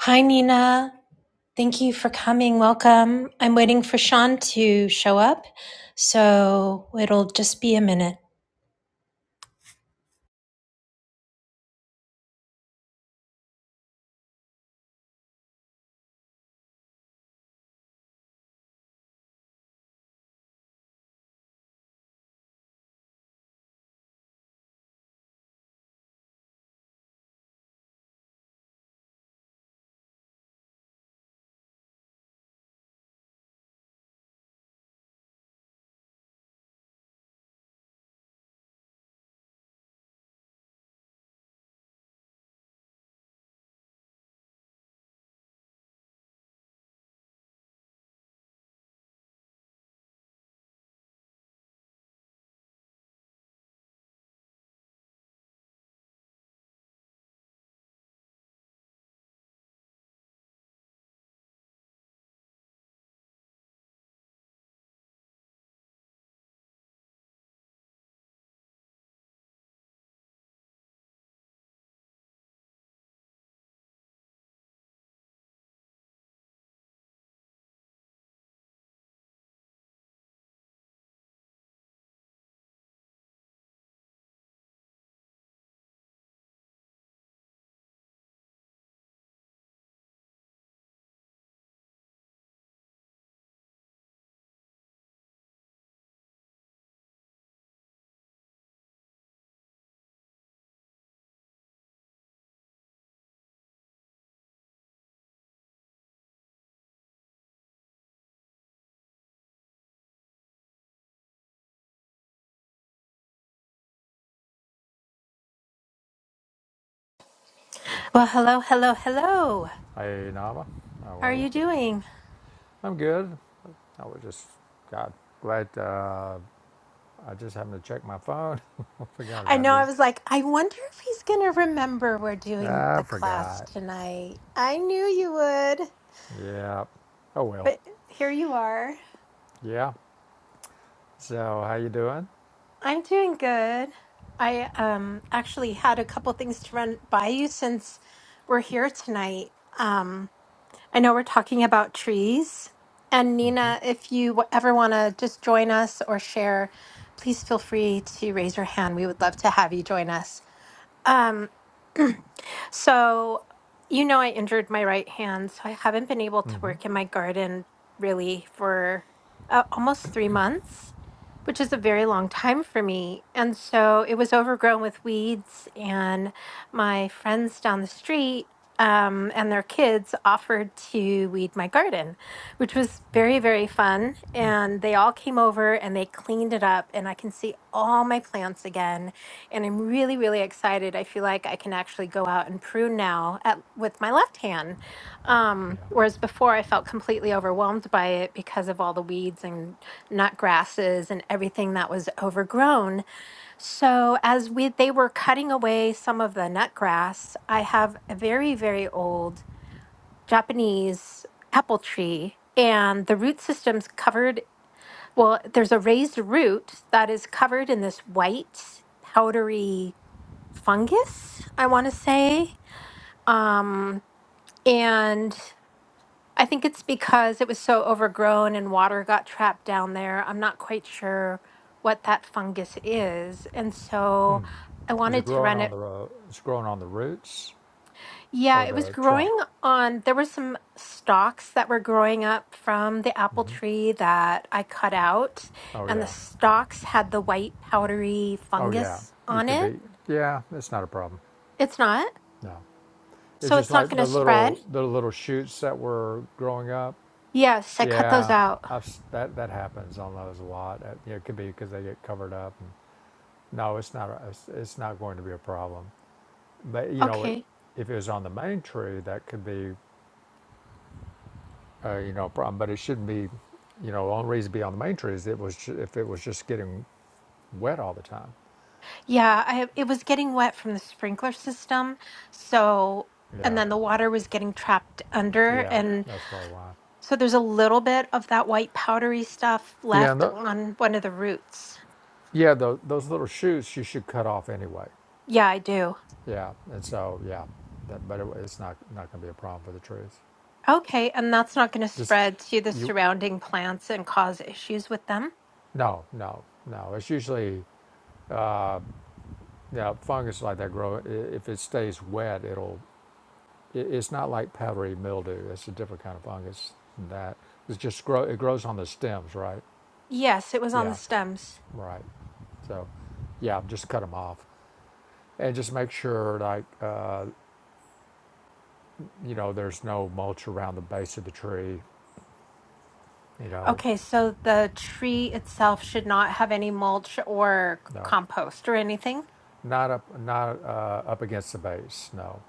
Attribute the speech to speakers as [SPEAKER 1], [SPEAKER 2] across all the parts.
[SPEAKER 1] Hi, Nina. Thank you for coming. Welcome. I'm waiting for Sean to show up, so it'll just be a minute. Well, hello, hello, hello.
[SPEAKER 2] Hey, Nava, how
[SPEAKER 1] How are
[SPEAKER 2] are you?
[SPEAKER 1] you doing?
[SPEAKER 2] I'm good. I was just, God, glad uh, I just happened to check my phone. I forgot
[SPEAKER 1] I
[SPEAKER 2] about
[SPEAKER 1] know I
[SPEAKER 2] this.
[SPEAKER 1] was like, I wonder if he's going to remember we're doing
[SPEAKER 2] I
[SPEAKER 1] the class
[SPEAKER 2] forgot.
[SPEAKER 1] tonight. I knew you would,
[SPEAKER 2] Yeah. Oh well.
[SPEAKER 1] but here you are.
[SPEAKER 2] Yeah. So, how you doing?
[SPEAKER 1] I'm doing good. I um actually had a couple things to run by you since we're here tonight. Um I know we're talking about trees. And Nina,
[SPEAKER 2] Mm-hmm.
[SPEAKER 1] if you w- ever want to just join us or share, please feel free to raise your hand. We would love to have you join us. Um, so, you know, I injured my right hand, so I haven't been able to work in
[SPEAKER 2] Mm-hmm.
[SPEAKER 1] my garden really for uh, almost three months, which is a very long time for me. And so it was overgrown with weeds, and my friends down the street. Um, and their kids offered to weed my garden, which was very, very fun.
[SPEAKER 2] Mm.
[SPEAKER 1] And they all came over and they cleaned it up, and I can see all my plants again and I'm really, really excited. I feel like I can actually go out and prune now at, with my left hand. Um,
[SPEAKER 2] Yeah.
[SPEAKER 1] whereas before, I felt completely overwhelmed by it because of all the weeds and nut grasses and everything that was overgrown. So, as we they were cutting away some of the nut grass, I have a very, very old Japanese apple tree. And the root system's covered. Well, there's a raised root that is covered in this white, powdery fungus, I want to say. Um, and I think it's because it was so overgrown and water got trapped down there. I'm not quite sure what that fungus is. And so I
[SPEAKER 2] Is it
[SPEAKER 1] wanted to
[SPEAKER 2] growing
[SPEAKER 1] run
[SPEAKER 2] on
[SPEAKER 1] it.
[SPEAKER 2] the ro- it's growing on the roots
[SPEAKER 1] Yeah,
[SPEAKER 2] or
[SPEAKER 1] it was
[SPEAKER 2] the
[SPEAKER 1] growing
[SPEAKER 2] trunk?
[SPEAKER 1] on, there were some stalks that were growing up from the apple tree that I cut out,
[SPEAKER 2] Oh
[SPEAKER 1] and the
[SPEAKER 2] yeah.
[SPEAKER 1] stalks had the white powdery
[SPEAKER 2] Oh yeah.
[SPEAKER 1] fungus
[SPEAKER 2] It
[SPEAKER 1] on
[SPEAKER 2] could
[SPEAKER 1] it.
[SPEAKER 2] be. Yeah, it's not a problem.
[SPEAKER 1] It's not.
[SPEAKER 2] No. It's
[SPEAKER 1] So
[SPEAKER 2] just
[SPEAKER 1] it's not
[SPEAKER 2] like
[SPEAKER 1] going
[SPEAKER 2] the
[SPEAKER 1] to spread.
[SPEAKER 2] little the little shoots that were growing up.
[SPEAKER 1] Yes, I cut those
[SPEAKER 2] Yeah,
[SPEAKER 1] out.
[SPEAKER 2] I've, s- that that happens on those a lot. Uh, yeah, It could be because they get covered up. And, no, it's not. A, it's, it's not going to be a problem. But you know, it,
[SPEAKER 1] Okay.
[SPEAKER 2] if it was on the main tree, that could be, uh, you know, a problem. But it shouldn't be. You know, the only reason to be on the main tree is it was ju- if it was just getting wet all the time.
[SPEAKER 1] Yeah, I it was getting wet from the sprinkler system. So, and
[SPEAKER 2] Yeah,
[SPEAKER 1] then the water was getting trapped under
[SPEAKER 2] yeah,
[SPEAKER 1] and
[SPEAKER 2] that's probably why.
[SPEAKER 1] so there's a little bit of that white powdery stuff
[SPEAKER 2] Yeah, and
[SPEAKER 1] left
[SPEAKER 2] the,
[SPEAKER 1] on one of the roots.
[SPEAKER 2] yeah, tho- those little shoots you should cut off anyway.
[SPEAKER 1] Yeah, I do.
[SPEAKER 2] Yeah, and so yeah, that, but it, it's not not going to be a problem for the trees.
[SPEAKER 1] Okay, and that's not going to
[SPEAKER 2] Just
[SPEAKER 1] spread to the
[SPEAKER 2] you
[SPEAKER 1] surrounding plants and cause issues with them?
[SPEAKER 2] No, no, no. It's usually uh, yeah, fungus like that grow. i- If it stays wet, it'll. i- It's not like powdery mildew. It's a different kind of fungus. Than that it's just grow. It grows on the stems, right?
[SPEAKER 1] Yes, it was on the
[SPEAKER 2] Yeah,
[SPEAKER 1] stems.
[SPEAKER 2] right. So, yeah, just cut them off, and just make sure like uh, you know there's no mulch around the base of the tree. You know,
[SPEAKER 1] Okay, so the tree itself should not have any mulch or
[SPEAKER 2] no,
[SPEAKER 1] compost or anything.
[SPEAKER 2] not up, not uh, up against the base. No,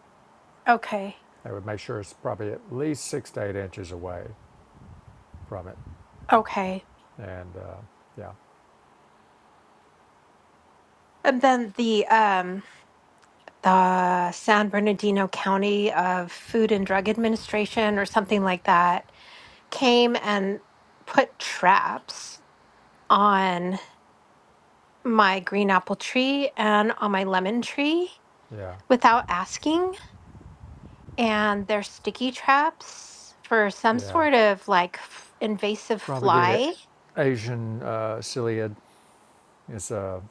[SPEAKER 1] Okay.
[SPEAKER 2] I would make sure it's probably at least six to eight inches away from it.
[SPEAKER 1] Okay.
[SPEAKER 2] And uh, yeah,
[SPEAKER 1] And then the um the San Bernardino County of Food and Drug Administration or something like that came and put traps on my green apple tree and on my lemon tree
[SPEAKER 2] yeah,
[SPEAKER 1] without asking. And they're sticky traps for some
[SPEAKER 2] yeah.
[SPEAKER 1] sort of like f- invasive
[SPEAKER 2] probably the
[SPEAKER 1] fly
[SPEAKER 2] Asian uh, ciliate is a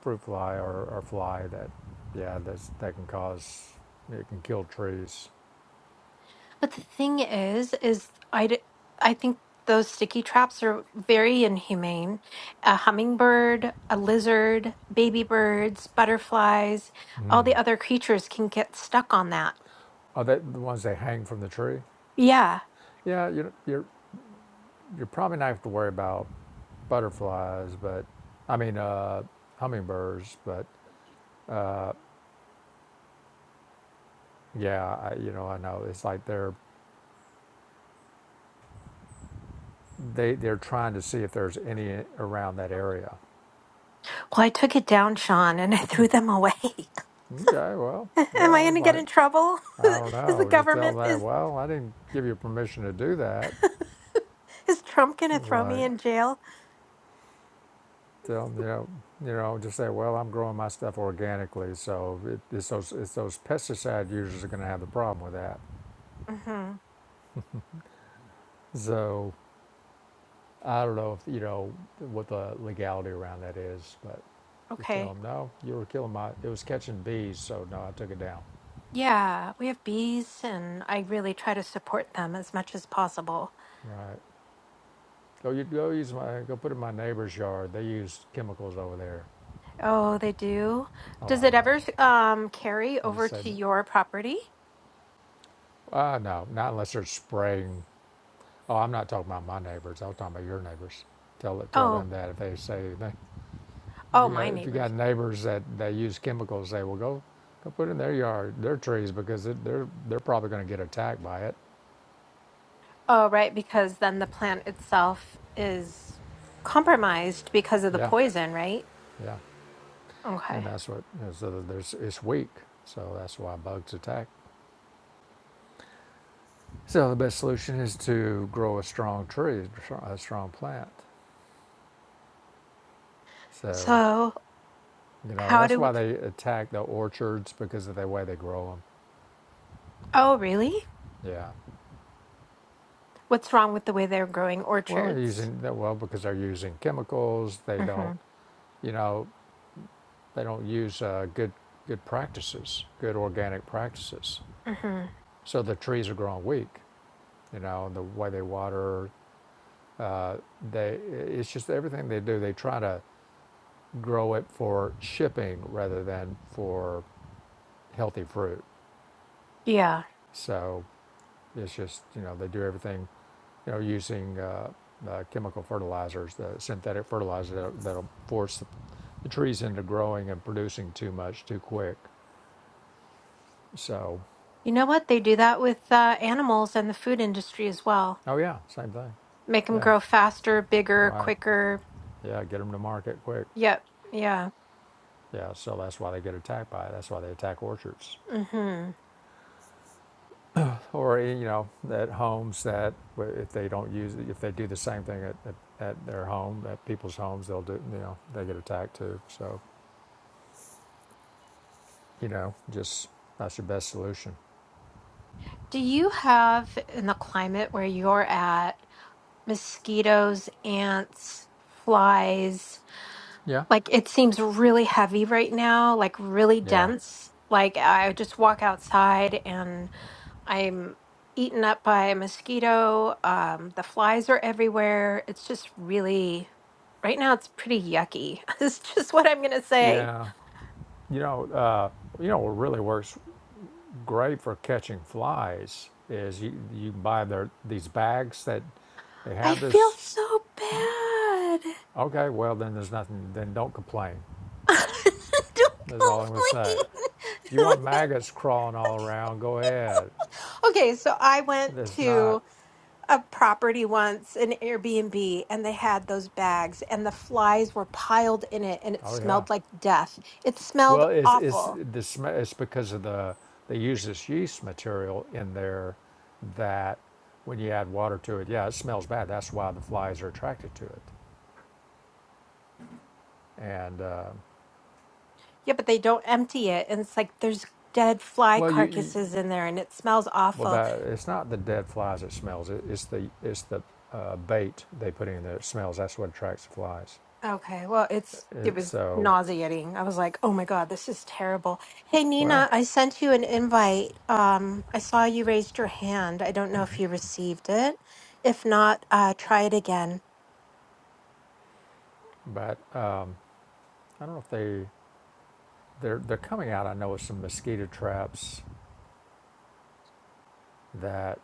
[SPEAKER 2] fruit fly or, or fly that, yeah, that's, that can cause, it can kill trees.
[SPEAKER 1] But the thing is, is I, d- I think those sticky traps are very inhumane. A hummingbird, a lizard, baby birds, butterflies, all
[SPEAKER 2] Mm.
[SPEAKER 1] the other creatures can get stuck on that.
[SPEAKER 2] Are they the ones that hang from the tree?
[SPEAKER 1] Yeah.
[SPEAKER 2] Yeah, you're you're you're probably not have to worry about butterflies, but I mean uh, hummingbirds. But uh, yeah, I, you know I know it's like they're they they're trying to see if there's any around that area.
[SPEAKER 1] Well, I took it down, Sean, and I threw them away.
[SPEAKER 2] Okay, well,
[SPEAKER 1] Am
[SPEAKER 2] yeah,
[SPEAKER 1] I
[SPEAKER 2] I
[SPEAKER 1] going
[SPEAKER 2] was
[SPEAKER 1] to get
[SPEAKER 2] like,
[SPEAKER 1] in trouble?
[SPEAKER 2] I don't
[SPEAKER 1] is the
[SPEAKER 2] know. Just tell
[SPEAKER 1] government
[SPEAKER 2] them,
[SPEAKER 1] is
[SPEAKER 2] well, I didn't give you permission to do that.
[SPEAKER 1] is Trump going
[SPEAKER 2] It
[SPEAKER 1] to
[SPEAKER 2] was
[SPEAKER 1] throw me
[SPEAKER 2] like,
[SPEAKER 1] in jail?
[SPEAKER 2] tell them, you know, you know, just say, well, I'm growing my stuff organically, so it, it's those it's those pesticide users are going to have the problem with that.
[SPEAKER 1] Mhm.
[SPEAKER 2] So I don't know if you know what the legality around that is, but just tell
[SPEAKER 1] Okay.
[SPEAKER 2] them, no, you were killing my, it was catching bees, so no, I took it down.
[SPEAKER 1] Yeah, we have bees and I really try to support them as much as possible.
[SPEAKER 2] Right. Go, you go use my, go put it in my neighbor's yard. They use chemicals over there.
[SPEAKER 1] Oh, they do.
[SPEAKER 2] Oh,
[SPEAKER 1] Does
[SPEAKER 2] I
[SPEAKER 1] it
[SPEAKER 2] don't know.
[SPEAKER 1] ever um carry
[SPEAKER 2] I just
[SPEAKER 1] over
[SPEAKER 2] said,
[SPEAKER 1] to your property?
[SPEAKER 2] ah, no, not unless they're spraying. Oh, I'm not talking about my neighbors. I was talking about your neighbors. Tell it, tell
[SPEAKER 1] Oh,
[SPEAKER 2] them that if they say anything. If
[SPEAKER 1] oh,
[SPEAKER 2] you got,
[SPEAKER 1] my
[SPEAKER 2] if you got
[SPEAKER 1] neighbors.
[SPEAKER 2] neighbors that they use chemicals, they will go, go put in their yard, their trees, because it, they're they're probably going to get attacked by it.
[SPEAKER 1] Oh, right, because then the plant itself is compromised because of the
[SPEAKER 2] Yeah,
[SPEAKER 1] poison, right?
[SPEAKER 2] yeah, and
[SPEAKER 1] Okay.
[SPEAKER 2] that's what you know, so there's it's weak, so that's why bugs attack. So the best solution is to grow a strong tree, a strong plant. So
[SPEAKER 1] So,
[SPEAKER 2] you know
[SPEAKER 1] how
[SPEAKER 2] that's
[SPEAKER 1] do
[SPEAKER 2] why they attack the orchards because of the way they grow them.
[SPEAKER 1] Oh, really?
[SPEAKER 2] Yeah.
[SPEAKER 1] What's wrong with the way they're growing
[SPEAKER 2] Well, they're
[SPEAKER 1] orchards?
[SPEAKER 2] using that well because they're using chemicals. They don't,
[SPEAKER 1] Mhm.
[SPEAKER 2] you know, they don't use uh, good good practices, good organic practices.
[SPEAKER 1] Mhm.
[SPEAKER 2] So the trees are growing weak. You know, the way they water, uh, they it's just everything they do. They try to grow it for shipping rather than for healthy fruit.
[SPEAKER 1] Yeah.
[SPEAKER 2] So it's just you know they do everything you know, using uh, uh, chemical fertilizers, the synthetic fertilizer that, that'll force the, the trees into growing and producing too much too quick. So,
[SPEAKER 1] You know what? They do that with uh, animals and the food industry as well.
[SPEAKER 2] oh yeah, same thing.
[SPEAKER 1] Make them
[SPEAKER 2] Yeah,
[SPEAKER 1] grow faster, bigger,
[SPEAKER 2] right.
[SPEAKER 1] quicker.
[SPEAKER 2] Yeah, get them to market quick.
[SPEAKER 1] Yep. Yeah.
[SPEAKER 2] Yeah, so that's why they get attacked by it. That's why they attack orchards,
[SPEAKER 1] Mhm.
[SPEAKER 2] or you know, at homes that well, if they don't use, it, if they do the same thing at, at, at their home, at people's homes, they'll do. You know, they get attacked too. So, you know, just that's your best solution.
[SPEAKER 1] Do you have in the climate where you're at mosquitoes, ants, flies?
[SPEAKER 2] Yeah,
[SPEAKER 1] Like it seems really heavy right now, like really
[SPEAKER 2] yeah.
[SPEAKER 1] dense. Like I just walk outside and I'm eaten up by a mosquito. Um, the flies are everywhere. It's just really, right now, it's pretty yucky. It's just what I'm going to say.
[SPEAKER 2] Yeah, you know, uh, you know what really works great for catching flies is you you buy their these bags that they
[SPEAKER 1] I
[SPEAKER 2] have
[SPEAKER 1] feel
[SPEAKER 2] this.
[SPEAKER 1] so bad.
[SPEAKER 2] Okay, well then there's nothing. Then don't complain. That's all
[SPEAKER 1] Don't
[SPEAKER 2] I'm gonna say. If you want
[SPEAKER 1] complain.
[SPEAKER 2] maggots crawling all around, go ahead.
[SPEAKER 1] Okay, so I went
[SPEAKER 2] That's not.
[SPEAKER 1] to a property once, an Airbnb, and they had those bags, and the flies were piled in it, and it
[SPEAKER 2] Oh yeah.
[SPEAKER 1] smelled like death. It smelled
[SPEAKER 2] Well, it's it's
[SPEAKER 1] awful.
[SPEAKER 2] the sm- it's because of the they use this yeast material in there that when you add water to it, yeah, it smells bad. That's why the flies are attracted to it, and. Uh,
[SPEAKER 1] Yeah, but they don't empty it, and it's like there's dead fly
[SPEAKER 2] Well, you, you
[SPEAKER 1] carcasses in there, and it smells
[SPEAKER 2] well
[SPEAKER 1] awful.
[SPEAKER 2] that it's not the dead flies that smells. It, it's the it's the uh, bait they put in there that smells. That's what attracts the flies.
[SPEAKER 1] Okay, well, it's it
[SPEAKER 2] It,
[SPEAKER 1] was
[SPEAKER 2] so
[SPEAKER 1] nauseating. I was like, "Oh my God, this is terrible." Hey,
[SPEAKER 2] well,
[SPEAKER 1] Nina, I sent you an invite. Um, I saw you raised your hand. I don't know if you received it. If not, uh, try it again
[SPEAKER 2] but um, I don't know if they they're they're coming out. I know with some mosquito traps that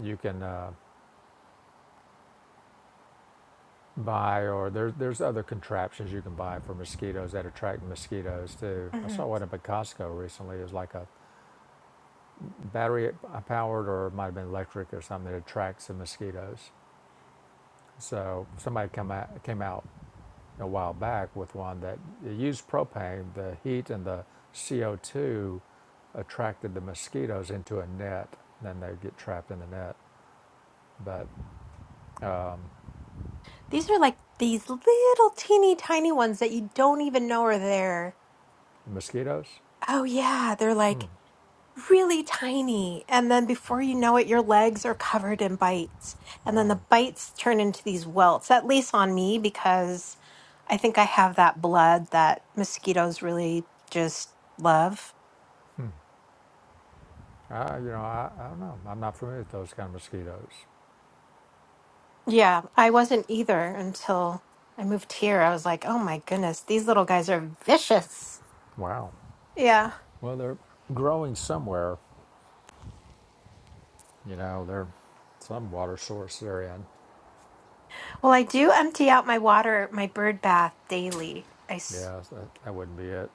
[SPEAKER 2] you can uh, buy, or there's there's other contraptions you can buy for mosquitoes that attract mosquitoes too. I
[SPEAKER 1] hmm
[SPEAKER 2] saw one up at Costco recently. It was like a battery uh, powered, or it might have been electric or something that attracts the mosquitoes. So somebody come out, came out a while back with one that used propane. The heat and the CO2 attracted the mosquitoes into a net. Then they get trapped in the net. But
[SPEAKER 1] These are like these little teeny tiny ones that you don't even know are there.
[SPEAKER 2] mosquitoes?
[SPEAKER 1] Oh yeah, they're
[SPEAKER 2] Hmm.
[SPEAKER 1] like really tiny. And then before you know it, your legs are covered in bites. And then
[SPEAKER 2] Wow.
[SPEAKER 1] the bites turn into these welts, at least on me, because I think I have that blood that mosquitoes really just love.
[SPEAKER 2] Hmm. I, you know, I, I don't know. I'm not familiar with those kind of mosquitoes.
[SPEAKER 1] Yeah, I wasn't either until I moved here. I was like, oh my goodness, these little guys are vicious.
[SPEAKER 2] Wow.
[SPEAKER 1] Yeah.
[SPEAKER 2] Well, they're growing somewhere. You know, they're some water source they're in.
[SPEAKER 1] Well, I do empty out my water, my bird bath daily. I, s-
[SPEAKER 2] Yeah, that, that wouldn't be it.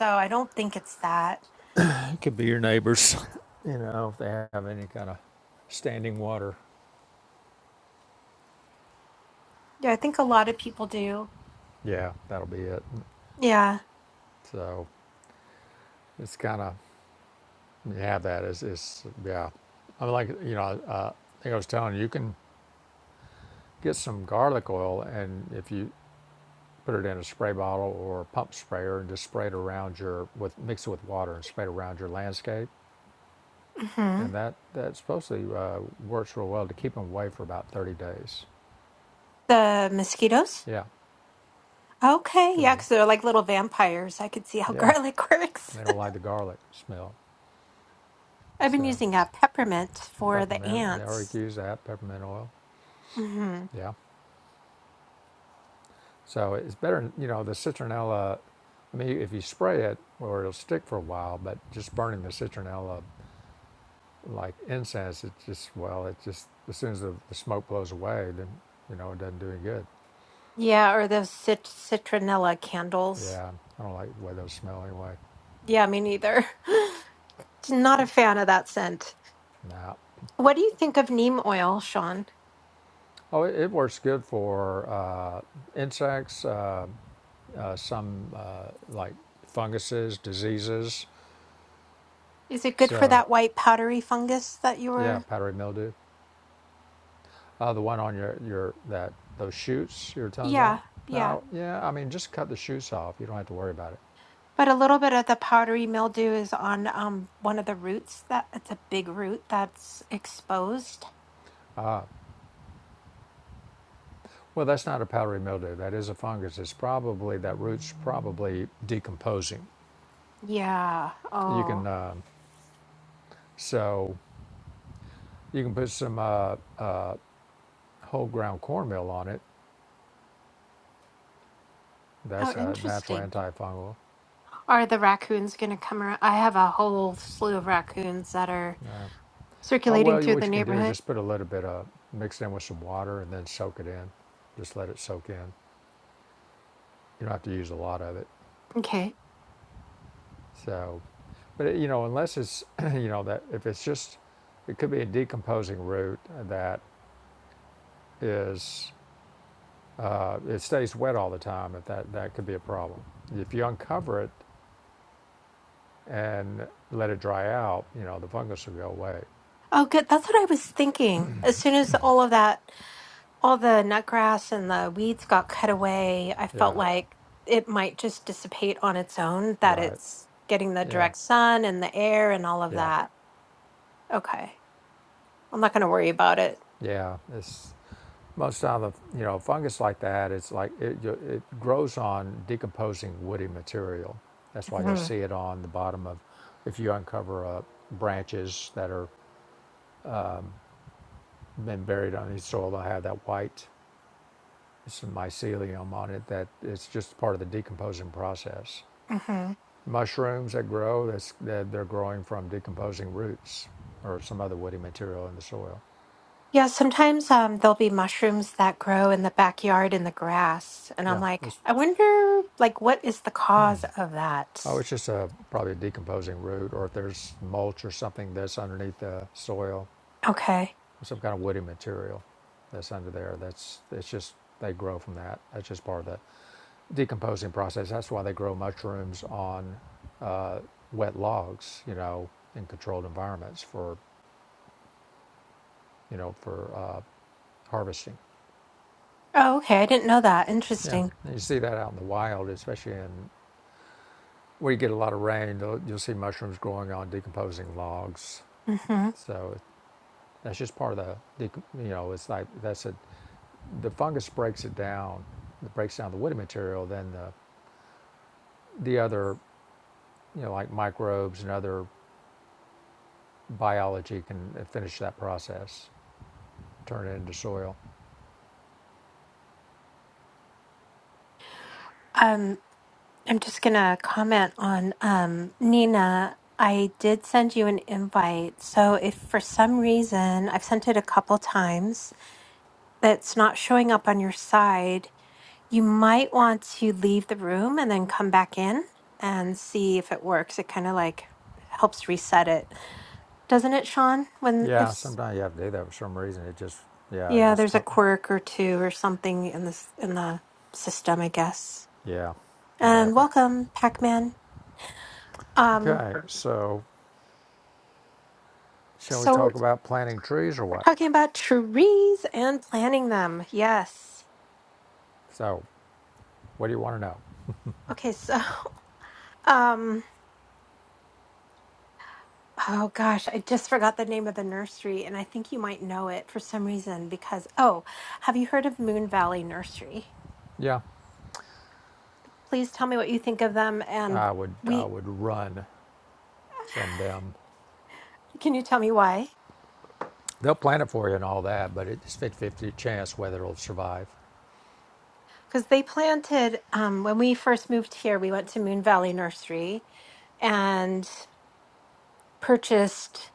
[SPEAKER 1] so I don't think it's that.
[SPEAKER 2] could be your neighbors, you know, if they have any kind of standing water.
[SPEAKER 1] Yeah, I think a lot of people do.
[SPEAKER 2] Yeah, that'll be it.
[SPEAKER 1] Yeah.
[SPEAKER 2] So it's kind of you have that is is yeah. I mean, like you know, uh, I think I was telling you, you can get some garlic oil, and if you put it in a spray bottle or a pump sprayer and just spray it around your with mix it with water and spray it around your landscape,
[SPEAKER 1] Mm-hmm.
[SPEAKER 2] and that that supposedly uh, works real well to keep them away for about 30 days.
[SPEAKER 1] The mosquitoes?
[SPEAKER 2] Yeah,
[SPEAKER 1] Okay,
[SPEAKER 2] because
[SPEAKER 1] yeah, because they're like little vampires. I could see how
[SPEAKER 2] yeah,
[SPEAKER 1] garlic works.
[SPEAKER 2] they don't like the garlic smell.
[SPEAKER 1] I've been
[SPEAKER 2] So
[SPEAKER 1] using uh, peppermint for the
[SPEAKER 2] peppermint, they already
[SPEAKER 1] ants.
[SPEAKER 2] use that peppermint oil.
[SPEAKER 1] hmm
[SPEAKER 2] Yeah. So it's better, you know, the citronella. I mean, if you spray it, or it'll stick for a while. But just burning the citronella like incense, it just well, it just as soon as the, the smoke blows away, then you know it doesn't do any good.
[SPEAKER 1] Yeah, or those cit- citronella candles.
[SPEAKER 2] Yeah, I don't like the way those smell anyway.
[SPEAKER 1] Yeah, me neither. Not a fan of that scent.
[SPEAKER 2] Nah.
[SPEAKER 1] What do you think of neem oil, Sean?
[SPEAKER 2] Oh, it, it works good for uh, insects, uh, uh, some uh, like funguses, diseases.
[SPEAKER 1] Is it good for
[SPEAKER 2] So,
[SPEAKER 1] that white powdery fungus that you
[SPEAKER 2] yeah,
[SPEAKER 1] were?
[SPEAKER 2] powdery mildew. Uh, the one on your, your that those shoots you were talking
[SPEAKER 1] Yeah,
[SPEAKER 2] about?
[SPEAKER 1] yeah.
[SPEAKER 2] No, yeah, I mean just cut the shoots off. You don't have to worry about it.
[SPEAKER 1] But a little bit of the powdery mildew is on um one of the roots that it's a big root that's exposed.
[SPEAKER 2] Well, that's not a powdery mildew. That is a fungus. It's probably that root's probably decomposing.
[SPEAKER 1] Yeah.
[SPEAKER 2] You
[SPEAKER 1] Oh.
[SPEAKER 2] can uh, so you can put some uh, uh, whole ground cornmeal on it.
[SPEAKER 1] Oh,
[SPEAKER 2] That's a natural
[SPEAKER 1] interesting.
[SPEAKER 2] antifungal.
[SPEAKER 1] Are the raccoons going to come around? I have a whole slew of raccoons that are
[SPEAKER 2] Yeah. Uh,
[SPEAKER 1] circulating
[SPEAKER 2] well, you-
[SPEAKER 1] through the
[SPEAKER 2] what you can do is
[SPEAKER 1] neighborhood.
[SPEAKER 2] just put a little bit of mix it in with some water and then soak it in. Just let it soak in. You don't have to use a lot of it.
[SPEAKER 1] Okay.
[SPEAKER 2] So, but you know, unless it's you know that if it's just, it could be a decomposing root that is uh, it stays wet all the time. If that that could be a problem. If you uncover it and let it dry out, you know the fungus will go away.
[SPEAKER 1] Oh, good. That's what I was thinking. As soon as all of that, all the nut grass and the weeds got cut away, I felt
[SPEAKER 2] Yeah,
[SPEAKER 1] like it might just dissipate on its own, that
[SPEAKER 2] right.
[SPEAKER 1] it's getting the
[SPEAKER 2] Yeah,
[SPEAKER 1] direct sun and the air and all of
[SPEAKER 2] yeah,
[SPEAKER 1] that. Okay. I'm not going to worry about it.
[SPEAKER 2] yeah. It's Most of the you know fungus like that, it's like it, it grows on decomposing woody material. That's why you'll see it on the bottom of, if you uncover uh, branches that are been buried on the soil, they'll have that white, some mycelium on it. That it's just part of the decomposing process.
[SPEAKER 1] hmm
[SPEAKER 2] Mushrooms that grow, that's that they're growing from decomposing roots or some other woody material in the soil.
[SPEAKER 1] Yeah, sometimes um, there'll be mushrooms that grow in the backyard in the grass. And I'm
[SPEAKER 2] Yeah,
[SPEAKER 1] like,
[SPEAKER 2] it's
[SPEAKER 1] I wonder, like, what is the cause of that?
[SPEAKER 2] Oh, it's just a probably a decomposing root, or if there's mulch or something that's underneath the soil,
[SPEAKER 1] Okay.
[SPEAKER 2] some kind of woody material that's under there. That's it's just they grow from that. That's just part of the decomposing process. That's why they grow mushrooms on uh, wet logs, you know, in controlled environments for you know for uh, harvesting.
[SPEAKER 1] Oh, okay. I didn't know that.
[SPEAKER 2] Yeah,
[SPEAKER 1] Interesting.
[SPEAKER 2] and you see that out in the wild, especially in where you get a lot of rain. You'll you'll see mushrooms growing on decomposing logs.
[SPEAKER 1] hmm
[SPEAKER 2] So That's just part of the, the you know, it's like that's a, the fungus breaks it down, it breaks down the woody material, then the, the other, you know, like microbes and other biology can finish that process, turn it into soil.
[SPEAKER 1] Um, I'm just gonna comment on um, Nina. I did send you an invite. So if for some reason I've sent it a couple times, that's not showing up on your side. You might want to leave the room and then come back in and see if it works. It kind of like helps reset it, doesn't it, Sean? When if
[SPEAKER 2] Yeah,
[SPEAKER 1] s-
[SPEAKER 2] sometimes you have to do that for some reason. It just, yeah, it
[SPEAKER 1] yeah,
[SPEAKER 2] just,
[SPEAKER 1] there's a
[SPEAKER 2] come,
[SPEAKER 1] quirk or two or something in this in the system, I guess.
[SPEAKER 2] yeah, that
[SPEAKER 1] And
[SPEAKER 2] happened.
[SPEAKER 1] welcome, Pac-Man. Um,
[SPEAKER 2] Okay, so shall we
[SPEAKER 1] so
[SPEAKER 2] talk about planting trees or
[SPEAKER 1] we're
[SPEAKER 2] what?
[SPEAKER 1] talking about trees and planting them. Yes.
[SPEAKER 2] So, what do you want to know?
[SPEAKER 1] Okay, so um Oh gosh, I just forgot the name of the nursery, and I think you might know it for some reason because, oh, have you heard of Moon Valley Nursery?
[SPEAKER 2] Yeah,
[SPEAKER 1] Please tell me what you think of them, and
[SPEAKER 2] I would, I
[SPEAKER 1] we
[SPEAKER 2] would run from them
[SPEAKER 1] can you tell me why?
[SPEAKER 2] They'll plant it for you and all that, but it's fifty-fifty chance whether it'll survive.
[SPEAKER 1] Because they planted um, when we first moved here, we went to Moon Valley Nursery and purchased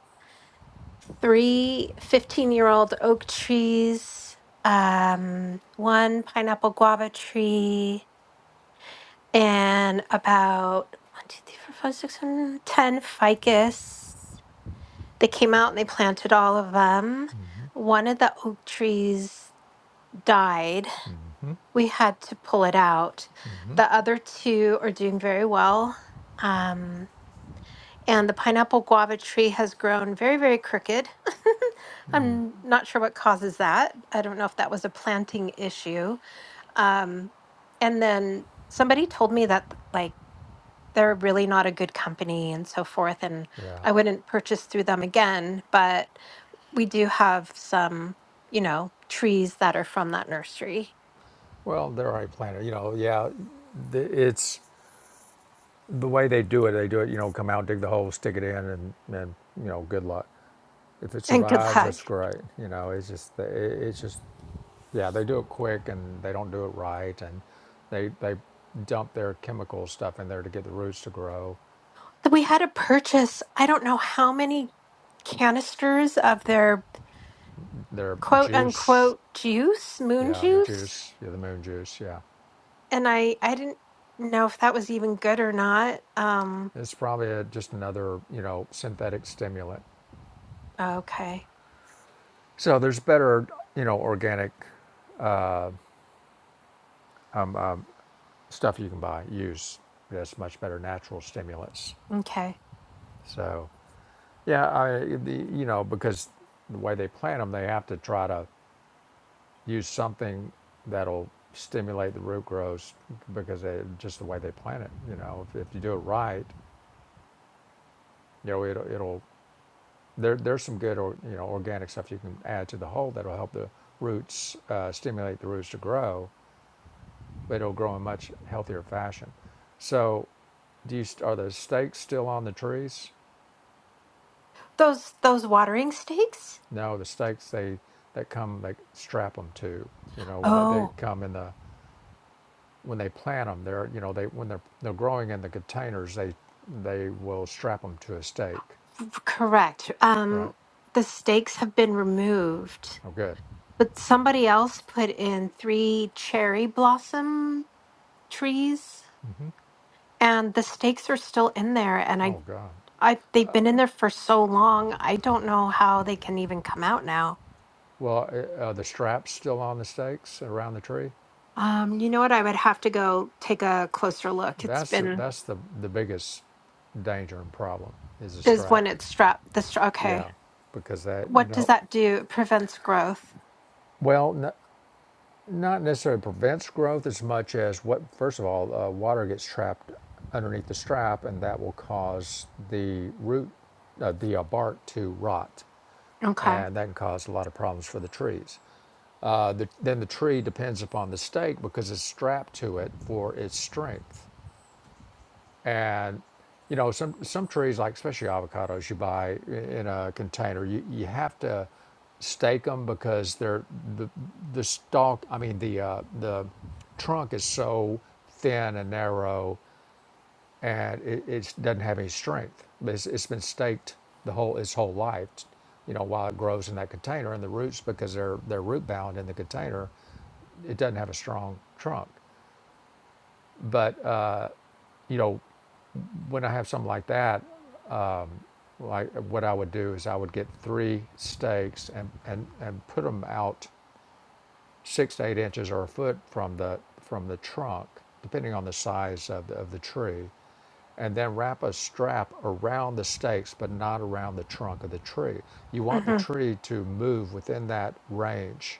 [SPEAKER 1] three fifteen year old oak trees, um, one pineapple guava tree, and about one, two, three, four, five, six, seven, ten ficus. They came out and they planted all of them.
[SPEAKER 2] Mm-hmm.
[SPEAKER 1] One of the oak trees died.
[SPEAKER 2] Mm-hmm.
[SPEAKER 1] We had to pull it out.
[SPEAKER 2] Mm-hmm.
[SPEAKER 1] The other two are doing very well. Um, and the pineapple guava tree has grown very, very crooked.
[SPEAKER 2] Mm-hmm.
[SPEAKER 1] I'm not sure what causes that. I don't know if that was a planting issue. Um, and then somebody told me that, like, they're really not a good company and so forth. And
[SPEAKER 2] Yeah.
[SPEAKER 1] I wouldn't purchase through them again, but we do have some, you know, trees that are from that nursery.
[SPEAKER 2] Well, they're already planted. You know, yeah, it's the way they do it. They do it, you know, come out, dig the hole, stick it in, and, and you know, good luck. If it
[SPEAKER 1] And good
[SPEAKER 2] survives, that's
[SPEAKER 1] luck.
[SPEAKER 2] great. You know, it's just, it's just, yeah, they do it quick and they don't do it right. And they, they dump their chemical stuff in there to get the roots to grow.
[SPEAKER 1] We had to purchase, I don't know how many canisters of their
[SPEAKER 2] Their
[SPEAKER 1] quote
[SPEAKER 2] juice,
[SPEAKER 1] unquote juice, moon
[SPEAKER 2] yeah, the
[SPEAKER 1] juice.
[SPEAKER 2] juice, yeah, the moon juice, yeah.
[SPEAKER 1] And I I didn't know if that was even good or not. Um
[SPEAKER 2] It's probably a, just another, you know, synthetic stimulant.
[SPEAKER 1] oh, okay.
[SPEAKER 2] So there's better, you know, organic stuff you can buy, use. That's much better natural stimulants.
[SPEAKER 1] Okay.
[SPEAKER 2] So, yeah, I, the, you know, because the way they plant them, they have to try to use something that'll stimulate the root growth because they, just the way they plant it. You know, if, if you do it right, you know, it'll, it'll there, there's some good, or, you know, organic stuff you can add to the whole that'll help the roots, uh, stimulate the roots to grow but it'll grow in much healthier fashion. So, do you, are the stakes still on the trees?
[SPEAKER 1] Those those watering stakes?
[SPEAKER 2] No, the stakes they that come they strap them to. You know when they, they
[SPEAKER 1] Oh,
[SPEAKER 2] come in the when they plant them, they're you know they when they're they're growing in the containers, they they will strap them to a stake,
[SPEAKER 1] f- correct.
[SPEAKER 2] right?
[SPEAKER 1] Um the stakes have been removed,
[SPEAKER 2] Oh, good.
[SPEAKER 1] but somebody else put in three cherry blossom trees
[SPEAKER 2] Mm-hmm.
[SPEAKER 1] and the stakes are still in there and I
[SPEAKER 2] Oh God.
[SPEAKER 1] I they've been in there for so long. I don't know how they can even come out now.
[SPEAKER 2] Well, uh, are the straps still on the stakes around the tree?
[SPEAKER 1] Um, you know what? I would have to go take a closer look. It's
[SPEAKER 2] That's the,
[SPEAKER 1] been
[SPEAKER 2] that's the the biggest danger and problem is the
[SPEAKER 1] is when
[SPEAKER 2] strap.
[SPEAKER 1] it's strapped. The stra- okay.
[SPEAKER 2] Yeah, because that you
[SPEAKER 1] What does
[SPEAKER 2] know,
[SPEAKER 1] that do? It prevents growth.
[SPEAKER 2] well, n- not necessarily prevents growth as much as what. First of all, uh, water gets trapped underneath the strap, and that will cause the root, uh, the uh, bark to rot,
[SPEAKER 1] Okay.
[SPEAKER 2] and that can cause a lot of problems for the trees. Uh, the, then the tree depends upon the stake because it's strapped to it for its strength. and you know some some trees like especially avocados you buy i- in a container you, you have to stake them because they're the the stalk i mean the uh, the trunk is so thin and narrow and it it's, doesn't have any strength But it's, it's been staked the whole its whole life you know while it grows in that container and the roots because they're they're root bound in the container it doesn't have a strong trunk but uh, you know when i have something like that like what I would do is I would get three stakes and, and, and put them out six to eight inches or a foot from the from the trunk, depending on the size of the, of the tree, and then wrap a strap around the stakes, but not around the trunk of the tree. You want the
[SPEAKER 1] Mhm.
[SPEAKER 2] tree to move within that range.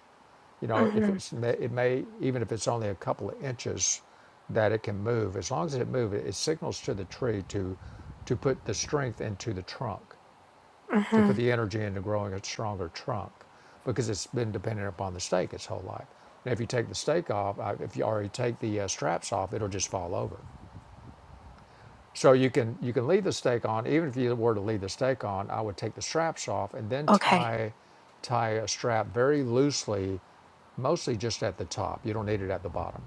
[SPEAKER 2] You know, if
[SPEAKER 1] Mhm.
[SPEAKER 2] it's it may even if it's only a couple of inches, that it can move. As long as it moves, it signals to the tree to to put the strength into the trunk to put
[SPEAKER 1] Mhm.
[SPEAKER 2] the energy into growing a stronger trunk because it's been dependent upon the stake its whole life. And if you take the stake off, uh, if you already take the uh, straps off, it'll just fall over. So you can you can leave the stake on. Even if you were to leave the stake on, I would take the straps off and then
[SPEAKER 1] Okay.
[SPEAKER 2] tie tie a strap very loosely, mostly just at the top. You don't need it at the bottom.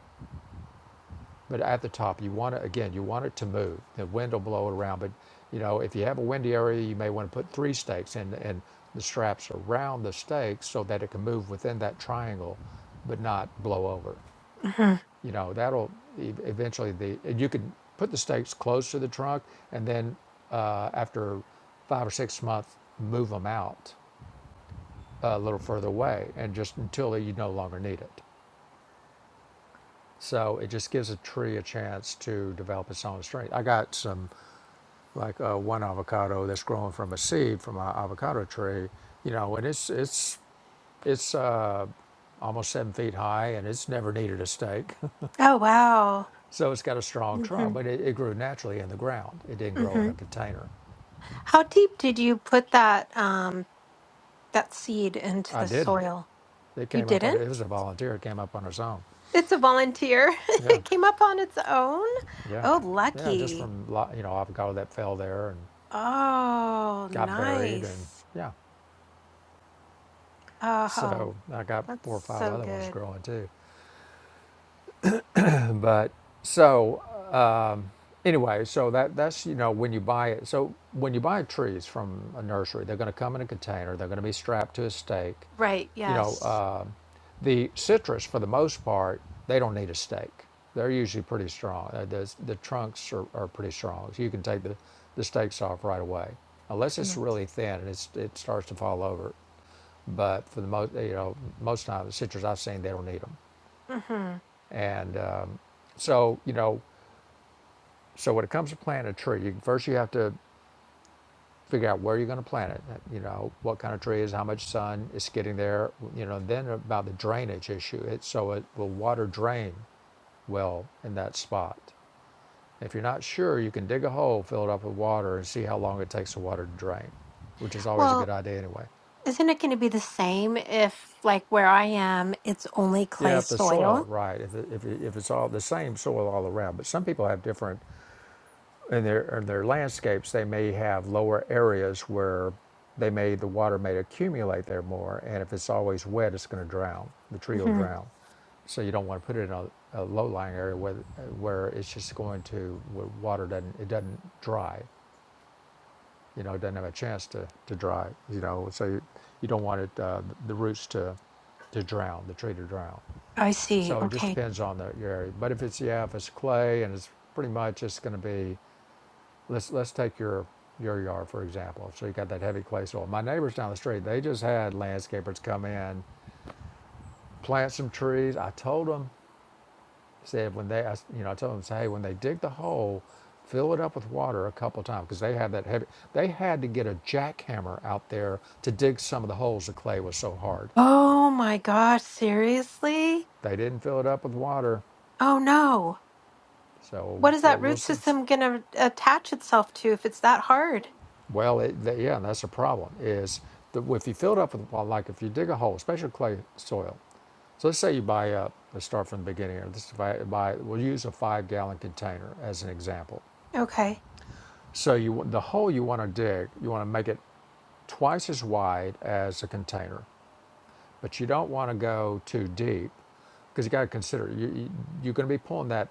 [SPEAKER 2] But at the top, you want to again, you want it to move. The wind will blow it around, but you know, if you have a windy area, you may want to put three stakes in, and the straps around the stakes so that it can move within that triangle, but not blow over.
[SPEAKER 1] Mhm.
[SPEAKER 2] You know, that'll e- eventually the and you can put the stakes close to the trunk, and then uh, after five or six months, move them out a little further away, and just until you no longer need it. So it just gives a tree a chance to develop its own strength. I got some like uh, one avocado that's growing from a seed from an avocado tree, you know, and it's it's it's uh, almost seven feet high and it's never needed a stake,
[SPEAKER 1] Oh wow.
[SPEAKER 2] so it's got a strong trunk,
[SPEAKER 1] Mhm.
[SPEAKER 2] but it, it grew naturally in the ground. It didn't grow in a
[SPEAKER 1] Mhm.
[SPEAKER 2] container.
[SPEAKER 1] How deep did you put that um that seed into
[SPEAKER 2] I
[SPEAKER 1] the
[SPEAKER 2] didn't.
[SPEAKER 1] soil?
[SPEAKER 2] It
[SPEAKER 1] You
[SPEAKER 2] came up on
[SPEAKER 1] didn't?
[SPEAKER 2] it was a volunteer. It came up on its own.
[SPEAKER 1] It's a volunteer.
[SPEAKER 2] Yeah,
[SPEAKER 1] it came up on its own.
[SPEAKER 2] yeah,
[SPEAKER 1] Oh,
[SPEAKER 2] yeah. Just
[SPEAKER 1] lucky.
[SPEAKER 2] from lo- you know avocado that fell there and
[SPEAKER 1] Oh,
[SPEAKER 2] got buried and
[SPEAKER 1] nice.
[SPEAKER 2] yeah.
[SPEAKER 1] Oh,
[SPEAKER 2] So I got
[SPEAKER 1] that's
[SPEAKER 2] four or five
[SPEAKER 1] so
[SPEAKER 2] other ones
[SPEAKER 1] good.
[SPEAKER 2] growing too. But so anyway, so that that's you know when you buy it. So when you buy trees from a nursery, they're going to come in a container. They're going to be strapped to a stake.
[SPEAKER 1] Right.
[SPEAKER 2] You know,
[SPEAKER 1] Yes.
[SPEAKER 2] uh, the citrus for the most part, they don't need a stake. They're usually pretty strong. Uh, the the trunks are, are pretty strong. So you can take the the stakes off right away, unless it's
[SPEAKER 1] Mhm.
[SPEAKER 2] really thin and it's, it starts to fall over. But for the most, you know, most time the citrus I've seen, they don't need them.
[SPEAKER 1] Mhm.
[SPEAKER 2] And um, so, you know, so when it comes to planting a tree, you, first you have to figure out where you're going to plant it, uh, you know, what kind of trees, how much sun is getting there, you know, and then about the drainage issue. It, so it will water drain well in that spot. If you're not sure, you can dig a hole, fill it up with water, and see how long it takes the water to drain, which is always a
[SPEAKER 1] Well,
[SPEAKER 2] good idea anyway.
[SPEAKER 1] Isn't it going to be the same if, like, where I am, it's only
[SPEAKER 2] Yeah,
[SPEAKER 1] clay
[SPEAKER 2] if the soil
[SPEAKER 1] soil?
[SPEAKER 2] right, if, it, if, it, if it's all the same soil all around, but some people have different in their, in their landscapes, they may have lower areas where they may, the water may accumulate there more. And if it's always wet, it's going to drown. The tree will
[SPEAKER 1] hmm
[SPEAKER 2] drown. So you don't want to put it in a, a low-lying area where, where it's just going to, where water doesn't, it doesn't dry. You know, it doesn't have a chance to, to dry, you know. So you, you don't want it, uh, the roots to, to drown, the tree to drown.
[SPEAKER 1] I see.
[SPEAKER 2] So it just
[SPEAKER 1] Okay.
[SPEAKER 2] depends on the, your area. But if it's, yeah, if it's clay and it's pretty much, it's going to be, Let's let's take your your yard for example. So you got that heavy clay soil. My neighbors down the street, they just had landscapers come in, plant some trees. I told them, said when they, I s- you know, I told them, say, hey, when they dig the hole, fill it up with water a couple times because they had that heavy. They had to get a jackhammer out there to dig some of the holes. The clay was so hard.
[SPEAKER 1] Oh my gosh, seriously?
[SPEAKER 2] They didn't fill it up with water,
[SPEAKER 1] Oh no.
[SPEAKER 2] so
[SPEAKER 1] What is that
[SPEAKER 2] we'll
[SPEAKER 1] root
[SPEAKER 2] see.
[SPEAKER 1] system going to attach itself to if it's that hard?
[SPEAKER 2] Well, it, th yeah, and that's a problem. Is the, if you fill it up with well, like if you dig a hole, especially clay soil. So let's say you buy up. Let's start from the beginning. Here. let buy, buy. We'll use a five-gallon container as an example.
[SPEAKER 1] Okay.
[SPEAKER 2] So you the hole you want to dig, you want to make it twice as wide as a container, but you don't want to go too deep because you got to consider you, you you're going to be pulling that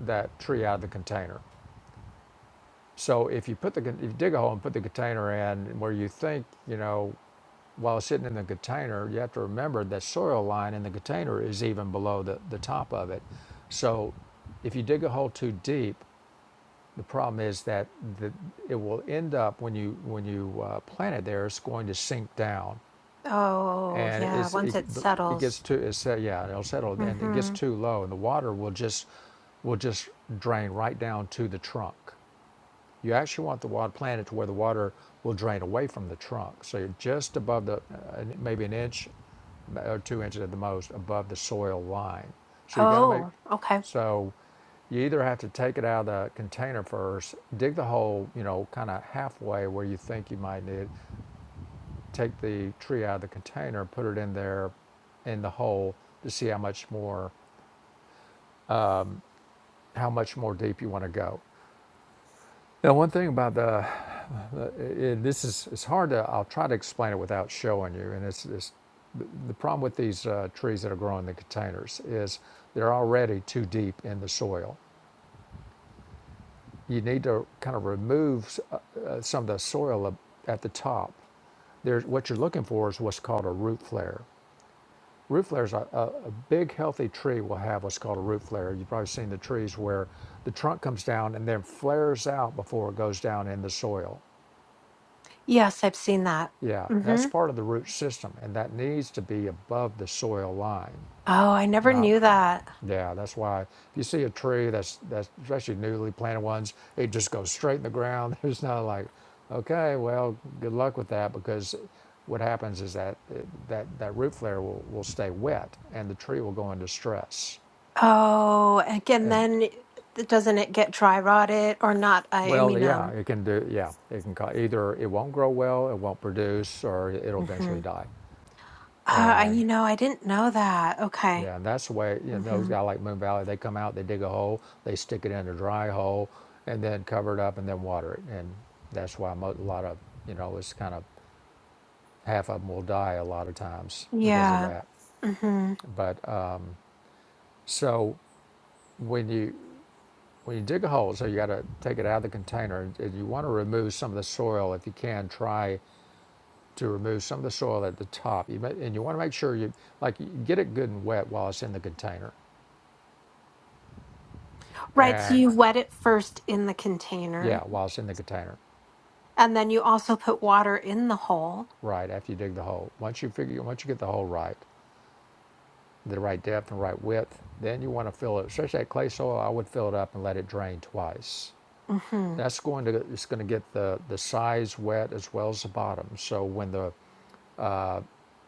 [SPEAKER 2] that tree out of the container. So if you put the if you dig a hole and put the container in where you think you know while it's sitting in the container, you have to remember that soil line in the container is even below the, the top of it. So if you dig a hole too deep, the problem is that the, it will end up when you when you uh, plant it there, it's going to sink down,
[SPEAKER 1] Oh,
[SPEAKER 2] and
[SPEAKER 1] yeah,
[SPEAKER 2] it's
[SPEAKER 1] once
[SPEAKER 2] it,
[SPEAKER 1] it
[SPEAKER 2] it gets
[SPEAKER 1] settles.
[SPEAKER 2] too it's uh, yeah it'll settle and it gets
[SPEAKER 1] Mm-hmm.
[SPEAKER 2] too low, and the water will just will just drain right down to the trunk. You actually want the water planted to where the water will drain away from the trunk. So you're just above the, uh, maybe an inch or two inches at the most above the soil line. So you got to make,
[SPEAKER 1] Oh, okay.
[SPEAKER 2] so you either have to take it out of the container first, dig the hole, you know, kind of halfway where you think you might need it, take the tree out of the container, put it in there in the hole to see how much more how much more deep you want to go. Now, one thing about the it, this is it's hard to i'll try to explain it without showing you and it's, it's the problem with these uh, trees that are growing in the containers is they're already too deep in the soil you need to kind of remove uh, uh, some of the soil at the top there's what you're looking for is what's called a root flare root flares a, a, a big healthy tree will have what's called a root flare you've probably seen the trees where the trunk comes down and then flares out before it goes down in the soil
[SPEAKER 1] Yes, I've seen that.
[SPEAKER 2] Yeah, that's
[SPEAKER 1] Mm-hmm.
[SPEAKER 2] part of the root system, and that needs to be above the soil line.
[SPEAKER 1] Oh, I never
[SPEAKER 2] Not,
[SPEAKER 1] knew that.
[SPEAKER 2] yeah, that's why if you see a tree that's that's especially newly planted ones, it just goes straight in the ground. There's not like, okay, well, good luck with that because what happens is that that that root flare will will stay wet and the tree will go into stress.
[SPEAKER 1] Oh, again,
[SPEAKER 2] And
[SPEAKER 1] then it- doesn't it get dry rotted or not? I, I
[SPEAKER 2] well,
[SPEAKER 1] mean, um,
[SPEAKER 2] yeah, it can do. Yeah, it can cause, either it won't grow well, it won't produce, or it'll eventually
[SPEAKER 1] Mm-hmm. Uh,
[SPEAKER 2] die.
[SPEAKER 1] I-
[SPEAKER 2] And
[SPEAKER 1] you know, I didn't know that. Okay.
[SPEAKER 2] Yeah, and that's the way you know, those
[SPEAKER 1] hmm
[SPEAKER 2] guys like Moon Valley. They come out, they dig a hole, they stick it in a dry hole, and then cover it up and then water it. And that's why mo- a lot of you know it's kind of half of them will die a lot of times because of
[SPEAKER 1] Yeah.
[SPEAKER 2] that.
[SPEAKER 1] hmm
[SPEAKER 2] But uh, so when you when you dig a hole, so you got to take it out of the container. and You want to remove some of the soil if you can. Try to remove some of the soil at the top. You may, and you want to make sure you like you get it good and wet while it's in the container.
[SPEAKER 1] Right. So
[SPEAKER 2] And
[SPEAKER 1] you wet it first in the
[SPEAKER 2] yeah,
[SPEAKER 1] container,
[SPEAKER 2] while it's in the container
[SPEAKER 1] and then you also put water in the hole.
[SPEAKER 2] right after you dig the hole. Once you figure, once you get the hole right, the right depth and right width, then you want to fill it. Especially that clay soil, I would fill it up and let it drain twice.
[SPEAKER 1] hmm
[SPEAKER 2] That's going to it's going to get the the sides wet as well as the bottom. So when the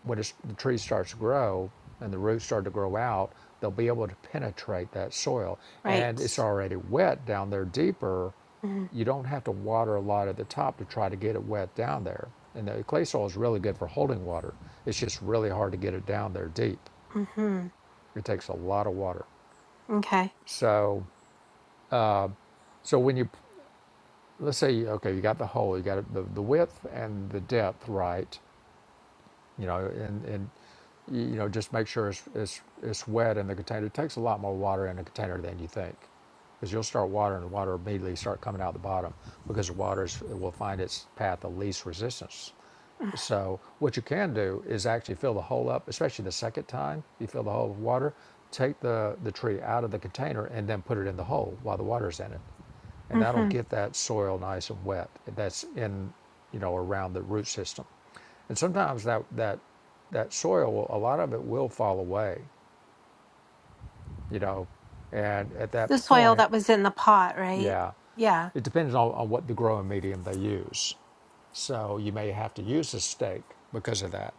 [SPEAKER 2] when the tree starts to grow and the roots start to grow out, they'll be able to penetrate that soil.
[SPEAKER 1] Right.
[SPEAKER 2] And it's already wet down there deeper. You don't have to water a lot at the top to try to get it wet down there. And the clay soil is really good for holding water. It's just really hard to get it down there deep.
[SPEAKER 1] Mm-hmm.
[SPEAKER 2] It takes a lot of water.
[SPEAKER 1] Okay.
[SPEAKER 2] So, so when you let's say okay, you got the hole, you got the, the width and the depth right, you know, and, and you know, just make sure it's, it's, it's wet in the container. It takes a lot more water in a container than you think because you'll start watering and water immediately start coming out the bottom because the water is- will find its path of least resistance. So what you can do is actually fill the hole up, especially the second time you fill the hole with water, take the, the tree out of the container and then put it in the hole while the water's in it and that'll
[SPEAKER 1] hmm
[SPEAKER 2] get that soil nice and wet that's in you know around the root system and sometimes that that that soil a lot of it will fall away you know and at that
[SPEAKER 1] The soil
[SPEAKER 2] point
[SPEAKER 1] that was in the pot, right?
[SPEAKER 2] yeah
[SPEAKER 1] Yeah.
[SPEAKER 2] it depends on, on what the growing medium they use so you may have to use a stake because of that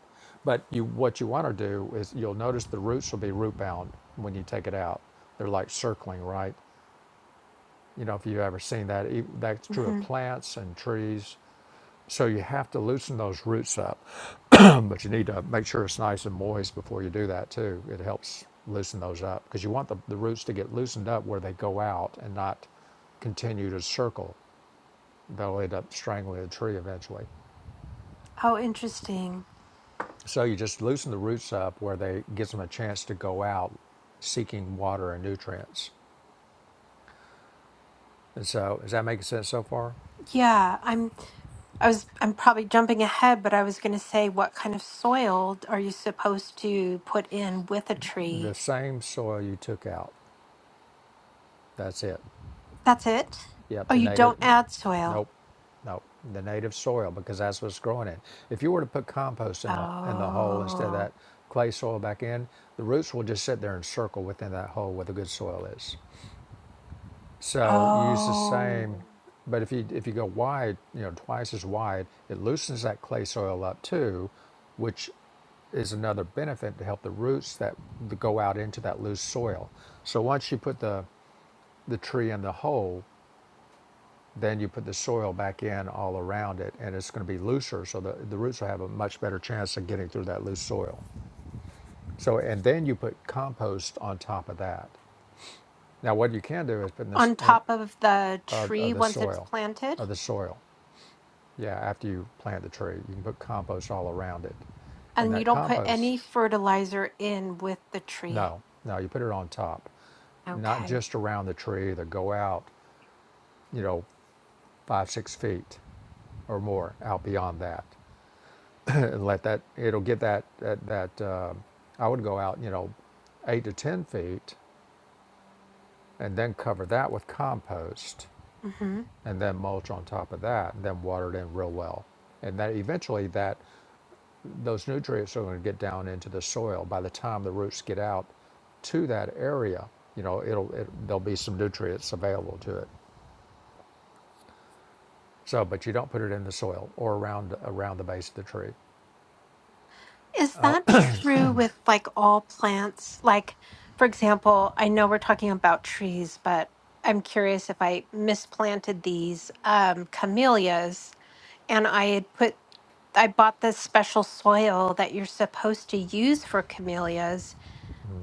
[SPEAKER 2] but you what you want to do is you'll notice the roots will be root bound when you take it out they're like circling right you know if you've ever seen that e- that's true of
[SPEAKER 1] hmm
[SPEAKER 2] plants and trees So you have to loosen those roots up, but you need to make sure it's nice and moist before you do that too. It helps loosen those up because you want the, the roots to get loosened up where they go out and not continue to circle. They'll end up strangling the tree eventually.
[SPEAKER 1] Oh, interesting.
[SPEAKER 2] So you just loosen the roots up where they gives them a chance to go out seeking water and nutrients. And so, is that making sense so far?
[SPEAKER 1] Yeah, I'm. I was. I'm probably jumping ahead, but I was going to say, what kind of soil are you supposed to put in with a tree?
[SPEAKER 2] The same soil you took out. That's it.
[SPEAKER 1] That's it.
[SPEAKER 2] Yep,
[SPEAKER 1] Oh,
[SPEAKER 2] the
[SPEAKER 1] you
[SPEAKER 2] native.
[SPEAKER 1] don't add soil.
[SPEAKER 2] Nope, nope. The native soil because that's what's growing in. If you were to put compost in the in the hole instead of
[SPEAKER 1] Oh.
[SPEAKER 2] that clay soil back in, the roots will just sit there and circle within that hole where the good soil is. So you use the
[SPEAKER 1] Oh.
[SPEAKER 2] same, but if you if you go wide, you know, twice as wide, it loosens that clay soil up too, which is another benefit to help the roots that go out into that loose soil. So once you put the the tree in the hole, Then you put the soil back in all around it, and it's going to be looser, so the, the roots will have a much better chance of getting through that loose soil. So, and then you put compost on top of that. Now, what you can do is put in this
[SPEAKER 1] On
[SPEAKER 2] in,
[SPEAKER 1] top of the
[SPEAKER 2] of, of
[SPEAKER 1] tree
[SPEAKER 2] the
[SPEAKER 1] once it's
[SPEAKER 2] soil,
[SPEAKER 1] planted,
[SPEAKER 2] of the soil. Yeah, after you plant the tree, you can put compost all around it, and
[SPEAKER 1] and you
[SPEAKER 2] that
[SPEAKER 1] don't put
[SPEAKER 2] compost,
[SPEAKER 1] any fertilizer in with the tree.
[SPEAKER 2] no, no, you put it on top, not
[SPEAKER 1] Okay.
[SPEAKER 2] just around the tree. Either go out, you know, five six feet or more out beyond that and let that it'll get that that, that um I would go out you know eight to ten feet and then cover that with compost
[SPEAKER 1] hmm
[SPEAKER 2] and then mulch on top of that and then water it in real well and that eventually that those nutrients are going to get down into the soil by the time the roots get out to that area you know it'll it, there'll be some nutrients available to it so but you don't put it in the soil or around around the base of the tree
[SPEAKER 1] Is
[SPEAKER 2] Oh,
[SPEAKER 1] that true with like all plants? Like, for example, I know we're talking about trees, but I'm curious if I misplanted these um, camellias and I had put I bought this special soil that you're supposed to use for camellias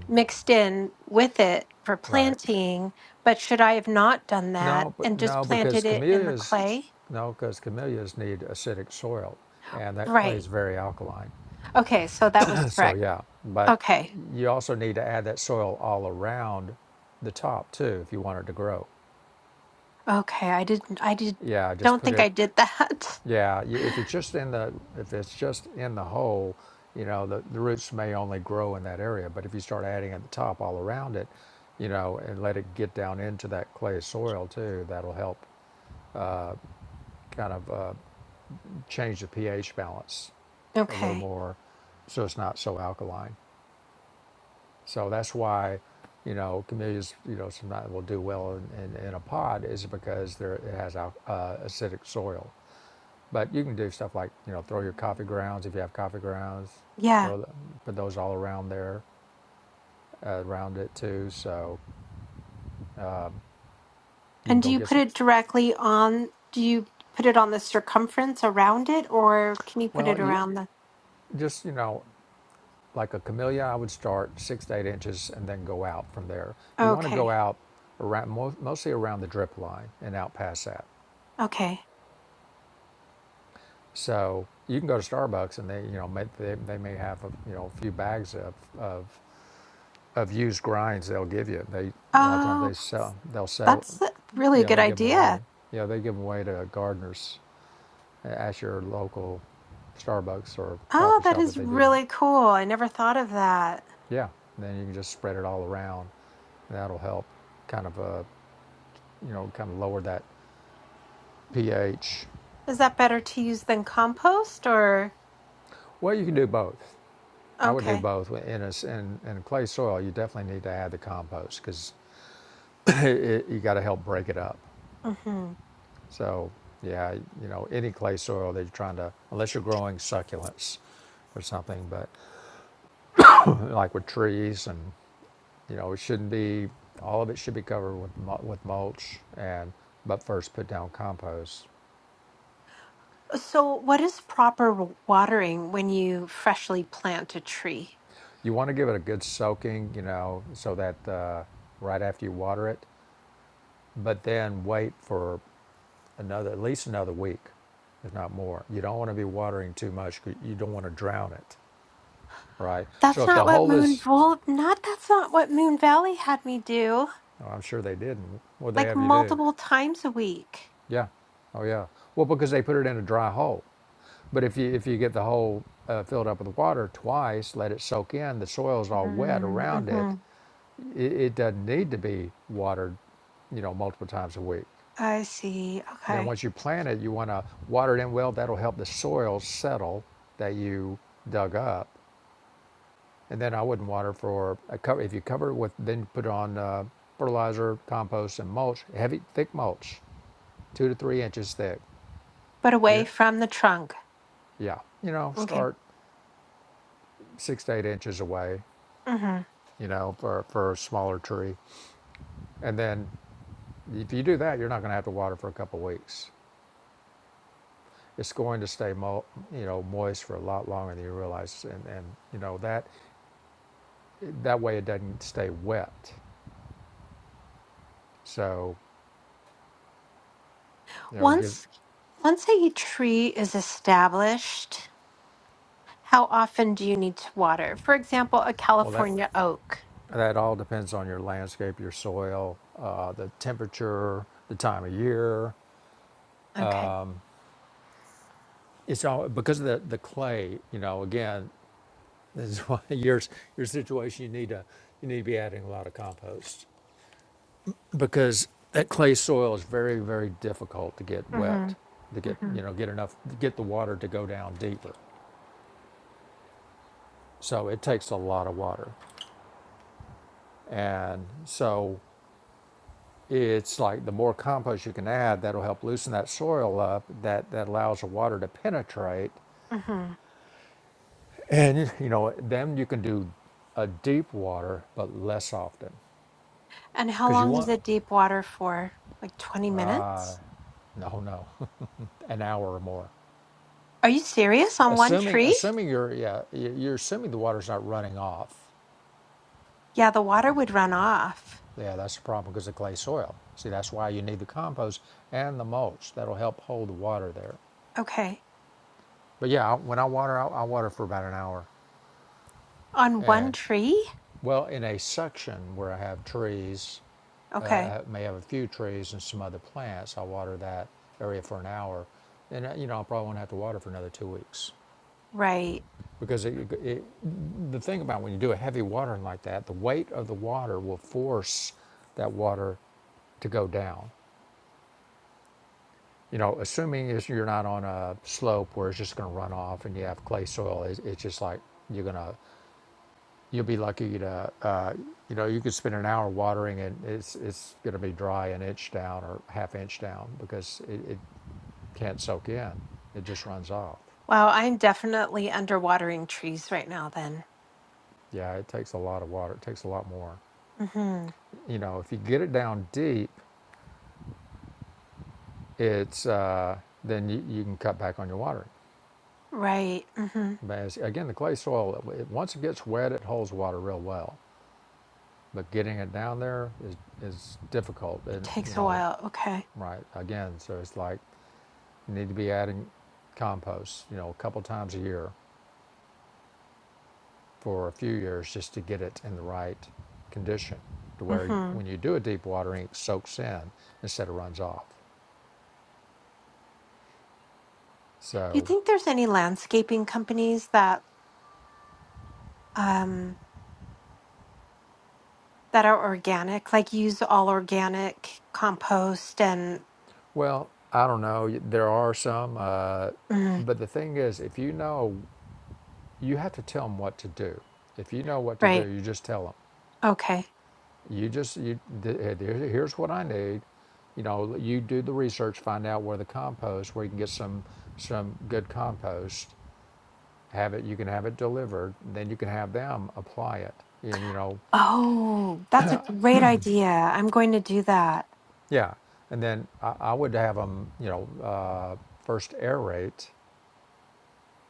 [SPEAKER 1] mixed in with it for
[SPEAKER 2] right
[SPEAKER 1] planting, but should I have not done that
[SPEAKER 2] No, but
[SPEAKER 1] and just
[SPEAKER 2] no, because
[SPEAKER 1] planted it in the
[SPEAKER 2] camellias,
[SPEAKER 1] clay?
[SPEAKER 2] no, because camellias need acidic soil, and that clay
[SPEAKER 1] Right.
[SPEAKER 2] is very alkaline.
[SPEAKER 1] Okay, so that was
[SPEAKER 2] so
[SPEAKER 1] correct.
[SPEAKER 2] yeah, but
[SPEAKER 1] Okay.
[SPEAKER 2] you also need to add that soil all around the top too if you want it to grow.
[SPEAKER 1] Okay, I didn't I did
[SPEAKER 2] Yeah, just
[SPEAKER 1] don't
[SPEAKER 2] put
[SPEAKER 1] think
[SPEAKER 2] it.
[SPEAKER 1] I did that.
[SPEAKER 2] Yeah, y- if it's just in the if it's just in the hole, you know the, the roots may only grow in that area. But if you start adding at the top all around it, you know, and let it get down into that clay soil too, that'll help kind of. Uh, change the pH balance a little
[SPEAKER 1] Okay.
[SPEAKER 2] more so it's not so alkaline. So that's why, you know, camellias, you know, sometimes will do well in, in, in a pod is because there, it has al- uh, acidic soil. But you can do stuff like, you know, throw your coffee grounds if you have coffee grounds,
[SPEAKER 1] Yeah.
[SPEAKER 2] throw the, put those all around there, uh, around it too. So you can
[SPEAKER 1] And do
[SPEAKER 2] go
[SPEAKER 1] you
[SPEAKER 2] get
[SPEAKER 1] put
[SPEAKER 2] some.
[SPEAKER 1] it directly on do you put it on the circumference around it or can you put
[SPEAKER 2] Well,
[SPEAKER 1] it
[SPEAKER 2] you
[SPEAKER 1] around the
[SPEAKER 2] just you know Like a camellia, I would start six to eight inches and then go out from there. You want to go
[SPEAKER 1] Okay.
[SPEAKER 2] out around, mostly around the drip line and out past that.
[SPEAKER 1] Okay.
[SPEAKER 2] So you can go to Starbucks and they, you know, may, they, they may have a, you know a few bags of, of of used grinds they'll give you. They a lot of times
[SPEAKER 1] Oh,
[SPEAKER 2] they sell they'll sell
[SPEAKER 1] That's a really
[SPEAKER 2] yeah
[SPEAKER 1] good
[SPEAKER 2] they'll give them away.
[SPEAKER 1] idea.
[SPEAKER 2] Yeah they give them away to gardeners at your local Starbucks or
[SPEAKER 1] Oh,
[SPEAKER 2] coffee
[SPEAKER 1] that
[SPEAKER 2] shop if
[SPEAKER 1] is
[SPEAKER 2] they do that.
[SPEAKER 1] really cool. I never thought of that.
[SPEAKER 2] Yeah, and then you can just spread it all around. And that'll help kind of uh, you know, kind of lower that pH.
[SPEAKER 1] Is that better to use than compost or?
[SPEAKER 2] Well, you can do both. I would do
[SPEAKER 1] Okay.
[SPEAKER 2] both. Well, In a in, in a clay soil, you definitely need to add the compost because you got to help break it up.
[SPEAKER 1] hmm
[SPEAKER 2] So, yeah, you know, any clay soil that you're trying to, unless you're growing succulents or something, but like with trees and, you know, it shouldn't be, all of it should be covered with, with mulch and, but first put down compost.
[SPEAKER 1] So, what is proper w- watering when you freshly plant a tree?
[SPEAKER 2] You want to give it a good soaking, you know, so that uh, right after you water it, but then wait for another at least another week if not more you don't want to be watering too much 'cause you don't want to drown it right so
[SPEAKER 1] That's
[SPEAKER 2] if the
[SPEAKER 1] not what
[SPEAKER 2] hole
[SPEAKER 1] Moon
[SPEAKER 2] is
[SPEAKER 1] Vol not that's not what Moon Valley had me do
[SPEAKER 2] oh, i'm sure they didn't what they
[SPEAKER 1] like
[SPEAKER 2] have you do
[SPEAKER 1] multiple times a week.
[SPEAKER 2] yeah oh yeah well because they put it in a dry hole but if you if you get the hole uh, filled up with water twice let it soak in the soil's all wet
[SPEAKER 1] Mm,
[SPEAKER 2] around
[SPEAKER 1] Mm-hmm.
[SPEAKER 2] it, it it doesn't need to be watered you know multiple times a week
[SPEAKER 1] I see.
[SPEAKER 2] Then
[SPEAKER 1] Okay.
[SPEAKER 2] once you plant it, you want to water it in well. That'll help the soil settle that you dug up. And then I wouldn't water for a cover. If you cover it with, then put on uh, fertilizer, compost, and mulch, heavy, thick mulch, two to three inches thick.
[SPEAKER 1] But away
[SPEAKER 2] You're,
[SPEAKER 1] from the trunk.
[SPEAKER 2] yeah, you know,
[SPEAKER 1] Okay.
[SPEAKER 2] start six to eight inches away,
[SPEAKER 1] Mm-hmm.
[SPEAKER 2] you know, for, for a smaller tree. And then if you do that, you're not going to have to water for a couple weeks it's going to stay mo- you know moist for a lot longer than you realize and, and you know that That way it doesn't stay wet. So, you know, gives,
[SPEAKER 1] Once once a tree is established, how often do you need to water? For example, a
[SPEAKER 2] well, that,
[SPEAKER 1] California oak.
[SPEAKER 2] that all depends on your landscape, your soil, uh, the temperature, the time of year.
[SPEAKER 1] Okay.
[SPEAKER 2] It's all because of the, the clay, you know, again, this is why your, your situation, you need to, you need to be adding a lot of compost because that clay soil is very, very difficult to get wet,
[SPEAKER 1] Mhm.
[SPEAKER 2] to get, you
[SPEAKER 1] Mhm.
[SPEAKER 2] know, get enough, get the water to go down deeper. So it takes a lot of water. And so it's like the more compost you can add, that'll help loosen that soil up. That that allows the water to penetrate,
[SPEAKER 1] Mhm.
[SPEAKER 2] and you know then you can do a deep water, but less often,
[SPEAKER 1] And how
[SPEAKER 2] because you
[SPEAKER 1] long is
[SPEAKER 2] want
[SPEAKER 1] it deep water for? Like 20 minutes?
[SPEAKER 2] no no an hour or more.
[SPEAKER 1] Are you serious on one
[SPEAKER 2] Assuming
[SPEAKER 1] tree?
[SPEAKER 2] assuming you're yeah you- are assuming the water's not running off.
[SPEAKER 1] Yeah, the water would run off.
[SPEAKER 2] Yeah, that's the problem because of clay soil. See, that's why you need the compost and the mulch. That'll help hold the water there.
[SPEAKER 1] Okay.
[SPEAKER 2] But yeah, I- when I water, I, I water for about an hour,
[SPEAKER 1] On one
[SPEAKER 2] and
[SPEAKER 1] tree?
[SPEAKER 2] Well, in a section where I have trees,
[SPEAKER 1] Okay.
[SPEAKER 2] uh, I may have a few trees and some other plants, I'll water that area for an hour. And, uh, you know, I probably won't have to water for another two weeks.
[SPEAKER 1] Right.
[SPEAKER 2] Because it, it, the thing about when you do a heavy watering like that, the weight of the water will force that water to go down. You know, assuming is you're not on a slope where it's just going to run off and you have clay soil, it's, it's just like you're going to You'll be lucky to, uh, you know, you could spend an hour watering and it's it's going to be dry an inch down or half inch down because it, it can't soak in. It just runs off.
[SPEAKER 1] Wow, I'm definitely underwatering trees right now then.
[SPEAKER 2] Yeah, it takes a lot of water. It takes a lot more.
[SPEAKER 1] Mhm.
[SPEAKER 2] You know, if you get it down deep, it's uh, then you, you can cut back on your watering.
[SPEAKER 1] Right. Mhm.
[SPEAKER 2] But as, again, the clay soil, it, once it gets wet, it holds water real well. But getting it down there is is difficult,
[SPEAKER 1] It
[SPEAKER 2] and you
[SPEAKER 1] takes a
[SPEAKER 2] know,
[SPEAKER 1] while. Okay.
[SPEAKER 2] right? Again, so it's like You need to be adding compost, you know, a couple times a year for a few years just to get it in the right condition to where
[SPEAKER 1] Mhm.
[SPEAKER 2] when you do a deep watering, it soaks in instead of runs off.
[SPEAKER 1] Do you
[SPEAKER 2] So,
[SPEAKER 1] think there's any landscaping companies that um, that are organic, like use all organic compost and
[SPEAKER 2] well, I don't know. There are some, uh,
[SPEAKER 1] mm,
[SPEAKER 2] but the thing is, if you know, you have to tell them what to do. If you know what to do,
[SPEAKER 1] right?
[SPEAKER 2] you just tell them.
[SPEAKER 1] Okay.
[SPEAKER 2] You just you here's what I need. You know, you do the research, find out where the compost, where you can get some some good compost, have it, you can have it delivered, then you can have them apply it. And, you know,
[SPEAKER 1] Oh, that's a great idea. I'm going to do that.
[SPEAKER 2] yeah. And then I, I would have them, you know, uh, first aerate.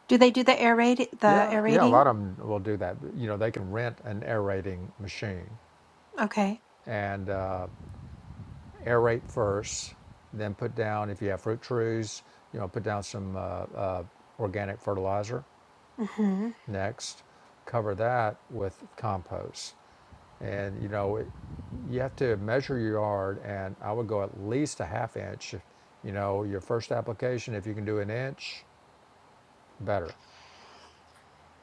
[SPEAKER 1] Do they do the aerate the
[SPEAKER 2] Yeah, yeah, a
[SPEAKER 1] aerating?
[SPEAKER 2] lot of them will do that. You know, they can rent an aerating machine
[SPEAKER 1] Okay.
[SPEAKER 2] and uh, aerate first, then put down, if you have fruit trees, you know, put down some uh, uh, organic fertilizer
[SPEAKER 1] Mm-hmm.
[SPEAKER 2] next cover that with compost and you know it, you have to measure your yard and i would go at least a half inch you know your first application if you can do an inch better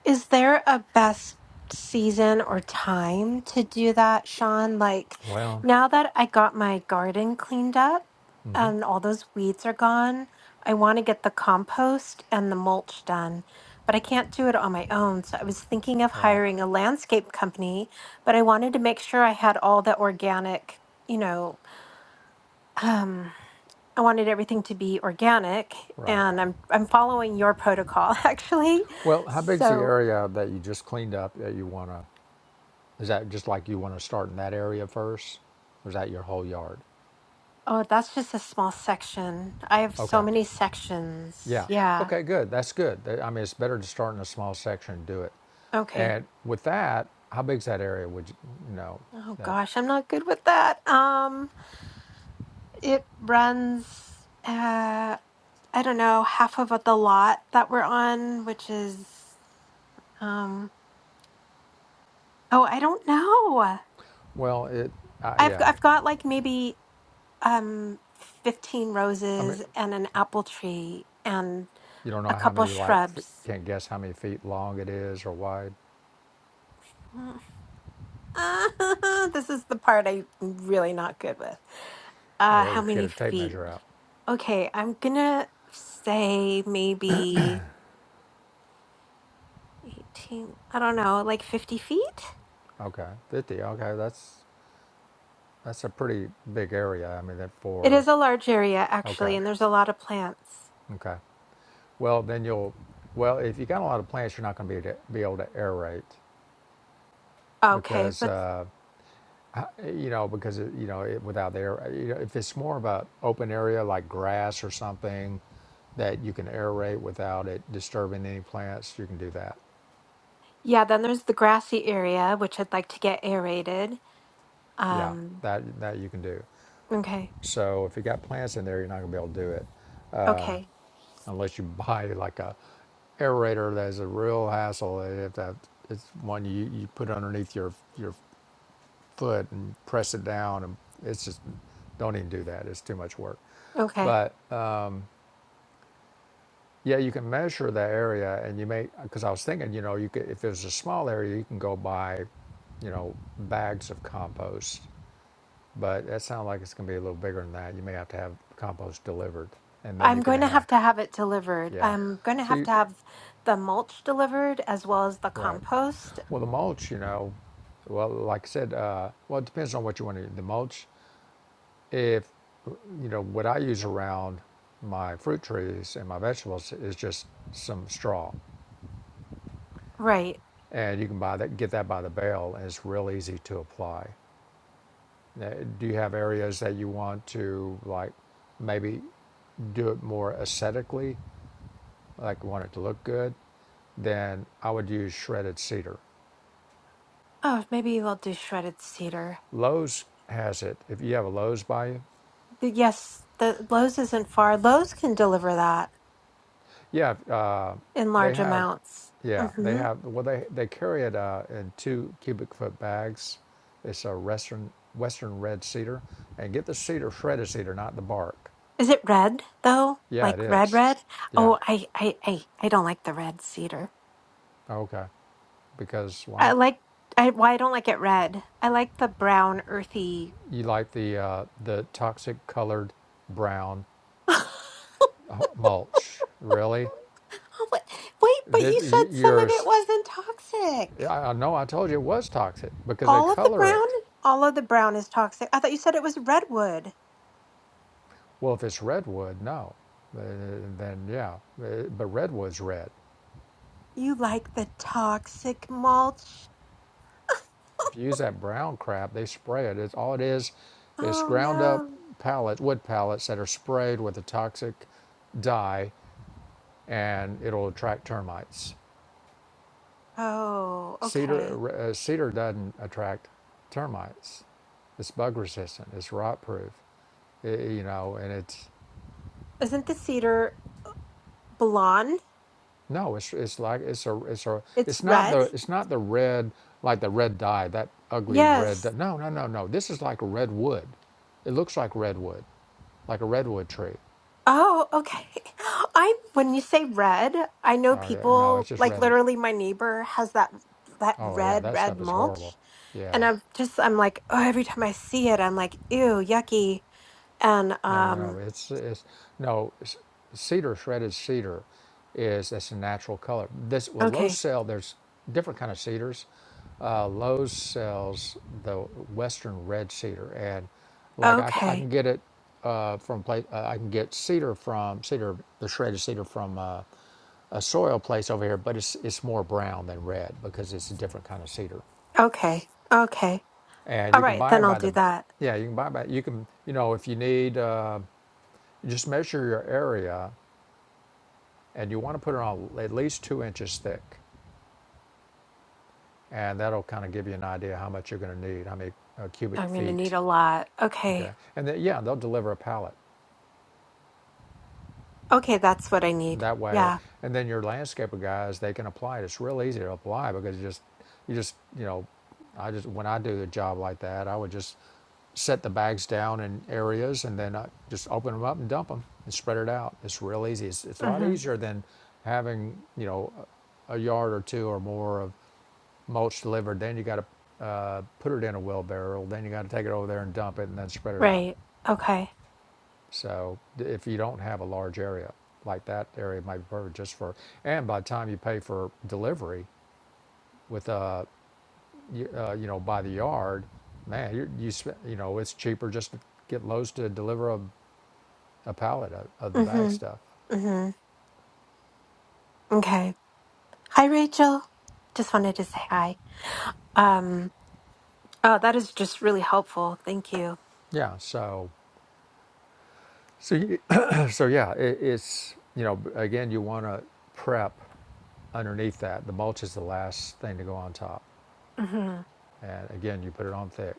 [SPEAKER 1] Is there a best season or time to do that, Sean? Like
[SPEAKER 2] Well,
[SPEAKER 1] now that I got my garden cleaned up
[SPEAKER 2] mm-hmm.
[SPEAKER 1] and all those weeds are gone, I want to get the compost and the mulch done, but I can't do it on my own. So I was thinking of
[SPEAKER 2] right
[SPEAKER 1] hiring a landscape company, but I wanted to make sure I had all the organic, you know, um, I wanted everything to be organic,
[SPEAKER 2] right
[SPEAKER 1] and I'm I'm following your protocol actually.
[SPEAKER 2] well how big's the
[SPEAKER 1] So
[SPEAKER 2] area that you just cleaned up that you want to is that just like you want to start in that area first or is that your whole yard
[SPEAKER 1] Oh, that's just a small section. I have so
[SPEAKER 2] okay
[SPEAKER 1] many sections.
[SPEAKER 2] Yeah.
[SPEAKER 1] Yeah.
[SPEAKER 2] Okay, good. That's good. That- I mean, it's better to start in a small section and do it.
[SPEAKER 1] Okay.
[SPEAKER 2] And with that, how big's that area? Would you, you know
[SPEAKER 1] Oh
[SPEAKER 2] that?
[SPEAKER 1] gosh, I'm not good with that. Um, it runs uh I don't know, half of the lot that we're on, which is um oh, I don't know.
[SPEAKER 2] Well, it. Uh,
[SPEAKER 1] I've
[SPEAKER 2] yeah.
[SPEAKER 1] I've got like maybe um 15
[SPEAKER 2] I mean,
[SPEAKER 1] roses and an apple tree and
[SPEAKER 2] you don't know
[SPEAKER 1] a
[SPEAKER 2] how
[SPEAKER 1] couple
[SPEAKER 2] many like f-
[SPEAKER 1] shrubs.
[SPEAKER 2] can't guess how many feet long it is or wide.
[SPEAKER 1] this is the part I'm really not good with.
[SPEAKER 2] Well,
[SPEAKER 1] Uh,
[SPEAKER 2] Yeah, you
[SPEAKER 1] how
[SPEAKER 2] have to get
[SPEAKER 1] many
[SPEAKER 2] a tape measure
[SPEAKER 1] feet?
[SPEAKER 2] out.
[SPEAKER 1] Okay, I'm gonna say maybe 18, I don't know, like 50 feet?
[SPEAKER 2] Okay, fifty. Okay, that's that's a pretty big area. I mean, that
[SPEAKER 1] It
[SPEAKER 2] for
[SPEAKER 1] is a large area,
[SPEAKER 2] okay,
[SPEAKER 1] actually, and there's a lot of plants.
[SPEAKER 2] okay. Well, then you'll. Well, if you got a lot of plants, you're not going to be to be able to aerate
[SPEAKER 1] Okay,
[SPEAKER 2] because.
[SPEAKER 1] but
[SPEAKER 2] Uh, I- you know, because it, you know, it, without air, you know, if it's more of a open area like grass or something that you can aerate without it disturbing any plants, you can do that.
[SPEAKER 1] yeah, then there's the grassy area, which I'd like to get aerated.
[SPEAKER 2] Yeah,
[SPEAKER 1] Um,
[SPEAKER 2] that that you can do.
[SPEAKER 1] okay,
[SPEAKER 2] So if you got plants in there, you're not gonna be able to do it
[SPEAKER 1] okay,
[SPEAKER 2] unless you buy like a aerator that's a real hassle. And If that it's one you you put underneath your your foot and press it down, and it's just don't even do that. It's too much work.
[SPEAKER 1] okay.
[SPEAKER 2] But uh, Yeah, you can measure that area, and you may because I was thinking, you know, you could if there's a small area, you can go buy, you know, bags of compost. But that sounds like it's going to be a little bigger than that. You may have to have compost delivered, and then
[SPEAKER 1] I'm
[SPEAKER 2] you can
[SPEAKER 1] going to
[SPEAKER 2] have,
[SPEAKER 1] have to have it delivered.
[SPEAKER 2] yeah.
[SPEAKER 1] I'm going to
[SPEAKER 2] So
[SPEAKER 1] have
[SPEAKER 2] you,
[SPEAKER 1] to have the mulch delivered as well as the
[SPEAKER 2] right.
[SPEAKER 1] compost.
[SPEAKER 2] Well, the mulch, you know, well, like I said, uh, well, it depends on what you want to. The mulch, if you know what I use around my fruit trees and my vegetables is just some straw
[SPEAKER 1] Right.
[SPEAKER 2] and you can buy that, get that by the bale, and it's real easy to apply. Now, do you have areas that you want to like maybe do it more aesthetically, like you want it to look good? Then I would use shredded cedar.
[SPEAKER 1] Oh, maybe we'll do shredded cedar.
[SPEAKER 2] Lowe's has it. If you have a Lowe's by you,
[SPEAKER 1] The- Yes, the Lowe's isn't far. Lowe's can deliver that
[SPEAKER 2] yeah, uh,
[SPEAKER 1] in
[SPEAKER 2] they
[SPEAKER 1] large
[SPEAKER 2] have,
[SPEAKER 1] amounts.
[SPEAKER 2] yeah, they
[SPEAKER 1] hmm
[SPEAKER 2] have. Well, they they carry it uh, in two cubic foot bags. It's a western western red cedar, and get the cedar shredded cedar, not the bark.
[SPEAKER 1] Is it red though?
[SPEAKER 2] Yeah, it
[SPEAKER 1] Like red,
[SPEAKER 2] is.
[SPEAKER 1] red?
[SPEAKER 2] Yeah.
[SPEAKER 1] Oh, I, I, I, I don't like the red cedar.
[SPEAKER 2] Oh, Okay. Because why?
[SPEAKER 1] I like. I why I don't like it red. I like the brown, earthy.
[SPEAKER 2] You like the uh, the toxic colored brown mulch? Really?
[SPEAKER 1] Oh, what- Wait, but
[SPEAKER 2] This,
[SPEAKER 1] you
[SPEAKER 2] y-
[SPEAKER 1] said some of it
[SPEAKER 2] yours?
[SPEAKER 1] wasn't toxic.
[SPEAKER 2] I I know. I told you it was toxic because they
[SPEAKER 1] All of the
[SPEAKER 2] color
[SPEAKER 1] brown,
[SPEAKER 2] it.
[SPEAKER 1] all of the brown is toxic. I thought you said it was redwood.
[SPEAKER 2] Well, if it's redwood, no. Uh, then yeah. Uh, But redwood's red.
[SPEAKER 1] You like the toxic mulch.
[SPEAKER 2] If you use that brown crap, they spray it. It's all it is. is
[SPEAKER 1] Oh
[SPEAKER 2] ground up
[SPEAKER 1] no.
[SPEAKER 2] pallets, wood pallets that are sprayed with a toxic dye, and it'll attract termites.
[SPEAKER 1] Oh, okay.
[SPEAKER 2] Cedar, uh, cedar doesn't attract termites. It's bug resistant. It's rot proof. I- you know, and it's
[SPEAKER 1] Isn't the cedar blonde?
[SPEAKER 2] no, it's it's like it's a it's a
[SPEAKER 1] It's
[SPEAKER 2] it's not
[SPEAKER 1] red?
[SPEAKER 2] the it's not the red like the red dye that ugly red.
[SPEAKER 1] Yes.
[SPEAKER 2] Dye. No, no, no, no. This is like a red wood. It looks like redwood, like a redwood tree.
[SPEAKER 1] Oh, okay. I when you say red, I know
[SPEAKER 2] Oh yeah, no,
[SPEAKER 1] people
[SPEAKER 2] it's just
[SPEAKER 1] like
[SPEAKER 2] red.
[SPEAKER 1] literally my neighbor has that that
[SPEAKER 2] Oh yeah,
[SPEAKER 1] red
[SPEAKER 2] that
[SPEAKER 1] red
[SPEAKER 2] stuff is horrible.
[SPEAKER 1] mulch and
[SPEAKER 2] Yeah,
[SPEAKER 1] I'm just I'm like, oh, every time I see it, I'm like, ew, yucky. And
[SPEAKER 2] No, no, no.
[SPEAKER 1] um
[SPEAKER 2] It's it's no s- cedar shredded cedar is that's a natural color. This well, Lowe's
[SPEAKER 1] okay.
[SPEAKER 2] sell there's different kind of cedars. Uh, Lowe's sells the Western red cedar, and like I, c- I can
[SPEAKER 1] Okay.
[SPEAKER 2] get it uh, from place. Uh, I can get cedar from cedar the shredded cedar from uh, a soil place over here, but it's it's more brown than red because it's a different kind of cedar,
[SPEAKER 1] Okay. Okay.
[SPEAKER 2] and
[SPEAKER 1] All
[SPEAKER 2] you can
[SPEAKER 1] right,
[SPEAKER 2] buy
[SPEAKER 1] then
[SPEAKER 2] it
[SPEAKER 1] I'll
[SPEAKER 2] by
[SPEAKER 1] do
[SPEAKER 2] the
[SPEAKER 1] that.
[SPEAKER 2] yeah you can buy it by you can you know if you need. Uh, just measure your area and you want to put it on at least two inches thick. And that'll kind of give you an idea how much you're going to need, how many uh, cubic
[SPEAKER 1] I'm going to need
[SPEAKER 2] feet.
[SPEAKER 1] a lot. Okay.
[SPEAKER 2] Okay. And then, yeah, they'll deliver a pallet.
[SPEAKER 1] Okay, that's what I need.
[SPEAKER 2] that way.
[SPEAKER 1] Yeah.
[SPEAKER 2] And then your landscaper guys, they can apply it. It's real easy to apply because you just, you just, you know, I just when I do the job like that, I would just set the bags down in areas and then I just open them up and dump them and spread it out. It's real easy. It's, it's a lot
[SPEAKER 1] Mhm.
[SPEAKER 2] easier than having you know a yard or two or more of mulch delivered. Then you got to uh, put it in a wheelbarrow. Then you got to take it over there and dump it and then spread it out.
[SPEAKER 1] Right. Okay.
[SPEAKER 2] So if you don't have a large area, like that area might be perfect just for, and by the time you pay for delivery with, uh, you, uh, you know, by the yard, man, you, you, sp- you know, it's cheaper just to get Lowe's to deliver a, a pallet of, of the bag
[SPEAKER 1] Mm-hmm.
[SPEAKER 2] stuff.
[SPEAKER 1] Mm-hmm. Okay. Hi, Rachel. Just wanted to say hi. Um, oh, that is just really helpful. Thank you.
[SPEAKER 2] Yeah. So, so, you, so yeah, it, it's, you know, again, you want to prep underneath that. The mulch is the last thing to go on top.
[SPEAKER 1] Mm-hmm.
[SPEAKER 2] And again, you put it on thick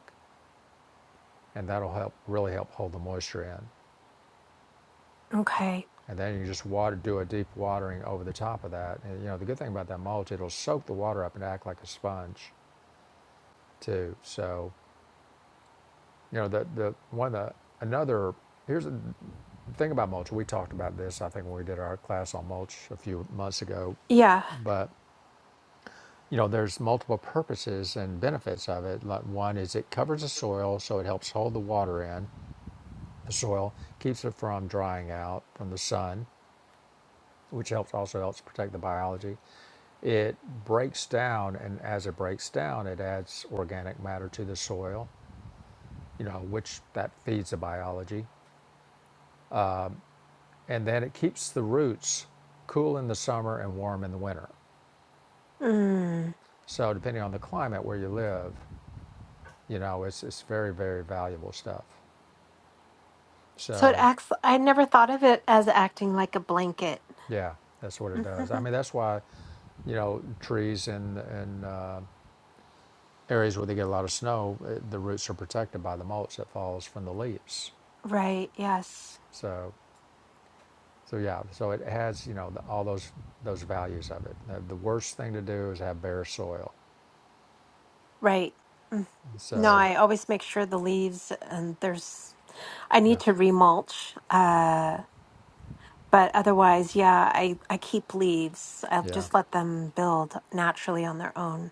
[SPEAKER 2] and that'll help, really help hold the moisture in.
[SPEAKER 1] Okay.
[SPEAKER 2] And then you just water, do a deep watering over the top of that. And you know, the good thing about that mulch, it'll soak the water up and act like a sponge too. So, you know, the, the one the, another, here's the thing about mulch. We talked about this, I think, when we did our class on mulch a few months ago.
[SPEAKER 1] Yeah.
[SPEAKER 2] But, you know, there's multiple purposes and benefits of it. Like one is it covers the soil, so it helps hold the water in the soil, keeps it from drying out from the sun, which helps also helps protect the biology. It breaks down, and as it breaks down, it adds organic matter to the soil, you know, which that feeds the biology. And then it keeps the roots cool in the summer and warm in the winter.
[SPEAKER 1] Mm.
[SPEAKER 2] So, depending on the climate where you live, you know, it's, it's very, very valuable stuff.
[SPEAKER 1] So it
[SPEAKER 2] So,
[SPEAKER 1] acts, I never thought of it as acting like a blanket.
[SPEAKER 2] yeah, that's what it
[SPEAKER 1] hmm
[SPEAKER 2] does. I mean, that's why you know, trees in, in uh, areas where they get a lot of snow, uh, the roots are protected by the mulch that falls from the leaves.
[SPEAKER 1] Right. Yes.
[SPEAKER 2] So So yeah, so it has you know the, all those those values of it. The, the worst thing to do is have bare soil.
[SPEAKER 1] Right. Mm. No,
[SPEAKER 2] So
[SPEAKER 1] I always make sure the leaves and there's, I need
[SPEAKER 2] yeah,
[SPEAKER 1] to remulch. Uh, but otherwise, yeah, I, I keep leaves. I'll
[SPEAKER 2] yeah,
[SPEAKER 1] just let them build naturally on their own.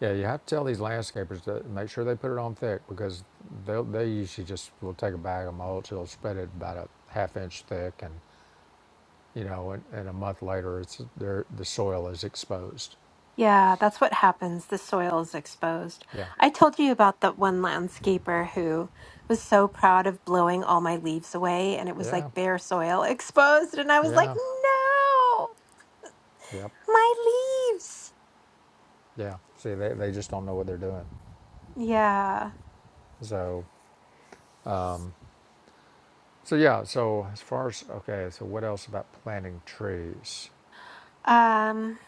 [SPEAKER 2] yeah. You have to tell these landscapers to make sure they put it on thick because they they usually just will take a bag of mulch, they'll spread it about a half inch thick, and you know, and, and a month later, it's there the soil is exposed.
[SPEAKER 1] Yeah, that's what happens. The soil is exposed.
[SPEAKER 2] Yeah,
[SPEAKER 1] I told you about that one landscaper who was so proud of blowing all my leaves away, and it was like
[SPEAKER 2] yeah,
[SPEAKER 1] bare soil exposed. And I was like,
[SPEAKER 2] yeah,
[SPEAKER 1] no,
[SPEAKER 2] yep,
[SPEAKER 1] my leaves.
[SPEAKER 2] yeah. See, they they just don't know what they're doing.
[SPEAKER 1] Yeah.
[SPEAKER 2] So um, So yeah, so as far as okay, so what else about planting trees,
[SPEAKER 1] Um,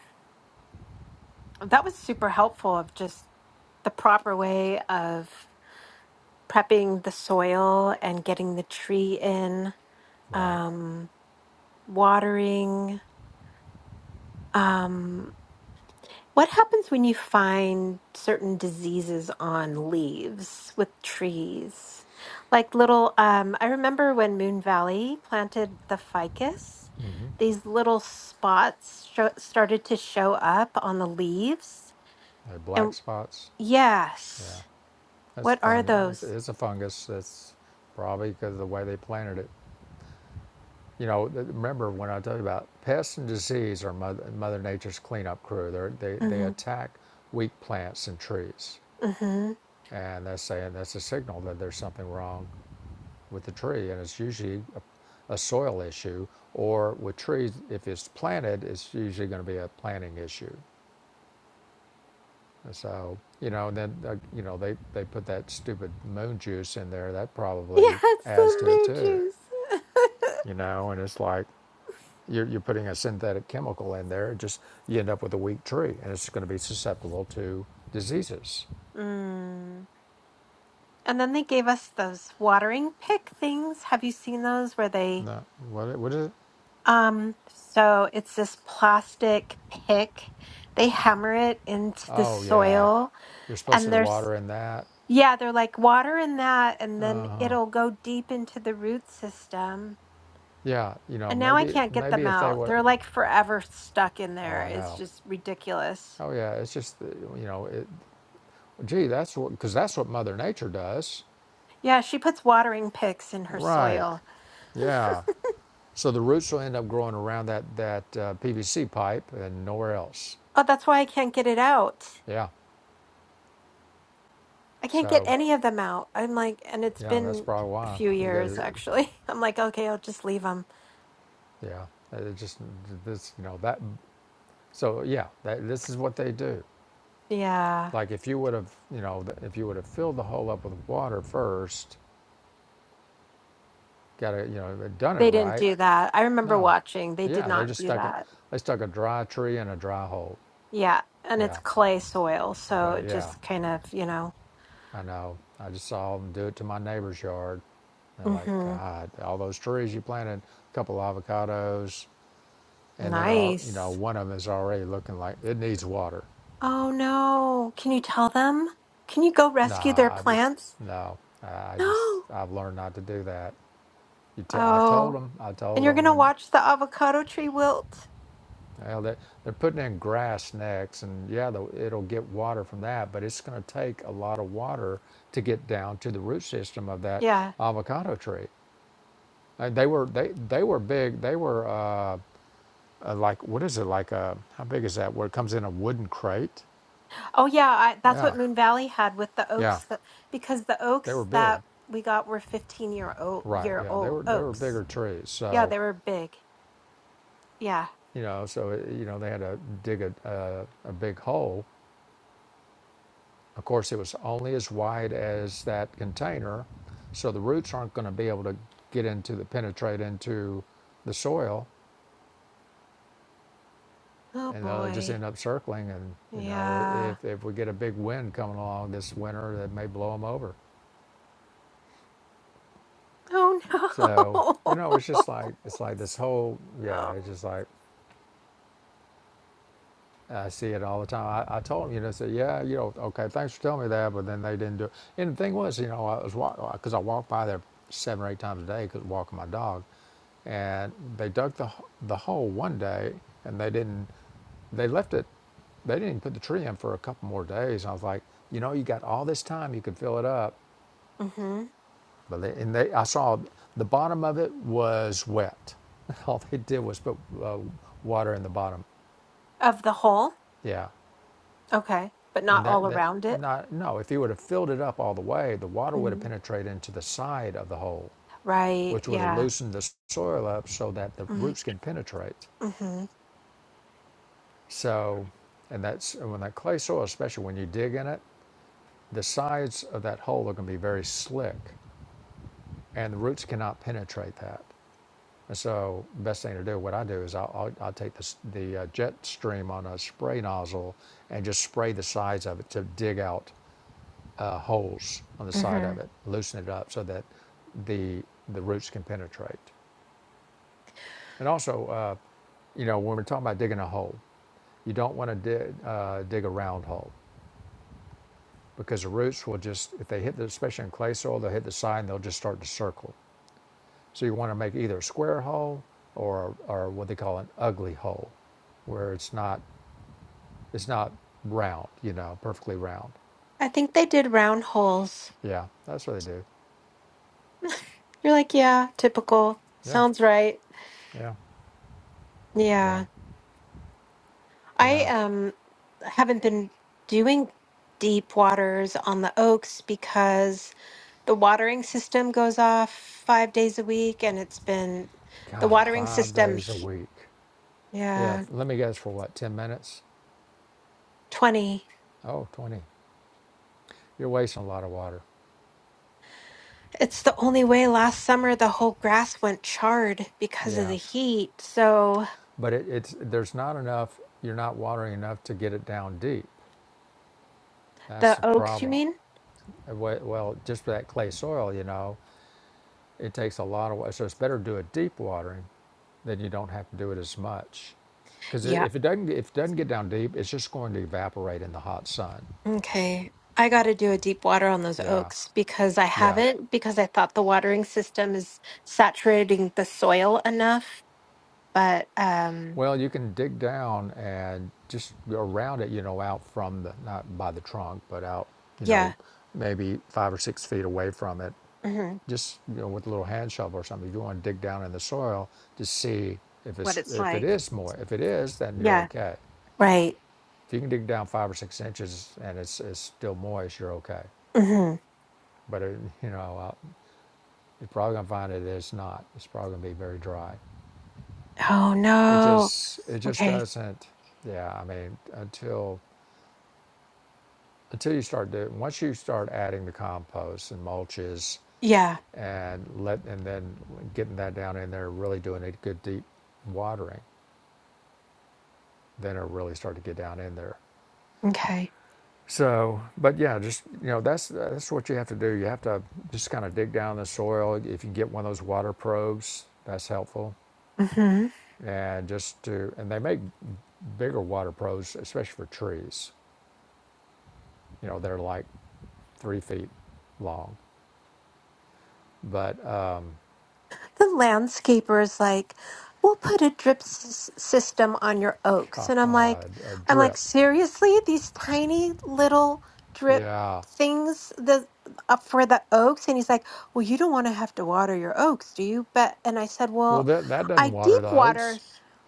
[SPEAKER 1] that was super helpful of just the proper way of prepping the soil and getting the tree in,
[SPEAKER 2] right?
[SPEAKER 1] um, watering. Um, What happens when you find certain diseases on leaves with trees? Like little, um, I remember when Moon Valley planted the ficus, these little spots sho- started to show up on the leaves.
[SPEAKER 2] Uh, black
[SPEAKER 1] And
[SPEAKER 2] spots, yeah,
[SPEAKER 1] yes,
[SPEAKER 2] that's
[SPEAKER 1] what are
[SPEAKER 2] fung. It's,
[SPEAKER 1] those?
[SPEAKER 2] it's a fungus. That's probably because of the way they planted it. You know, remember when I told you about pests and disease are mother, mother nature's cleanup crew. They're, they they
[SPEAKER 1] hmm
[SPEAKER 2] attack weak plants and trees,
[SPEAKER 1] hmm
[SPEAKER 2] and they're saying that's a signal that there's something wrong. with the tree, and it's usually a, a soil issue. Or with trees, if it's planted, it's usually going to be a planting issue. And so you know, and then uh, you know they they put that stupid moon juice in there. That
[SPEAKER 1] Yeah,
[SPEAKER 2] probably
[SPEAKER 1] it's the
[SPEAKER 2] adds to it
[SPEAKER 1] moon
[SPEAKER 2] too.
[SPEAKER 1] juice.
[SPEAKER 2] You know, and it's like you're you're putting a synthetic chemical in there. It just you end up with a weak tree, and it's going to be susceptible to diseases.
[SPEAKER 1] mm. And then they gave us those watering pick things. Have you seen those where they?
[SPEAKER 2] No, what what is it?
[SPEAKER 1] Um, so it's this plastic pick. They hammer it into the
[SPEAKER 2] Oh yeah,
[SPEAKER 1] soil
[SPEAKER 2] you're supposed
[SPEAKER 1] and
[SPEAKER 2] to
[SPEAKER 1] there's
[SPEAKER 2] water in that.
[SPEAKER 1] yeah, they're like water in that and then
[SPEAKER 2] Oh.
[SPEAKER 1] it'll go deep into the root system.
[SPEAKER 2] Yeah, you know,
[SPEAKER 1] And now I
[SPEAKER 2] maybe
[SPEAKER 1] can't get
[SPEAKER 2] maybe
[SPEAKER 1] them
[SPEAKER 2] if they
[SPEAKER 1] out.
[SPEAKER 2] would
[SPEAKER 1] They're like forever stuck in
[SPEAKER 2] Oh,
[SPEAKER 1] there.
[SPEAKER 2] I
[SPEAKER 1] It's
[SPEAKER 2] know.
[SPEAKER 1] just ridiculous.
[SPEAKER 2] Oh, yeah. It's just, uh, you know, it, gee, that's what, because that's what Mother Nature does.
[SPEAKER 1] Yeah, she puts watering picks in her
[SPEAKER 2] Right.
[SPEAKER 1] soil.
[SPEAKER 2] Yeah. So the roots will end up growing around that, that uh, PVC pipe and nowhere else.
[SPEAKER 1] Oh, that's why I can't get it out.
[SPEAKER 2] Yeah.
[SPEAKER 1] I can't get
[SPEAKER 2] So,
[SPEAKER 1] any of them out. I'm like, and it's
[SPEAKER 2] yeah, that's
[SPEAKER 1] been
[SPEAKER 2] probably
[SPEAKER 1] a
[SPEAKER 2] why.
[SPEAKER 1] few years
[SPEAKER 2] Because,
[SPEAKER 1] actually. I'm like, okay, I'll just leave them.
[SPEAKER 2] yeah, it just, this, you know, that, so yeah, that, this is what they do.
[SPEAKER 1] Yeah.
[SPEAKER 2] Like if you would have, you know, if you would have filled the hole up with water first, got it, you know, done it
[SPEAKER 1] They didn't
[SPEAKER 2] right,
[SPEAKER 1] do that. I remember
[SPEAKER 2] No.
[SPEAKER 1] watching. They did
[SPEAKER 2] Yeah, they
[SPEAKER 1] not
[SPEAKER 2] just
[SPEAKER 1] do
[SPEAKER 2] stuck it.
[SPEAKER 1] that.
[SPEAKER 2] They stuck a dry tree in a dry hole.
[SPEAKER 1] Yeah. And it's
[SPEAKER 2] Yeah.
[SPEAKER 1] clay soil. So
[SPEAKER 2] Clay,
[SPEAKER 1] it
[SPEAKER 2] yeah,
[SPEAKER 1] just kind of, you know.
[SPEAKER 2] I know. I just saw them do it to my neighbor's yard. And like,
[SPEAKER 1] hmm
[SPEAKER 2] God, all those trees you planted, a couple avocados, and there are, you know,
[SPEAKER 1] Nice.
[SPEAKER 2] one of them is already looking like it needs water.
[SPEAKER 1] Oh, no. Can you tell them? Can you go
[SPEAKER 2] Nah,
[SPEAKER 1] rescue their
[SPEAKER 2] I just,
[SPEAKER 1] plants?
[SPEAKER 2] no, I just,
[SPEAKER 1] No.
[SPEAKER 2] I've learned not to do that. You t- I told
[SPEAKER 1] Oh.
[SPEAKER 2] them, I
[SPEAKER 1] And
[SPEAKER 2] told
[SPEAKER 1] you're
[SPEAKER 2] them,
[SPEAKER 1] going to
[SPEAKER 2] and
[SPEAKER 1] watch the avocado tree wilt?
[SPEAKER 2] Well, they're, they're putting in grass next, and yeah, the, it'll get water from that, but it's going to take a lot of water to get down to the root system of that
[SPEAKER 1] Yeah.
[SPEAKER 2] avocado tree. And they were they they were big. They were uh, uh, like what is it like? uh how big is that? Where it comes in a wooden crate?
[SPEAKER 1] Oh, yeah. I, that's
[SPEAKER 2] Yeah,
[SPEAKER 1] what Moon Valley had with the
[SPEAKER 2] yeah,
[SPEAKER 1] oaks that, because the
[SPEAKER 2] they were
[SPEAKER 1] oaks
[SPEAKER 2] big.
[SPEAKER 1] that we got were 15 year old,
[SPEAKER 2] Right?
[SPEAKER 1] year
[SPEAKER 2] Yeah, they
[SPEAKER 1] old
[SPEAKER 2] were they were
[SPEAKER 1] oaks.
[SPEAKER 2] bigger trees.
[SPEAKER 1] Yeah.
[SPEAKER 2] So
[SPEAKER 1] They were big. Yeah.
[SPEAKER 2] you know, so uh, you know they had to dig a a, a big hole Of course, it was only as wide as that container, so the roots aren't going to be able to get into the penetrate into the soil,
[SPEAKER 1] Oh,
[SPEAKER 2] and they'll just
[SPEAKER 1] boy.
[SPEAKER 2] end up circling. And you know,
[SPEAKER 1] Yeah.
[SPEAKER 2] if if we get a big wind coming along this winter, that may blow them over.
[SPEAKER 1] Oh
[SPEAKER 2] So you know, it's just
[SPEAKER 1] no.
[SPEAKER 2] like it's like this whole yeah. It's just like I see it all the time. I, I told them, you know, say, yeah, you know, okay, thanks for telling me that, but then they didn't do it. And the thing was, you know, I was because I walked by there seven or eight times a day because walking my dog, and they dug the the hole one day, and they didn't, they left it, they didn't even put the tree in for a couple more days. And I was like, you know, you got all this time, you could fill it up,
[SPEAKER 1] hmm
[SPEAKER 2] but they, and they, I saw the bottom of it was wet. All they did was put uh, water in the bottom.
[SPEAKER 1] Of the whole?
[SPEAKER 2] Yeah.
[SPEAKER 1] Okay. But
[SPEAKER 2] And
[SPEAKER 1] not all
[SPEAKER 2] that, that
[SPEAKER 1] around it?
[SPEAKER 2] not, no, if you would have filled it up all the way, the water would have
[SPEAKER 1] Mhm.
[SPEAKER 2] penetrated into the side of the hole,
[SPEAKER 1] Right.
[SPEAKER 2] which would have
[SPEAKER 1] Yeah.
[SPEAKER 2] loosened the soil up so that the
[SPEAKER 1] Mm-hmm.
[SPEAKER 2] roots can penetrate. So, and that's and when that clay soil, especially when you dig in it, the sides of that hole are going to be very slick and the roots cannot penetrate that. And so, best thing to do, what I do is I'll, I'll, I'll take the, the uh, jet stream on a spray nozzle and just spray the sides of it to dig out uh, holes on the side
[SPEAKER 1] hmm
[SPEAKER 2] of it, loosen it up so that the the roots can penetrate. And also, uh, you know, when we're talking about digging a hole, you don't want to dig, uh, dig a round hole because the roots will just, if they hit the, especially in clay soil, they'll hit the side and they'll just start to circle. So you want to make either a square hole or or what they call an ugly hole, where it's not it's not round, you know, perfectly round.
[SPEAKER 1] I think they did round holes.
[SPEAKER 2] Yeah, that's what they do.
[SPEAKER 1] You're like, yeah, typical.
[SPEAKER 2] Yeah,
[SPEAKER 1] Sounds right.
[SPEAKER 2] yeah, yeah,
[SPEAKER 1] Yeah. I
[SPEAKER 2] yeah.
[SPEAKER 1] um haven't been doing deep waters on the oaks because the watering system goes off five days a week and it's been the
[SPEAKER 2] God,
[SPEAKER 1] watering
[SPEAKER 2] five
[SPEAKER 1] system
[SPEAKER 2] days a week. Yeah,
[SPEAKER 1] Yeah,
[SPEAKER 2] let me guess for what, 10 minutes?
[SPEAKER 1] 20.
[SPEAKER 2] Oh, twenty. You're wasting a lot of water.
[SPEAKER 1] It's the only way last summer the whole grass went charred because of
[SPEAKER 2] Yeah.
[SPEAKER 1] the heat. So
[SPEAKER 2] But it, it's there's not enough, you're not watering enough to get it down deep. That's
[SPEAKER 1] the
[SPEAKER 2] the
[SPEAKER 1] oaks, you
[SPEAKER 2] problem.
[SPEAKER 1] mean?
[SPEAKER 2] And we- Well, just for that clay soil, you know, it takes a lot of water. So it's better to do a deep watering then you don't have to do it as much. Because
[SPEAKER 1] Yeah.
[SPEAKER 2] if it doesn't, if it doesn't get down deep, it's just going to evaporate in the hot sun.
[SPEAKER 1] Okay. I got to do a deep water on those
[SPEAKER 2] Yeah,
[SPEAKER 1] oaks because I
[SPEAKER 2] yeah.
[SPEAKER 1] haven't, because I thought the watering system is saturating the soil enough. But um,
[SPEAKER 2] Well, you can dig down and just around it, you know, out from the, not by the trunk, but out, you
[SPEAKER 1] yeah,
[SPEAKER 2] know, maybe five or six feet away from it,
[SPEAKER 1] hmm
[SPEAKER 2] just, you know, with a little hand shovel or something. If you want to dig down in the soil to see if
[SPEAKER 1] what
[SPEAKER 2] it's,
[SPEAKER 1] it's
[SPEAKER 2] if it
[SPEAKER 1] like.
[SPEAKER 2] is moist, if it is, then you're
[SPEAKER 1] Yeah.
[SPEAKER 2] okay.
[SPEAKER 1] Right.
[SPEAKER 2] If you can dig down five or six inches and it's, it's still moist, you're okay.
[SPEAKER 1] hmm
[SPEAKER 2] But, it, you know, uh, you're probably going to find it is not. It's probably going to be very dry.
[SPEAKER 1] Oh,
[SPEAKER 2] It
[SPEAKER 1] no.
[SPEAKER 2] just, it just
[SPEAKER 1] Okay.
[SPEAKER 2] doesn't, yeah, I mean, until until you start doing once you start adding the compost and mulches
[SPEAKER 1] Yeah.
[SPEAKER 2] and let and then getting that down in there really doing a good deep watering then it'll really start to get down in there
[SPEAKER 1] Okay.
[SPEAKER 2] so but yeah just you know that's that's what you have to do you have to just kind of dig down the soil if you get one of those water probes that's helpful
[SPEAKER 1] hmm
[SPEAKER 2] and just to and they make bigger water probes especially for trees you know they're like three feet long but uh,
[SPEAKER 1] the landscaper is like, "We'll put a drip s- system on your
[SPEAKER 2] uh,
[SPEAKER 1] oaks," and I'm
[SPEAKER 2] uh,
[SPEAKER 1] like,
[SPEAKER 2] a
[SPEAKER 1] "I'm like
[SPEAKER 2] drip
[SPEAKER 1] seriously, these tiny little drip
[SPEAKER 2] Yeah.
[SPEAKER 1] things the up for the oaks?" And he's like, "Well, you don't want to have to water your oaks, do you?" But and I said,
[SPEAKER 2] Well,
[SPEAKER 1] "Well,
[SPEAKER 2] that that doesn't
[SPEAKER 1] I
[SPEAKER 2] water
[SPEAKER 1] deep
[SPEAKER 2] the
[SPEAKER 1] water."
[SPEAKER 2] oaks.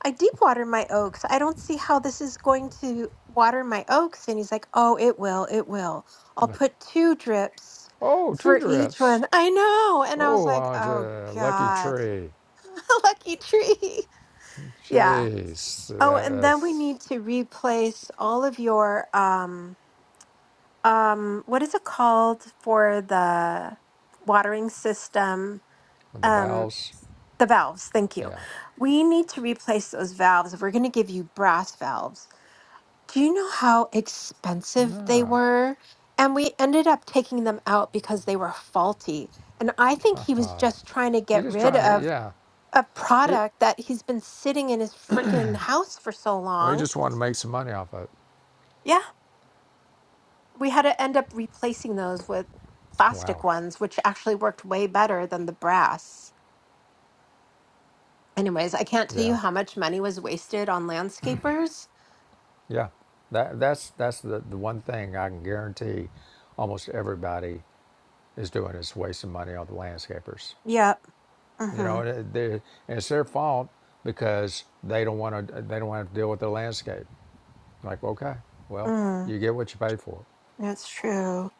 [SPEAKER 1] I deep water my oaks. I don't see how this is going to water my oaks. And he's like, Oh, it will. It will. I'll put two drips
[SPEAKER 2] Oh, two
[SPEAKER 1] for each
[SPEAKER 2] drips.
[SPEAKER 1] one. I know. And I was
[SPEAKER 2] Oh,
[SPEAKER 1] like,
[SPEAKER 2] aren't you
[SPEAKER 1] Oh,
[SPEAKER 2] lucky
[SPEAKER 1] God.
[SPEAKER 2] tree?
[SPEAKER 1] Lucky tree. Yeah.
[SPEAKER 2] Jeez,
[SPEAKER 1] Oh,
[SPEAKER 2] that,
[SPEAKER 1] and then we
[SPEAKER 2] that's
[SPEAKER 1] need to replace all of your um um what is it called for the watering system?
[SPEAKER 2] the
[SPEAKER 1] Um
[SPEAKER 2] valves.
[SPEAKER 1] the valves. Thank you.
[SPEAKER 2] Yeah.
[SPEAKER 1] We need to replace those valves. We're going to give you brass valves. Do you know how expensive they
[SPEAKER 2] No,
[SPEAKER 1] were? And we ended up taking them out because they were faulty. And I think he was
[SPEAKER 2] God.
[SPEAKER 1] just trying to
[SPEAKER 2] He's
[SPEAKER 1] get
[SPEAKER 2] just
[SPEAKER 1] rid
[SPEAKER 2] trying to.
[SPEAKER 1] of
[SPEAKER 2] Yeah.
[SPEAKER 1] a
[SPEAKER 2] It,
[SPEAKER 1] product that he's been sitting in his freaking house for so
[SPEAKER 2] well, he
[SPEAKER 1] long.
[SPEAKER 2] just wanted to make some money off of it.
[SPEAKER 1] Yeah, we had to end up replacing those with
[SPEAKER 2] Wow.
[SPEAKER 1] plastic ones, which actually worked way better than the brass. Anyways, I can't tell you
[SPEAKER 2] Yeah.
[SPEAKER 1] how much money was wasted on landscapers.
[SPEAKER 2] Yeah. That that's that's the, the one thing I can guarantee. Almost everybody is doing is wasting money on the landscapers.
[SPEAKER 1] Yep.
[SPEAKER 2] You
[SPEAKER 1] Mm-hmm.
[SPEAKER 2] know, they- and it's their fault because they don't want to. They don't want to deal with the landscape. Like, okay, well,
[SPEAKER 1] Mm.
[SPEAKER 2] you get what you pay for,
[SPEAKER 1] That's true.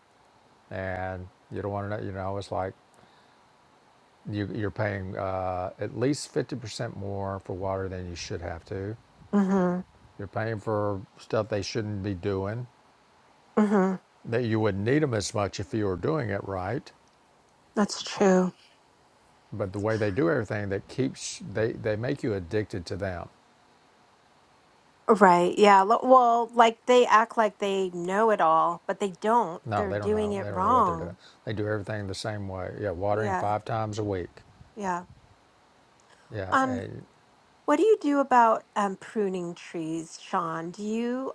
[SPEAKER 2] and you don't want to. You know, it's like you, you're paying uh, at least fifty percent more for water than you should have to.
[SPEAKER 1] Mm-hmm.
[SPEAKER 2] You're paying for stuff they shouldn't be doing.
[SPEAKER 1] Mm-hmm.
[SPEAKER 2] That you wouldn't need them as much if you were doing it right,
[SPEAKER 1] That's true.
[SPEAKER 2] but the way they do everything, that keeps they they make you addicted to them
[SPEAKER 1] Right. Yeah. lo- Well, like they act like they know it all, but they don't.
[SPEAKER 2] No,
[SPEAKER 1] They're
[SPEAKER 2] they don't
[SPEAKER 1] doing
[SPEAKER 2] know.
[SPEAKER 1] it
[SPEAKER 2] They don't know what they're doing.
[SPEAKER 1] wrong.
[SPEAKER 2] They do everything the same way. Yeah, watering
[SPEAKER 1] Yeah.
[SPEAKER 2] five times a week.
[SPEAKER 1] Yeah.
[SPEAKER 2] Yeah,
[SPEAKER 1] Um.
[SPEAKER 2] and
[SPEAKER 1] What do you do about um, pruning trees, Sean? Do you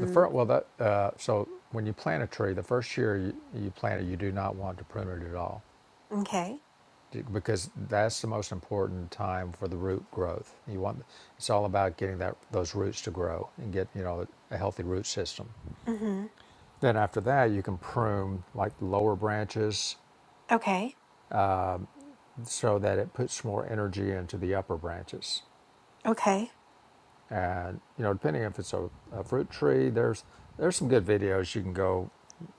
[SPEAKER 2] the first well that uh, so when you plant a tree, the first year you, you plant it, you do not want to prune it at all,
[SPEAKER 1] okay.
[SPEAKER 2] d- because that's the most important time for the root growth. You want it's all about getting that those roots to grow and get you know a healthy root system.
[SPEAKER 1] Mm-hmm.
[SPEAKER 2] Then after that, you can prune like the lower branches
[SPEAKER 1] Okay.
[SPEAKER 2] so that it puts more energy into the upper branches.
[SPEAKER 1] Okay.
[SPEAKER 2] and you know depending if it's a, a fruit tree there's there's some good videos you can go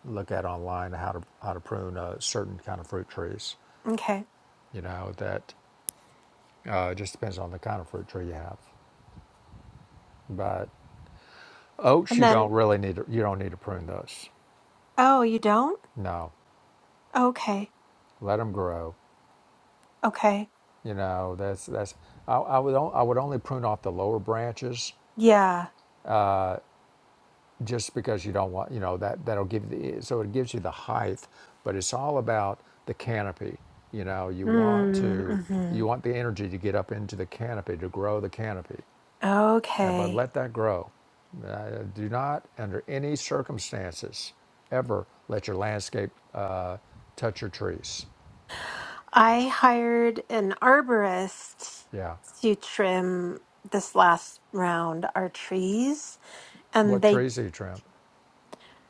[SPEAKER 2] look at online how to how to prune a certain kind of fruit trees
[SPEAKER 1] Okay.
[SPEAKER 2] you know that uh, just depends on the kind of fruit tree you have but oaks
[SPEAKER 1] And
[SPEAKER 2] you
[SPEAKER 1] then
[SPEAKER 2] don't really need to, you don't need to prune those
[SPEAKER 1] oh, you don't?
[SPEAKER 2] no
[SPEAKER 1] Okay.
[SPEAKER 2] let them grow
[SPEAKER 1] Okay.
[SPEAKER 2] you know that's that's I, I would on, I would only prune off the lower branches
[SPEAKER 1] Yeah.
[SPEAKER 2] just because you don't want, you know, that that'll give you the so it gives you the height, but it's all about the canopy. You know, you want
[SPEAKER 1] Mm,
[SPEAKER 2] to
[SPEAKER 1] Mm-hmm.
[SPEAKER 2] you want the energy to get up into the canopy to grow the canopy, Uh, but
[SPEAKER 1] Okay.
[SPEAKER 2] let that grow. Uh, do not, under any circumstances, ever let your landscape uh, touch your trees.
[SPEAKER 1] I hired an arborist
[SPEAKER 2] Yeah,
[SPEAKER 1] to trim this last round our trees and
[SPEAKER 2] what
[SPEAKER 1] they
[SPEAKER 2] trees do you trim?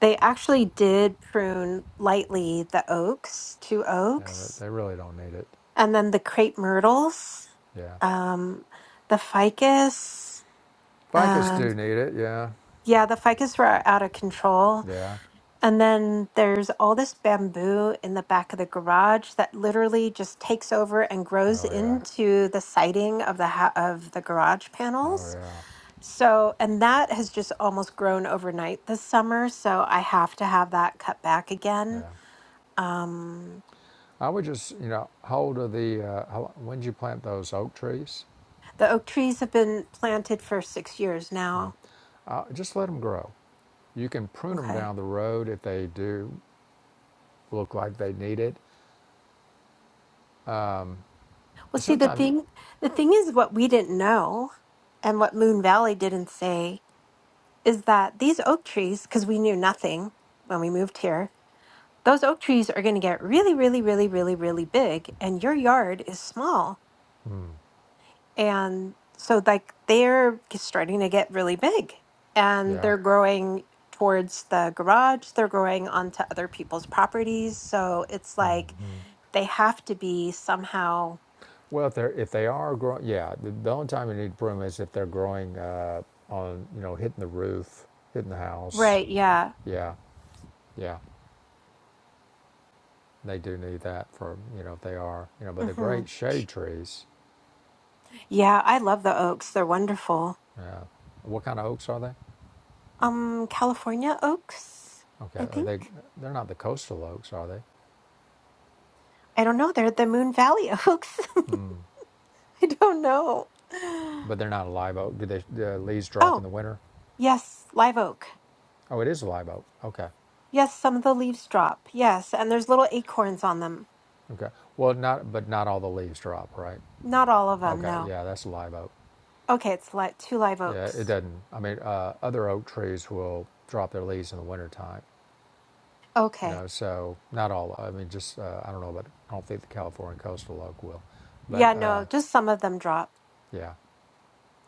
[SPEAKER 1] they actually did prune lightly the oaks, two
[SPEAKER 2] Yeah, they
[SPEAKER 1] oaks
[SPEAKER 2] they really don't need it.
[SPEAKER 1] and then the crepe myrtles,
[SPEAKER 2] Yeah,
[SPEAKER 1] um, the ficus.
[SPEAKER 2] ficus
[SPEAKER 1] Um,
[SPEAKER 2] do need it. Yeah,
[SPEAKER 1] yeah, the ficus were out of control.
[SPEAKER 2] yeah.
[SPEAKER 1] And then there's all this bamboo in the back of the garage that literally just takes over and grows
[SPEAKER 2] Oh yeah.
[SPEAKER 1] into the siding of the ha- of the garage
[SPEAKER 2] Oh
[SPEAKER 1] panels.
[SPEAKER 2] yeah.
[SPEAKER 1] So, and that has just almost grown overnight this summer. So I have to have that cut back again.
[SPEAKER 2] Yeah.
[SPEAKER 1] Um,
[SPEAKER 2] I would just, you know, hold of the, uh, how, when did you plant those oak trees?
[SPEAKER 1] the oak trees have been planted for six years
[SPEAKER 2] Yeah.
[SPEAKER 1] now.
[SPEAKER 2] Uh, just let them grow. You can prune them
[SPEAKER 1] Okay.
[SPEAKER 2] down the road if they do look like they need it.
[SPEAKER 1] Well, see, the
[SPEAKER 2] Sometimes,
[SPEAKER 1] thing, the thing is, what we didn't know, and what Moon Valley didn't say, is that these oak trees, because we knew nothing when we moved here, those oak trees are going to get really, really, really, really, really big, and your yard is small, and so like they're starting to get really big, and
[SPEAKER 2] yeah.
[SPEAKER 1] they're growing towards the garage, they're growing onto other people's properties, so it's like they have to be somehow
[SPEAKER 2] Well, if they're if they are growing, yeah. The, the only time you need to prune is if they're growing uh, on, you know, hitting the roof, hitting the house.
[SPEAKER 1] right, yeah.
[SPEAKER 2] Yeah, yeah. They do need that for you know if they are you know. But the
[SPEAKER 1] hmm
[SPEAKER 2] great shade trees.
[SPEAKER 1] Yeah, I love the oaks. They're wonderful.
[SPEAKER 2] Yeah. What kind of oaks are they?
[SPEAKER 1] Um, California oaks,
[SPEAKER 2] Okay,
[SPEAKER 1] I
[SPEAKER 2] are they
[SPEAKER 1] think.
[SPEAKER 2] they're not the coastal oaks, are they?
[SPEAKER 1] I don't know. They're the Moon Valley oaks. I don't know.
[SPEAKER 2] But they're not a live oak. Do they the leaves drop in
[SPEAKER 1] Oh,
[SPEAKER 2] the winter?
[SPEAKER 1] yes, live oak.
[SPEAKER 2] Oh, it is a live oak. Okay,
[SPEAKER 1] Yes, some of the leaves drop. Yes, and there's little acorns on them.
[SPEAKER 2] okay. Well, not but not all the leaves drop, right?
[SPEAKER 1] Not all of them,
[SPEAKER 2] Okay,
[SPEAKER 1] no.
[SPEAKER 2] yeah, that's a live oak.
[SPEAKER 1] Okay, it's like two live
[SPEAKER 2] Yeah, it
[SPEAKER 1] oaks.
[SPEAKER 2] doesn't. I mean, uh, other oak trees will drop their leaves in the wintertime. You
[SPEAKER 1] Okay.
[SPEAKER 2] know, so not all. I mean, just uh, I don't know, but I don't think the California coastal oak will.
[SPEAKER 1] Yeah,
[SPEAKER 2] But uh,
[SPEAKER 1] no, just some of them drop.
[SPEAKER 2] yeah,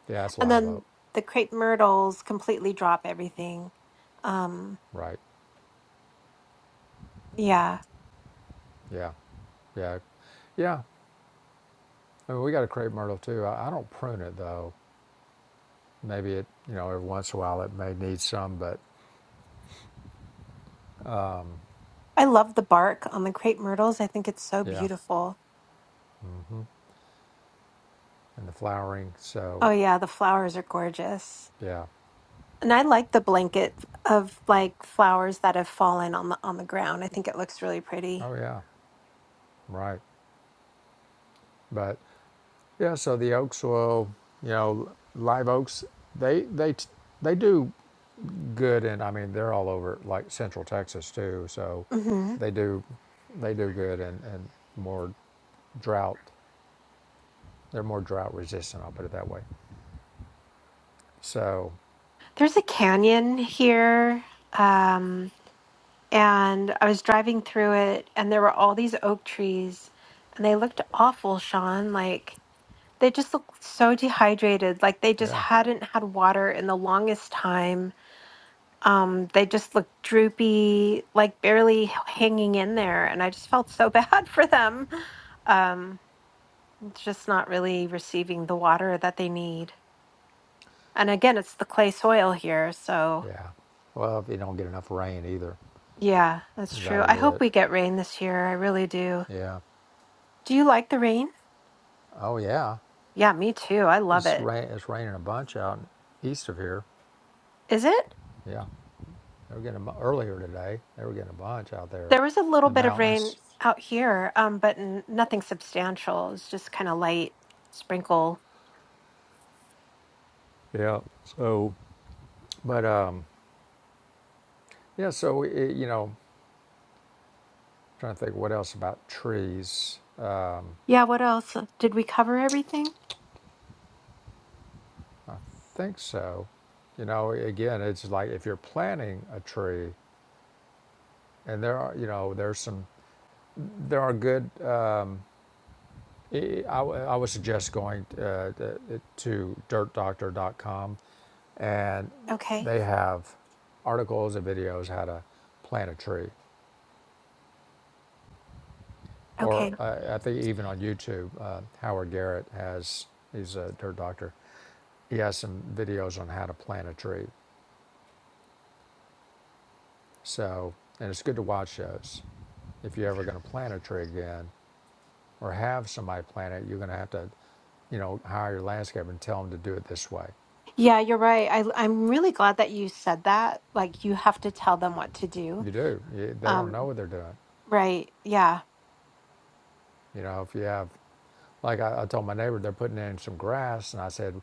[SPEAKER 2] yeah, that's
[SPEAKER 1] And
[SPEAKER 2] live
[SPEAKER 1] then
[SPEAKER 2] oak,
[SPEAKER 1] the crepe myrtles completely drop everything. Um,
[SPEAKER 2] right?
[SPEAKER 1] yeah.
[SPEAKER 2] Yeah, yeah, yeah. I mean, we got a crepe myrtle too. I, I don't prune it though. Maybe it, you know, every once in a while it may need some, but
[SPEAKER 1] I love the bark on the crepe myrtles. I think it's so
[SPEAKER 2] yeah,
[SPEAKER 1] beautiful.
[SPEAKER 2] mm-hmm. and the flowering.
[SPEAKER 1] Oh
[SPEAKER 2] So
[SPEAKER 1] yeah, the flowers are gorgeous.
[SPEAKER 2] yeah,
[SPEAKER 1] And I like the blanket of like flowers that have fallen on the on the ground. I think it looks really pretty.
[SPEAKER 2] oh yeah, right. But yeah, so the oaks will, you know, live oaks. They they they do good, and I mean they're all over like central Texas too. So
[SPEAKER 1] hmm
[SPEAKER 2] they do they do good and and more drought. They're more drought resistant. I'll put it that way. So
[SPEAKER 1] There's a canyon here. Um, and I was driving through it and there were all these oak trees and they looked awful, Sean. Like They just looked so dehydrated, like they just
[SPEAKER 2] yeah,
[SPEAKER 1] hadn't had water in the longest time. Um, they just looked droopy, like barely h- hanging in there, and I just felt so bad for them. Um, just not really receiving the water that they need. And again, it's the clay soil here, so
[SPEAKER 2] Yeah. Well, if you don't get enough rain either,
[SPEAKER 1] yeah, that's true.
[SPEAKER 2] that'll
[SPEAKER 1] I
[SPEAKER 2] do
[SPEAKER 1] hope
[SPEAKER 2] it.
[SPEAKER 1] we get rain this year. I really do.
[SPEAKER 2] Yeah.
[SPEAKER 1] Do you like the rain?
[SPEAKER 2] Oh yeah.
[SPEAKER 1] Yeah, me too. I love
[SPEAKER 2] It's
[SPEAKER 1] it.
[SPEAKER 2] rain. It's raining a bunch out east of here.
[SPEAKER 1] Is it?
[SPEAKER 2] Yeah. They were getting a, bu- earlier today. They were getting a bunch out there,
[SPEAKER 1] There was a little
[SPEAKER 2] in the
[SPEAKER 1] bit of rain
[SPEAKER 2] mountains.
[SPEAKER 1] out here, um, but n nothing substantial. It's just kind of light sprinkle.
[SPEAKER 2] Yeah. So, but um, yeah. So it, you know, trying to think what else about trees.
[SPEAKER 1] Yeah, what else? Uh, Did we cover everything?
[SPEAKER 2] think so. You know, again, it's like if you're planting a tree, and there are you know there's some there are good I, I would suggest going uh, to dirtdoctor.com and
[SPEAKER 1] Okay.
[SPEAKER 2] they have articles and videos how to plant a tree. Or
[SPEAKER 1] Okay.
[SPEAKER 2] uh, I think even on YouTube, uh, Howard Garrett has, he's a dirt doctor, he has some videos on how to plant a tree. So, and it's good to watch those. If you're ever going to plant a tree again or have somebody plant it, you're going to have to, you know, hire your landscaper and tell them to do it this way.
[SPEAKER 1] Yeah, you're right. I, I'm really glad that you said that. Like, you have to tell them what to do.
[SPEAKER 2] You do. You, they don't know
[SPEAKER 1] Um,
[SPEAKER 2] what they're doing.
[SPEAKER 1] right. Yeah,
[SPEAKER 2] You know, if you have, like I, I told my neighbor, they're putting in some grass, and I said,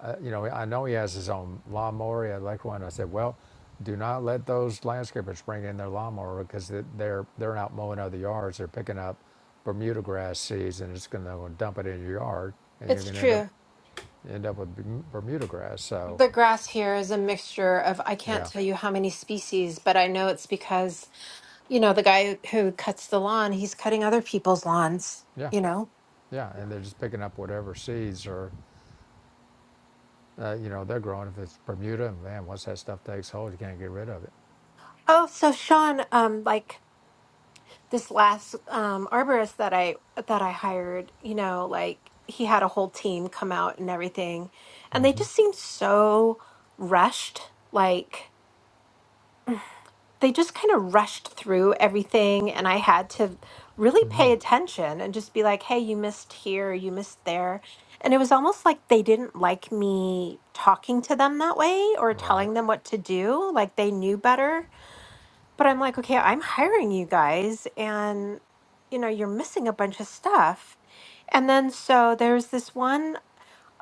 [SPEAKER 2] uh, you know, I know he has his own lawnmower, he had electric one. I said, well, do not let those landscapers bring in their lawnmower because they're they're not mowing other yards. They're picking up Bermuda grass seeds, and it's going to dump it in your yard, and you're
[SPEAKER 1] it's
[SPEAKER 2] going to end up
[SPEAKER 1] true.
[SPEAKER 2] end up with Bermuda grass. So,
[SPEAKER 1] The grass here is a mixture of, I can't
[SPEAKER 2] yeah,
[SPEAKER 1] tell you how many species, but I know it's because, you know, the guy who cuts the lawn, he's cutting other people's lawns,
[SPEAKER 2] yeah,
[SPEAKER 1] you know?
[SPEAKER 2] yeah, and they're just picking up whatever seeds or Uh, you know, they're growing. If it's Bermuda, and man, once that stuff takes hold, you can't get rid of it.
[SPEAKER 1] Oh, so Sean, um, like this last um arborist that I that I hired, you know, like he had a whole team come out and everything, and they
[SPEAKER 2] Mm-hmm.
[SPEAKER 1] just seemed so rushed, like they just kind of rushed through everything and I had to really pay attention and just be like, "Hey, you missed here, you missed there." And it was almost like they didn't like me talking to them that way or
[SPEAKER 2] Right.
[SPEAKER 1] telling them what to do, like they knew better but I'm like, okay, I'm hiring you guys and you know, you're missing a bunch of stuff. And then so there's this one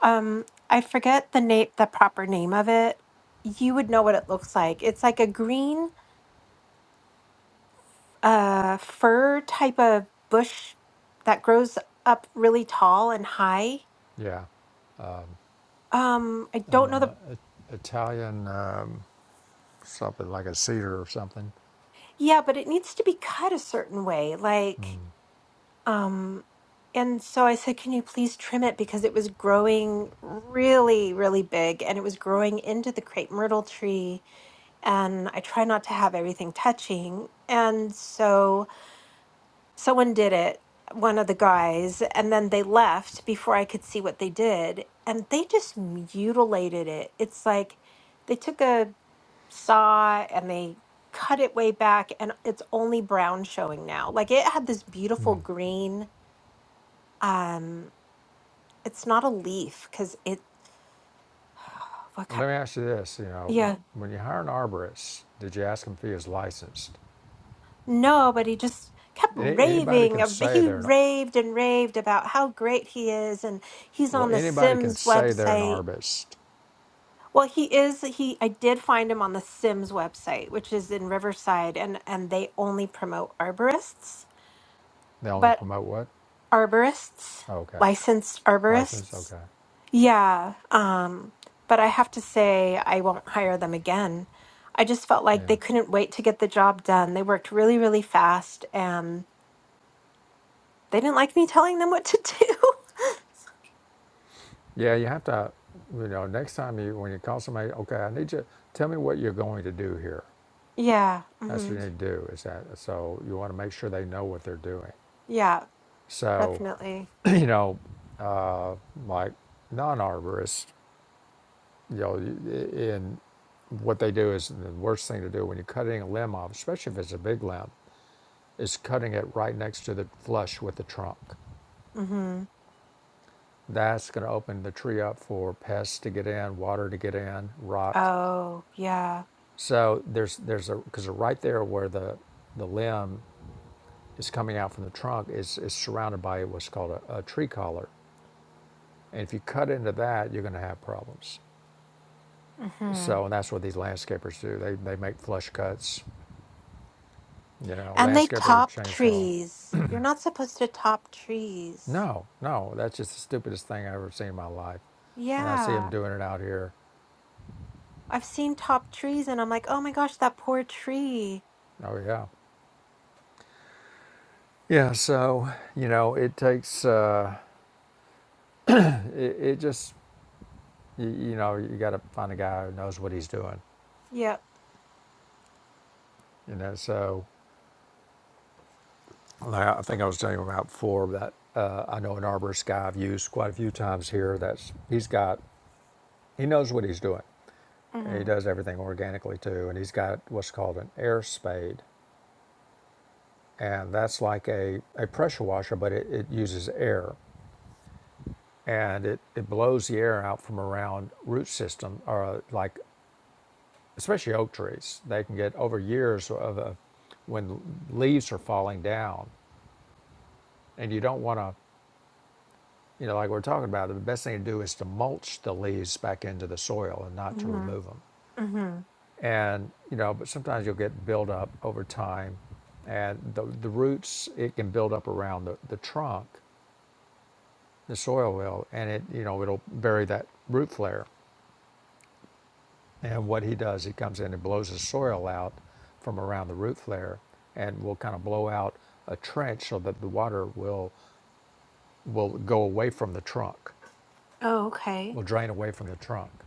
[SPEAKER 1] um I forget the name the proper name of it. You would know what it looks like. It's like a green uh fir type of bush that grows up really tall and high.
[SPEAKER 2] Yeah.
[SPEAKER 1] Um I
[SPEAKER 2] Um,
[SPEAKER 1] don't know
[SPEAKER 2] um, uh,
[SPEAKER 1] the
[SPEAKER 2] I- Italian, um, something like a cedar or something.
[SPEAKER 1] yeah, but it needs to be cut a certain way. Like Um, and so I said, Can you please trim it? Because it was growing really, really big and it was growing into the crepe myrtle tree. And I try not to have everything touching. And so someone did it, one of the guys, and then they left before I could see what they did. And they just mutilated it. It's like they took a saw and they cut it way back, and it's only brown showing now. Like it had this beautiful
[SPEAKER 2] Mm.
[SPEAKER 1] green. Um, It's not a leaf because it. What kind?
[SPEAKER 2] Let me ask you this: You know,
[SPEAKER 1] Yeah,
[SPEAKER 2] when you hire an arborist, did you ask him if he is licensed?
[SPEAKER 1] no, but he just kept
[SPEAKER 2] Any, anybody
[SPEAKER 1] raving.
[SPEAKER 2] can
[SPEAKER 1] ab-
[SPEAKER 2] say
[SPEAKER 1] He
[SPEAKER 2] they're an,
[SPEAKER 1] raved and raved about how great he is, and he's
[SPEAKER 2] well,
[SPEAKER 1] on the
[SPEAKER 2] anybody can
[SPEAKER 1] Sims
[SPEAKER 2] say they're an
[SPEAKER 1] website.
[SPEAKER 2] arborist.
[SPEAKER 1] Well, he is. He I did find him on the Sims website, which is in Riverside, and and they only promote arborists,
[SPEAKER 2] They only
[SPEAKER 1] but
[SPEAKER 2] promote what?
[SPEAKER 1] arborists,
[SPEAKER 2] Oh, okay,
[SPEAKER 1] licensed
[SPEAKER 2] license.
[SPEAKER 1] arborists.
[SPEAKER 2] Okay,
[SPEAKER 1] Yeah, um, but I have to say, I won't hire them again. I just felt like they
[SPEAKER 2] yeah.
[SPEAKER 1] couldn't wait to get the job done. They worked really, really fast, and they didn't like me telling them what to do.
[SPEAKER 2] Yeah, you have to, you know, next time you when you call somebody, okay, I need you to tell me what you're going to do here.
[SPEAKER 1] Yeah,
[SPEAKER 2] That's what
[SPEAKER 1] hmm
[SPEAKER 2] you need to do. Is that so? You want to make sure they know what they're doing.
[SPEAKER 1] Yeah,
[SPEAKER 2] So,
[SPEAKER 1] definitely.
[SPEAKER 2] you know, uh, like non-arborists, you know, in what they do is the worst thing to do when you're cutting a limb off, especially if it's a big limb, is cutting it right next to the flush with the trunk.
[SPEAKER 1] hmm
[SPEAKER 2] That's going to open the tree up for pests to get in, water to get in, rot.
[SPEAKER 1] Oh, yeah.
[SPEAKER 2] So there's there's a because right there where the the limb is coming out from the trunk is is surrounded by what's called a, a tree collar, and if you cut into that, you're going to have problems.
[SPEAKER 1] hmm
[SPEAKER 2] So and that's what these landscapers do. They they make flush cuts. You know,
[SPEAKER 1] And they
[SPEAKER 2] landscaper with
[SPEAKER 1] top
[SPEAKER 2] chainsaw.
[SPEAKER 1] trees. You're not supposed to top trees.
[SPEAKER 2] No, no, that's just the stupidest thing I've ever seen in my life, and I see them
[SPEAKER 1] Yeah,
[SPEAKER 2] doing it out here.
[SPEAKER 1] I've seen top trees, and I'm like, oh my gosh, that poor tree.
[SPEAKER 2] Oh yeah. Yeah, so you know, it takes uh, it, it just you, you know you got to find a guy who knows what he's doing,
[SPEAKER 1] Yep.
[SPEAKER 2] You know, so like I think I was telling you about before that uh, I know an arborist guy I've used quite a few times here. That's he's got he knows what he's doing. And He
[SPEAKER 1] hmm
[SPEAKER 2] does everything organically too, and he's got what's called an air spade, and that's like a, a pressure washer, but it, it uses air, and it, it blows the air out from around root system or uh, like especially oak trees. They can get over years of a, when leaves are falling down, and you don't want to You know, like we're talking about, the best thing to do is to mulch the leaves back into the soil and not to
[SPEAKER 1] hmm
[SPEAKER 2] remove them.
[SPEAKER 1] hmm
[SPEAKER 2] And, you know, but sometimes you'll get buildup over time. And the, the roots, it can build up around the, the trunk, the soil will, and it, you know, it'll bury that root flare. And what he does, he comes in and blows the soil out from around the root flare and will kind of blow out a trench so that the water will will go away from the trunk,
[SPEAKER 1] Oh, okay.
[SPEAKER 2] will drain away from the trunk.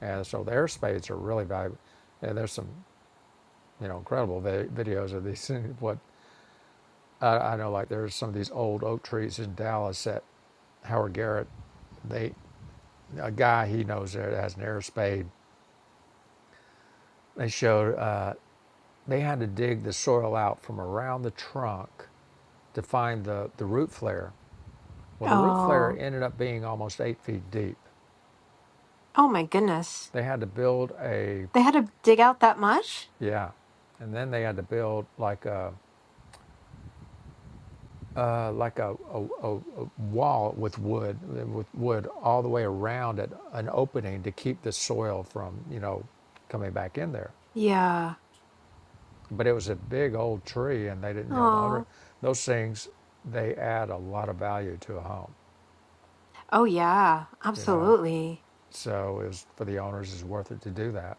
[SPEAKER 2] And so the air spades are really valuable. And there's some, you know, incredible vi- videos of these. What I, I know, like there's some of these old oak trees in Dallas that Howard Garrett, they, a guy he knows that has an air spade. They showed uh, they had to dig the soil out from around the trunk to find the, the root flare. Well, the root flare
[SPEAKER 1] Oh,
[SPEAKER 2] ended up being almost eight feet deep.
[SPEAKER 1] oh my goodness.
[SPEAKER 2] They had to build a,
[SPEAKER 1] They had to dig out that much?
[SPEAKER 2] yeah, and then they had to build like a, uh, like a, a, a, wall with wood, with wood all the way around it, an opening to keep the soil from, you know, coming back in there.
[SPEAKER 1] Yeah.
[SPEAKER 2] But it was a big old tree, and they didn't, you know, the under,
[SPEAKER 1] Oh,
[SPEAKER 2] those things, they add a lot of value to a home,
[SPEAKER 1] oh yeah,
[SPEAKER 2] you know.
[SPEAKER 1] absolutely.
[SPEAKER 2] So it was, for the owners, it's worth it to do that.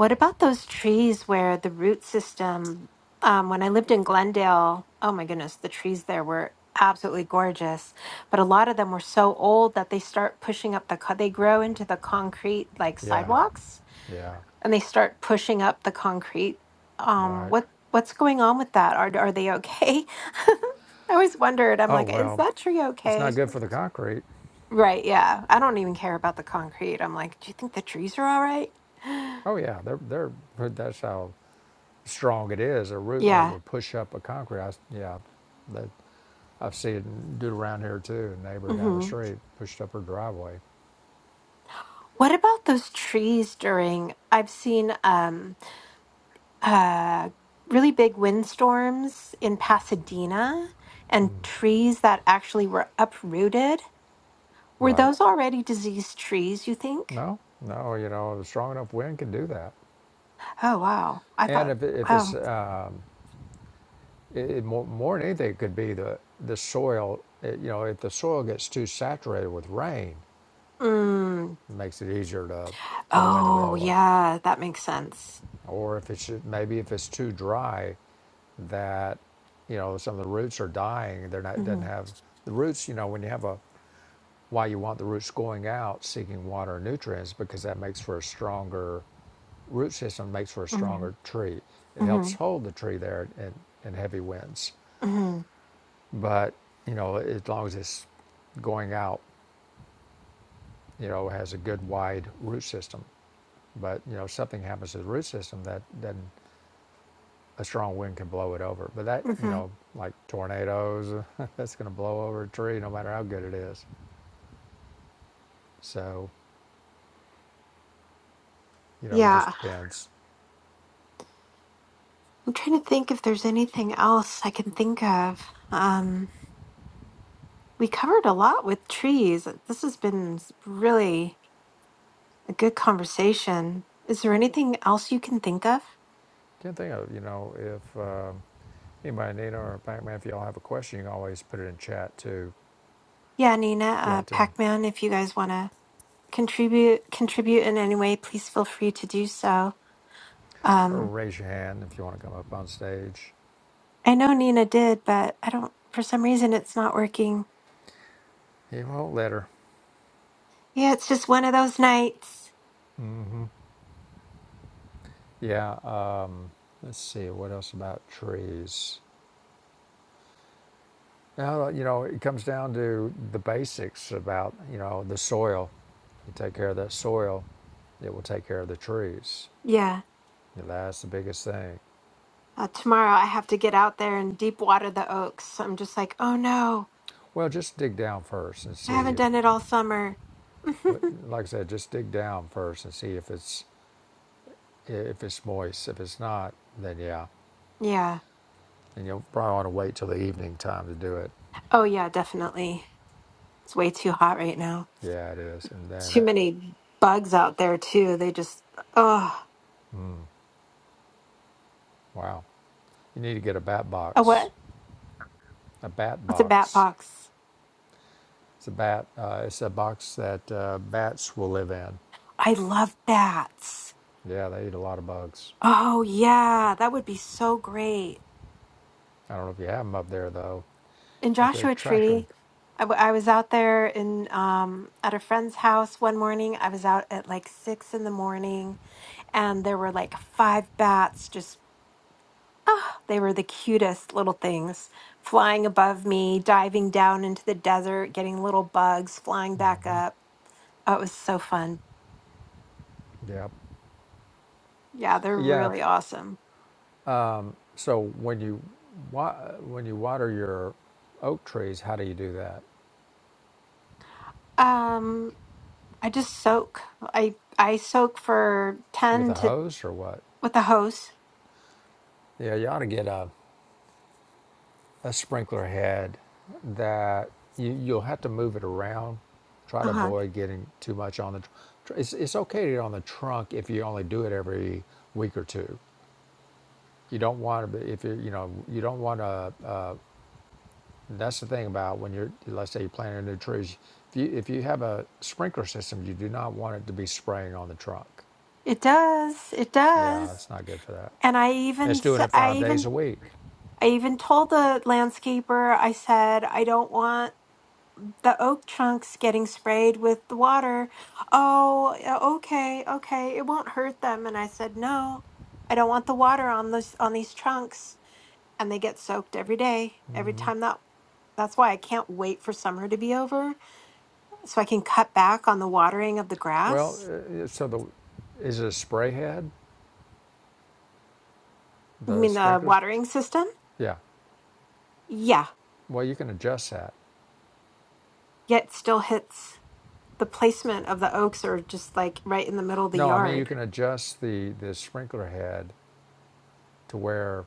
[SPEAKER 1] What about those trees where the root system, um, when I lived in Glendale, oh my goodness, the trees there were absolutely gorgeous, but a lot of them were so old that they start pushing up the, co- they grow into the concrete like
[SPEAKER 2] Yeah,
[SPEAKER 1] sidewalks.
[SPEAKER 2] yeah,
[SPEAKER 1] and they start pushing up the concrete. Um,
[SPEAKER 2] right.
[SPEAKER 1] what what's going on with that? Are are they okay? I always wondered. I'm
[SPEAKER 2] Oh
[SPEAKER 1] like, is
[SPEAKER 2] well,
[SPEAKER 1] that tree
[SPEAKER 2] it's
[SPEAKER 1] okay?
[SPEAKER 2] not good for the concrete.
[SPEAKER 1] Right? Yeah. I don't even care about the concrete. I'm like, do you think the trees are all right?
[SPEAKER 2] Oh yeah, they're they're that's how strong it is, a root that
[SPEAKER 1] Yeah.
[SPEAKER 2] will push up a concrete. I, s- yeah, that I've seen it dude around here too. A neighbor down the
[SPEAKER 1] hmm
[SPEAKER 2] street pushed up her driveway.
[SPEAKER 1] What about those trees during? I've seen um uh really big windstorms in Pasadena and trees that actually were uprooted. Were
[SPEAKER 2] Right.
[SPEAKER 1] those already diseased trees? You think?
[SPEAKER 2] No, no, you know, a strong enough wind can do that.
[SPEAKER 1] Oh, wow. I
[SPEAKER 2] And
[SPEAKER 1] thought,
[SPEAKER 2] if, it- if it's
[SPEAKER 1] oh,
[SPEAKER 2] uh, it, it more, more than anything, it could be the the soil. It, you know, if the soil gets too saturated with rain,
[SPEAKER 1] mm,
[SPEAKER 2] it makes it easier to for the wind to
[SPEAKER 1] oh,
[SPEAKER 2] blow over.
[SPEAKER 1] yeah, that makes sense.
[SPEAKER 2] or if it's maybe if it's too dry, that you know some of the roots are dying. They're not doesn't
[SPEAKER 1] hmm
[SPEAKER 2] have the roots. You know when you have a why you want the roots going out seeking water and nutrients because that makes for a stronger root system makes for a
[SPEAKER 1] hmm
[SPEAKER 2] stronger tree. It
[SPEAKER 1] hmm
[SPEAKER 2] helps hold the tree there in, in heavy winds.
[SPEAKER 1] hmm
[SPEAKER 2] But you know as long as it's going out, you know has a good wide root system. But you know something happens to the root system that doesn't a strong wind can blow it over. But that, you
[SPEAKER 1] hmm
[SPEAKER 2] know, like tornadoes, that's going to blow over a tree no matter how good it is. So, you know, it just
[SPEAKER 1] Yeah.
[SPEAKER 2] depends.
[SPEAKER 1] I'm trying to think if there's anything else I can think of. Um, we covered a lot with trees. This has been s- really a good conversation. Is there anything else you can think of?
[SPEAKER 2] Can't think of, you know, if uh, anybody, Nina or Pac Man, if y'all have a question, you can always put it in chat too
[SPEAKER 1] Yeah, Nina,
[SPEAKER 2] if you
[SPEAKER 1] uh,
[SPEAKER 2] want to,
[SPEAKER 1] Pac-Man, if you guys want to contribute contribute in any way, please feel free to do so. Um,
[SPEAKER 2] or raise your hand if you want to come up on stage.
[SPEAKER 1] I know Nina did, but I don't, for some reason, it's not working.
[SPEAKER 2] He won't let her.
[SPEAKER 1] Yeah, it's just one of those nights.
[SPEAKER 2] Yeah, uh, let's see, what else about trees? Now, you know, it comes down to the basics about, you know, the soil. You take care of that soil, it will take care of the trees.
[SPEAKER 1] Yeah.
[SPEAKER 2] That's the biggest thing.
[SPEAKER 1] Uh, tomorrow I have to get out there and deep water the oaks. So I'm just like, oh no,
[SPEAKER 2] Well, just dig down first and
[SPEAKER 1] I haven't
[SPEAKER 2] see.
[SPEAKER 1] done it all summer.
[SPEAKER 2] Like I said, just dig down first and see if it's if it's moist. If it's not, then yeah,
[SPEAKER 1] yeah.
[SPEAKER 2] and you'll probably want to wait till the evening time to do it.
[SPEAKER 1] Oh, yeah, definitely. It's way too hot right now.
[SPEAKER 2] Yeah, it is. And
[SPEAKER 1] Too
[SPEAKER 2] then,
[SPEAKER 1] many bugs out there, too. They just, oh,
[SPEAKER 2] wow, you need to get a bat
[SPEAKER 1] a
[SPEAKER 2] box.
[SPEAKER 1] what?
[SPEAKER 2] A bat
[SPEAKER 1] What's a bat
[SPEAKER 2] box.
[SPEAKER 1] box?
[SPEAKER 2] It's a bat. Uh, it's a box that uh, bats will live in.
[SPEAKER 1] I love bats.
[SPEAKER 2] Yeah, they eat a lot of bugs.
[SPEAKER 1] Oh, yeah, that would be so great.
[SPEAKER 2] I don't know if you have them up there though.
[SPEAKER 1] in
[SPEAKER 2] You have to
[SPEAKER 1] Joshua
[SPEAKER 2] attract them.
[SPEAKER 1] Tree, I, w- I was out there in um at a friend's house one morning. I was out at like six in the morning, and there were like five bats just. Ah, they were the cutest little things flying above me, diving down into the desert, getting little bugs, flying back up. Oh, it was so fun.
[SPEAKER 2] Yeah.
[SPEAKER 1] Yeah, they're
[SPEAKER 2] Yeah. If,
[SPEAKER 1] really awesome.
[SPEAKER 2] so when you wa- when you water your oak trees, how do you do that?
[SPEAKER 1] Um, I just soak. I I soak for
[SPEAKER 2] With
[SPEAKER 1] ten
[SPEAKER 2] a
[SPEAKER 1] to
[SPEAKER 2] hose or what?
[SPEAKER 1] with a hose.
[SPEAKER 2] Yeah, you ought to get a, a sprinkler head that you, you'll have to move it around. Try
[SPEAKER 1] Uh
[SPEAKER 2] to
[SPEAKER 1] huh.
[SPEAKER 2] avoid getting too much on the. Tr- tr- it's, it's okay to get on the trunk if you only do it every week or two. You don't want to if you you know you don't want to. That's the thing about when you're, let's say you're planting new trees. If you, if you have a sprinkler system, you do not want it to be spraying on the trunk.
[SPEAKER 1] It does. It does.
[SPEAKER 2] Yeah, it's not good for that.
[SPEAKER 1] And I
[SPEAKER 2] And it's
[SPEAKER 1] even s-
[SPEAKER 2] doing it
[SPEAKER 1] I
[SPEAKER 2] five days
[SPEAKER 1] even
[SPEAKER 2] a week.
[SPEAKER 1] I even told the landscaper I said I don't want the oak trunks getting sprayed with the water. Oh, yeah, okay, okay. It won't hurt them and I said no. I don't want the water on this on these trunks and they get soaked every day. Every time that that's why I can't wait for summer to be over so I can cut back on the watering of the
[SPEAKER 2] Well,
[SPEAKER 1] grass.
[SPEAKER 2] uh, so the, is it a spray head,
[SPEAKER 1] You
[SPEAKER 2] the
[SPEAKER 1] mean the
[SPEAKER 2] sprinklers?
[SPEAKER 1] watering system?
[SPEAKER 2] Yeah.
[SPEAKER 1] Yeah.
[SPEAKER 2] Well, you can adjust that.
[SPEAKER 1] Yet still hits. the placement of the oaks are just like right in the middle of the
[SPEAKER 2] No, I mean you
[SPEAKER 1] yard.
[SPEAKER 2] can adjust the the sprinkler head to where,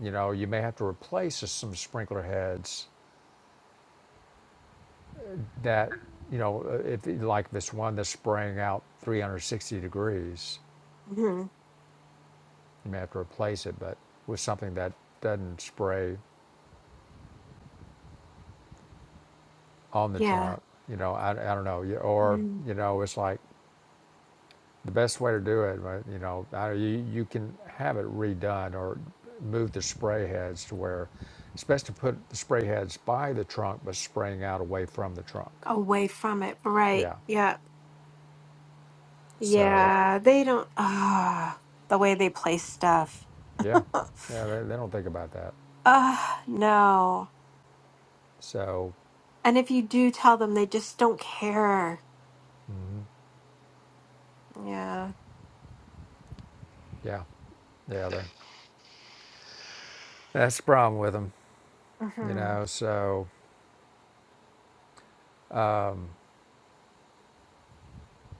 [SPEAKER 2] you know, you may have to replace some sprinkler heads that, you know, uh, if like this one that's spraying out 360 degrees
[SPEAKER 1] hmm
[SPEAKER 2] You may have to replace it, but with something that doesn't spray on the
[SPEAKER 1] Yeah.
[SPEAKER 2] trunk. You know, I, I don't know. You- Or,
[SPEAKER 1] Mm.
[SPEAKER 2] you know, it's like the best way to do it, right, you know, you, you can have it redone or move the spray heads to where it's best to put the spray heads by the trunk, but spraying out away from the trunk.
[SPEAKER 1] Away from it. Right.
[SPEAKER 2] Yeah.
[SPEAKER 1] Yeah.
[SPEAKER 2] So,
[SPEAKER 1] Yeah. They don't. Ah, the way they place stuff.
[SPEAKER 2] yeah. Yeah, they, they don't think about that.
[SPEAKER 1] Ah, no.
[SPEAKER 2] So,
[SPEAKER 1] And if you do tell them, they just don't care. Yeah.
[SPEAKER 2] yeah. Yeah, that, that's the problem with them, you
[SPEAKER 1] hmm
[SPEAKER 2] know. So,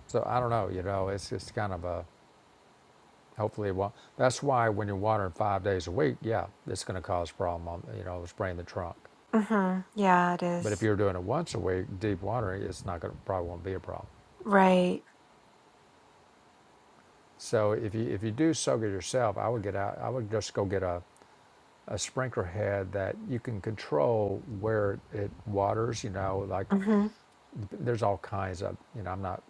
[SPEAKER 2] So I don't know, you know, it's just kind of a hopefully it won't. That's why when you're watering five days a week, yeah, it's going to cause a problem on you know spraying the trunk.
[SPEAKER 1] hmm Yeah, it
[SPEAKER 2] But if
[SPEAKER 1] is.
[SPEAKER 2] you're doing it once a week, deep watering, it's not going to probably won't be a problem.
[SPEAKER 1] Right.
[SPEAKER 2] So if you if you do soak it yourself, I would get out. I would just go get a a sprinkler head that you can control where it waters. You know, like
[SPEAKER 1] hmm
[SPEAKER 2] there's all kinds of you know I'm not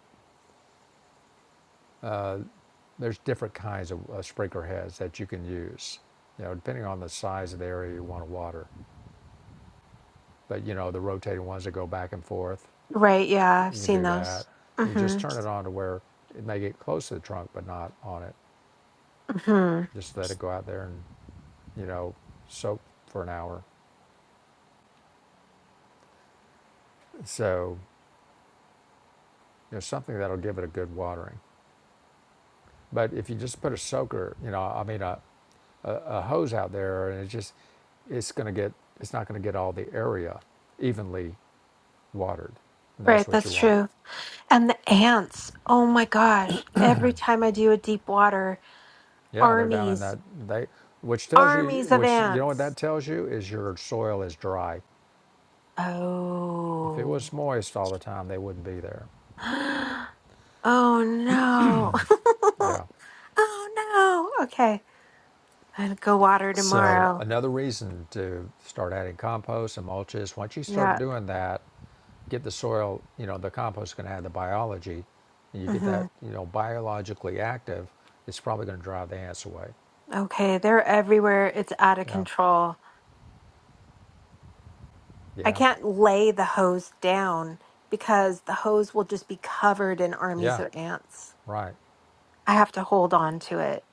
[SPEAKER 2] there's different kinds of uh, sprinkler heads that you can use. You know, depending on the size of the area you want to water. But you know, the rotating ones that go back and forth,
[SPEAKER 1] Right. Yeah. I've
[SPEAKER 2] you can
[SPEAKER 1] seen
[SPEAKER 2] do that.
[SPEAKER 1] those.
[SPEAKER 2] You just
[SPEAKER 1] hmm
[SPEAKER 2] turn it on to where it may get close to the trunk, but not on it.
[SPEAKER 1] hmm
[SPEAKER 2] Just let it go out there and, you know, soak for an hour. So, you know, something that'll give it a good watering. But if you just put a soaker, you know, I mean, a, a, a hose out there, and it's just, it's going to get, it's not going to get all the area evenly watered. And that's
[SPEAKER 1] Right.
[SPEAKER 2] what you
[SPEAKER 1] That's
[SPEAKER 2] want.
[SPEAKER 1] true. And the ants, oh my gosh, every time I do a deep water,
[SPEAKER 2] Yeah, they're down in
[SPEAKER 1] armies,
[SPEAKER 2] that they which tells you
[SPEAKER 1] armies of
[SPEAKER 2] which you know what that
[SPEAKER 1] ants.
[SPEAKER 2] tells you is your soil is dry. If it was
[SPEAKER 1] Oh.
[SPEAKER 2] moist all the time, they wouldn't be there.
[SPEAKER 1] Oh no.
[SPEAKER 2] Yeah.
[SPEAKER 1] oh no. Okay. i will go water
[SPEAKER 2] So
[SPEAKER 1] tomorrow.
[SPEAKER 2] another reason to start adding compost and mulch is once you start
[SPEAKER 1] Yeah.
[SPEAKER 2] doing that, get the soil, you know, the compost is going to have the biology, and you get that,
[SPEAKER 1] hmm
[SPEAKER 2] you know, biologically active, it's probably going to drive the ants away.
[SPEAKER 1] Okay. They're everywhere. It's out of
[SPEAKER 2] Yeah.
[SPEAKER 1] control. I
[SPEAKER 2] Yeah.
[SPEAKER 1] can't lay the hose down because the hose will just be covered in armies
[SPEAKER 2] Yeah.
[SPEAKER 1] of ants.
[SPEAKER 2] Right.
[SPEAKER 1] I have to hold on to it.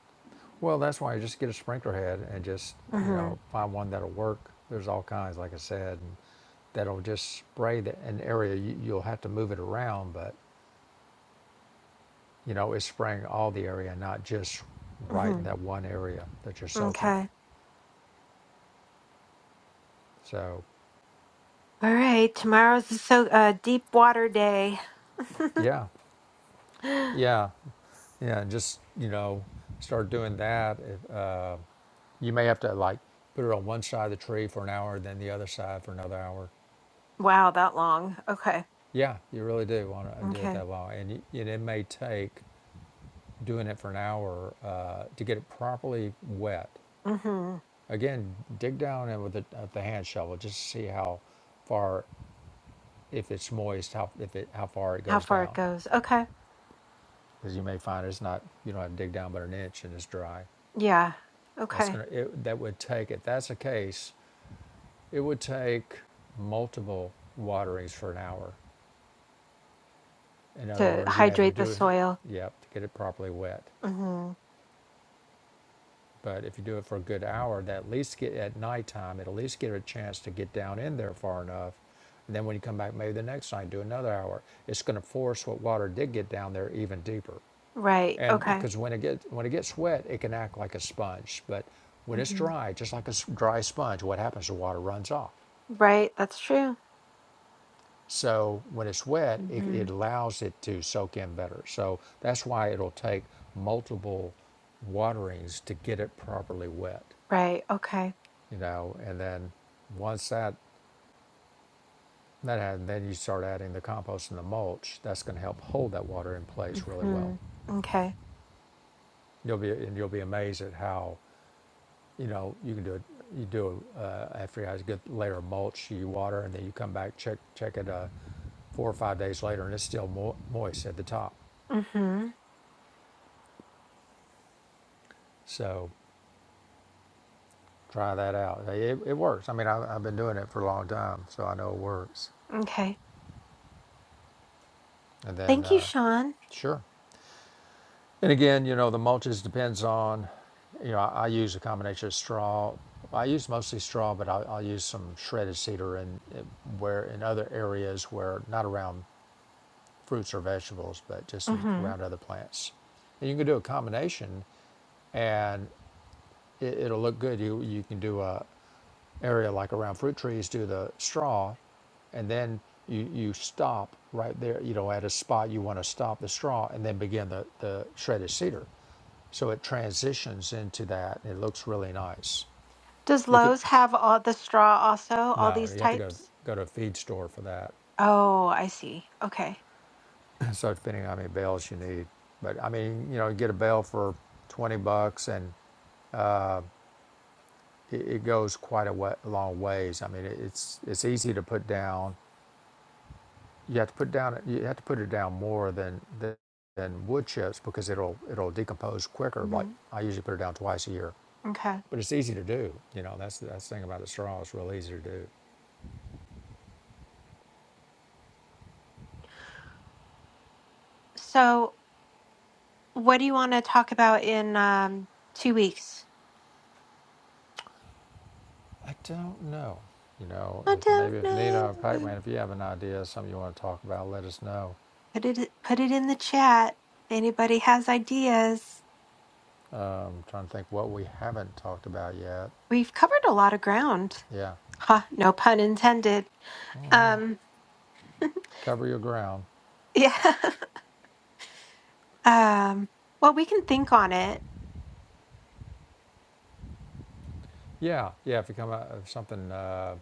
[SPEAKER 2] Well, that's why you just get a sprinkler head and just, you
[SPEAKER 1] hmm
[SPEAKER 2] know, find one that'll work. There's all kinds, like I said, and that'll just spray the, an area. You, you'll have to move it around, but, you know, it's spraying all the area, not just right
[SPEAKER 1] hmm
[SPEAKER 2] in that one area that you're soaking.
[SPEAKER 1] Okay.
[SPEAKER 2] So,
[SPEAKER 1] All right, tomorrow's a so uh, deep water day.
[SPEAKER 2] yeah, yeah, yeah, and just, you know, start doing that. If, uh, you may have to, like, put it on one side of the tree for an hour, then the other side for another hour.
[SPEAKER 1] wow, that long. Okay,
[SPEAKER 2] Yeah, you really do want to do it
[SPEAKER 1] okay.
[SPEAKER 2] that long, and, y- and it may take doing it for an hour uh, to get it properly wet.
[SPEAKER 1] hmm
[SPEAKER 2] Again, dig down in with the, uh, the hand shovel just to see how far, if it's moist, how if it how far it
[SPEAKER 1] How
[SPEAKER 2] goes
[SPEAKER 1] far it
[SPEAKER 2] down,
[SPEAKER 1] goes? Okay,
[SPEAKER 2] because you may find it's not. You don't have to dig down but an inch, and it's dry.
[SPEAKER 1] yeah.
[SPEAKER 2] That's
[SPEAKER 1] Okay,
[SPEAKER 2] gonna it, that would take if that's the case, it would take multiple waterings for an hour. In other
[SPEAKER 1] to
[SPEAKER 2] words, you may have to
[SPEAKER 1] hydrate the
[SPEAKER 2] do it,
[SPEAKER 1] soil.
[SPEAKER 2] yep, to get it properly wet.
[SPEAKER 1] hmm
[SPEAKER 2] But if you do it for a good hour, that at least get at nighttime, it will at least get a chance to get down in there far enough. And then when you come back, maybe the next night, do another hour. It's going to force what water did get down there even deeper.
[SPEAKER 1] Right.
[SPEAKER 2] And
[SPEAKER 1] Okay.
[SPEAKER 2] because when it gets when it gets wet, it can act like a sponge. But when it's
[SPEAKER 1] hmm
[SPEAKER 2] dry, just like a s- dry sponge, what happens? The water runs off.
[SPEAKER 1] Right. That's true.
[SPEAKER 2] So when it's wet, it,
[SPEAKER 1] hmm
[SPEAKER 2] it allows it to soak in better. So that's why it'll take multiple waterings to get it properly wet.
[SPEAKER 1] Right. Okay.
[SPEAKER 2] you know and then once that that happens then you start adding the compost and the mulch that's going to help hold that water in place really well
[SPEAKER 1] hmm Okay.
[SPEAKER 2] you'll be and you'll be amazed at how you know you can do it you do uh, after you have a good layer of mulch you water and then you come back check check it uh, four or five days later and it's still mo- moist at the top
[SPEAKER 1] hmm
[SPEAKER 2] so try that out it, it works i mean I, i've been doing it for a long time so i know it works
[SPEAKER 1] Okay.
[SPEAKER 2] and then
[SPEAKER 1] Thank you,
[SPEAKER 2] uh,
[SPEAKER 1] Sean.
[SPEAKER 2] sure And again, you know, the mulches depends on, you know, I, I use a combination of straw. I use mostly straw, but I'll, I'll use some shredded cedar in, in where in other areas where not around fruits or vegetables, but just in,
[SPEAKER 1] hmm
[SPEAKER 2] around other plants. And you can do a combination, and it, it'll look good. You you can do a area like around fruit trees do the straw and then you, you stop right there you know at a spot you want to stop the straw and then begin the, the shredded cedar so it transitions into that and it looks really nice
[SPEAKER 1] Does
[SPEAKER 2] you could
[SPEAKER 1] Lowe's have all the straw also? All
[SPEAKER 2] no
[SPEAKER 1] these
[SPEAKER 2] you have to go
[SPEAKER 1] types?
[SPEAKER 2] go to a feed store for that
[SPEAKER 1] Oh, I see. Okay.
[SPEAKER 2] so depending on how many bales you need but i mean you know you get a bale for 20 bucks and it, it goes quite a way, long ways i mean it, it's it's easy to put down you have to put down you have to put it down more than than, than wood chips because it'll it'll decompose quicker. Like
[SPEAKER 1] mm-hmm.
[SPEAKER 2] I usually put it down twice a year,
[SPEAKER 1] Okay.
[SPEAKER 2] but it's easy to do. You know that's that's the thing about the straw; it's real easy to do.
[SPEAKER 1] So, what do you want to talk about in um, two weeks?
[SPEAKER 2] I don't know. You know,
[SPEAKER 1] I
[SPEAKER 2] if,
[SPEAKER 1] don't
[SPEAKER 2] maybe if Nina or
[SPEAKER 1] know.
[SPEAKER 2] Pac-Man, if you have an idea, something you want to talk about, let us know.
[SPEAKER 1] Put it put it in the chat if anybody has ideas.
[SPEAKER 2] I'm trying to think what we haven't talked about yet.
[SPEAKER 1] We've covered a lot of ground.
[SPEAKER 2] Yeah,
[SPEAKER 1] Huh, no pun intended. Um,
[SPEAKER 2] cover your ground.
[SPEAKER 1] yeah. um, well, we can think on it.
[SPEAKER 2] Yeah, yeah. If you come out of something. Uh,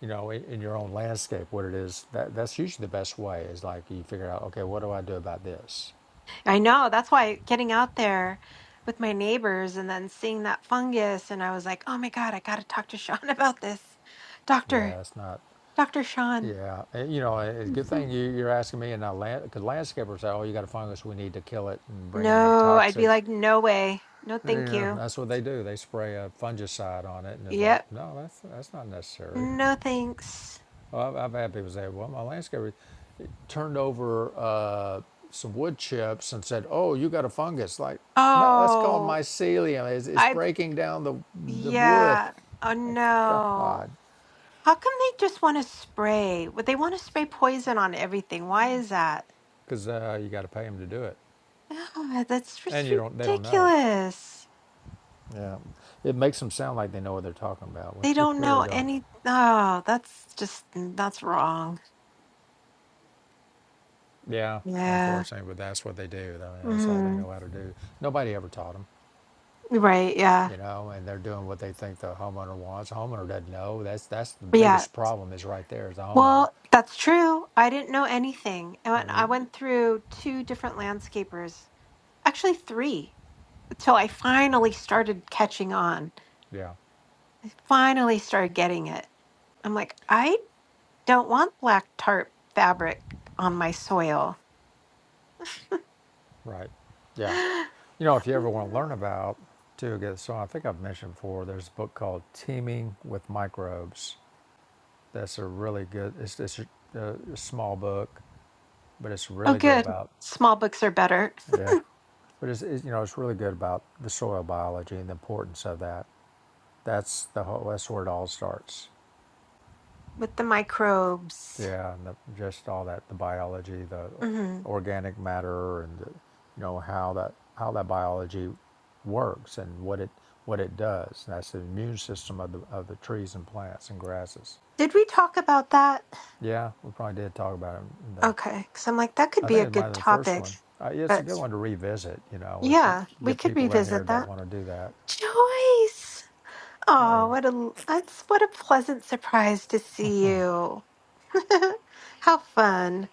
[SPEAKER 2] you know, in, in your own landscape, what it is, that, that's usually the best way is like you figure out, okay, what do I do about this?
[SPEAKER 1] I know. That's why getting out there with my neighbors and then seeing that fungus, and I was like, oh my God, I got to talk to Sean about this. Doctor,
[SPEAKER 2] Yeah, it's not,
[SPEAKER 1] Dr. Sean.
[SPEAKER 2] yeah. And, you know, it's a good thing you, you're asking me, and I land, because landscapers say, oh, you got a fungus, we need to kill it and bring in a
[SPEAKER 1] No, I'd be
[SPEAKER 2] toxic.
[SPEAKER 1] like, no way. No, thank
[SPEAKER 2] Yeah,
[SPEAKER 1] you.
[SPEAKER 2] that's what they do. They spray a fungicide on it, and it's like,
[SPEAKER 1] Yep.
[SPEAKER 2] no, that's that's not necessary.
[SPEAKER 1] No, thanks.
[SPEAKER 2] Oh, I've, I've had people say, "Well, my landscaper turned over uh, some wood chips and said, "Oh, you got a fungus." Like, no, that's called
[SPEAKER 1] Oh,
[SPEAKER 2] mycelium. It's, it's
[SPEAKER 1] I,
[SPEAKER 2] breaking down the the wood.
[SPEAKER 1] yeah. Oh,
[SPEAKER 2] My God,
[SPEAKER 1] no. How come they just want to spray? Would they want to spray poison on everything? Why is that?
[SPEAKER 2] because uh, you got to pay them to do it,
[SPEAKER 1] Oh, that's
[SPEAKER 2] and
[SPEAKER 1] just
[SPEAKER 2] you don't. They don't know.
[SPEAKER 1] ridiculous.
[SPEAKER 2] Yeah, it makes them sound like they know what they're talking about when
[SPEAKER 1] They
[SPEAKER 2] they
[SPEAKER 1] don't
[SPEAKER 2] really
[SPEAKER 1] know
[SPEAKER 2] don't.
[SPEAKER 1] any. Oh, that's just, mm, that's wrong.
[SPEAKER 2] Yeah,
[SPEAKER 1] Yeah.
[SPEAKER 2] unfortunately, but that's what they do. I mean, that's all they
[SPEAKER 1] hmm
[SPEAKER 2] know how to do. Nobody ever taught them.
[SPEAKER 1] Right. Yeah.
[SPEAKER 2] you know, and they're doing what they think the homeowner wants. The homeowner doesn't know. That's that's the
[SPEAKER 1] Yeah.
[SPEAKER 2] biggest problem is right there is the homeowner.
[SPEAKER 1] Well, that's true. I didn't know anything. I
[SPEAKER 2] I
[SPEAKER 1] went, I
[SPEAKER 2] mean,
[SPEAKER 1] went through two different landscapers, actually three, till I finally started catching on.
[SPEAKER 2] yeah,
[SPEAKER 1] I finally started getting it. I'm like, I don't want black tarp fabric on my soil.
[SPEAKER 2] right, yeah.
[SPEAKER 1] oh,
[SPEAKER 2] You know, if you ever want to learn about too, get so I think I've mentioned before. There's a book called Teeming with Microbes. That's a really good. It's it's a, a small book, but it's really good
[SPEAKER 1] good.
[SPEAKER 2] about
[SPEAKER 1] Small books are better
[SPEAKER 2] yeah. But it's, it's you know it's really good about the soil biology and the importance of that. That's the whole, that's where it all starts.
[SPEAKER 1] with the microbes.
[SPEAKER 2] Yeah, and the, just all that the biology, the
[SPEAKER 1] hmm
[SPEAKER 2] organic matter, and the, you know how that how that biology works and what it what it does. That's the immune system of the of the trees and plants and grasses.
[SPEAKER 1] Did we talk about that?
[SPEAKER 2] Yeah, we probably did talk about it. In the,
[SPEAKER 1] Okay, because I'm like, that could
[SPEAKER 2] I
[SPEAKER 1] be
[SPEAKER 2] think
[SPEAKER 1] a
[SPEAKER 2] it might have
[SPEAKER 1] good
[SPEAKER 2] been the first
[SPEAKER 1] topic.
[SPEAKER 2] one. Uh, yeah, it's a
[SPEAKER 1] But
[SPEAKER 2] good one to revisit. You know, if we
[SPEAKER 1] yeah, we
[SPEAKER 2] get
[SPEAKER 1] could
[SPEAKER 2] people in here
[SPEAKER 1] revisit
[SPEAKER 2] that
[SPEAKER 1] that.
[SPEAKER 2] want to do that.
[SPEAKER 1] Joyce. Oh,
[SPEAKER 2] Oh,
[SPEAKER 1] what a that's what a pleasant surprise to see you. How fun.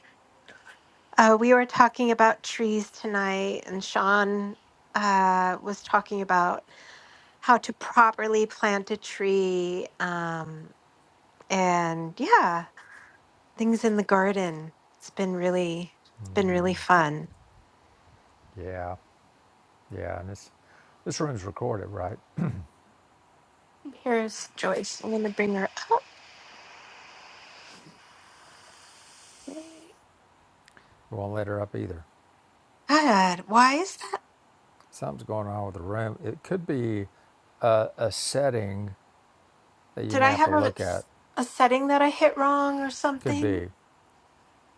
[SPEAKER 1] Uh, we were talking about trees tonight, and Sean uh, was talking about how to properly plant a tree. Um, and yeah, things in the garden. It's been really, it's been really fun.
[SPEAKER 2] yeah, yeah, and it's this room's recorded, right?
[SPEAKER 1] Here's Joyce. I'm gonna bring her up.
[SPEAKER 2] We won't let her up either.
[SPEAKER 1] God, why is that?
[SPEAKER 2] Something's going on with the room. It could be a a setting that you
[SPEAKER 1] Did
[SPEAKER 2] may
[SPEAKER 1] I
[SPEAKER 2] have to
[SPEAKER 1] have a,
[SPEAKER 2] look at.
[SPEAKER 1] a setting that I hit wrong or
[SPEAKER 2] Could be.
[SPEAKER 1] something?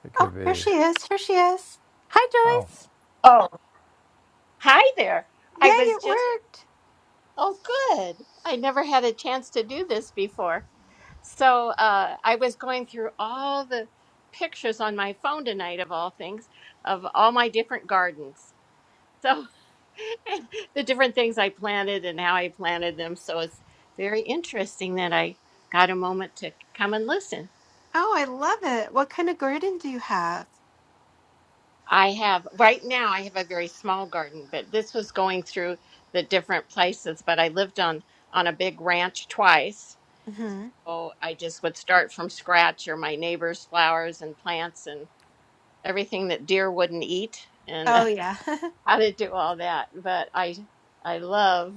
[SPEAKER 2] It
[SPEAKER 1] Oh,
[SPEAKER 2] could
[SPEAKER 1] here
[SPEAKER 2] be.
[SPEAKER 1] she is. Here she is. Hi,
[SPEAKER 2] Oh,
[SPEAKER 1] Joyce.
[SPEAKER 3] Oh, hi there.
[SPEAKER 1] Yay,
[SPEAKER 3] I was
[SPEAKER 1] it
[SPEAKER 3] just,
[SPEAKER 1] worked.
[SPEAKER 3] oh, good. I never had a chance to do this before. So uh, I was going through all the pictures on my phone tonight, of all things, of all my different gardens. So the different things I planted and how I planted them. So it's very interesting that I got a moment to come and listen.
[SPEAKER 1] Oh, I love it. What kind of garden do you have?
[SPEAKER 3] I have right now I have a very small garden, but this was going through the different places, but I lived on on a big ranch twice.
[SPEAKER 1] hmm
[SPEAKER 3] So I just would start from scratch or my neighbors' flowers and plants and everything that deer wouldn't eat and
[SPEAKER 1] Oh, yeah.
[SPEAKER 3] how to do all that. But I I love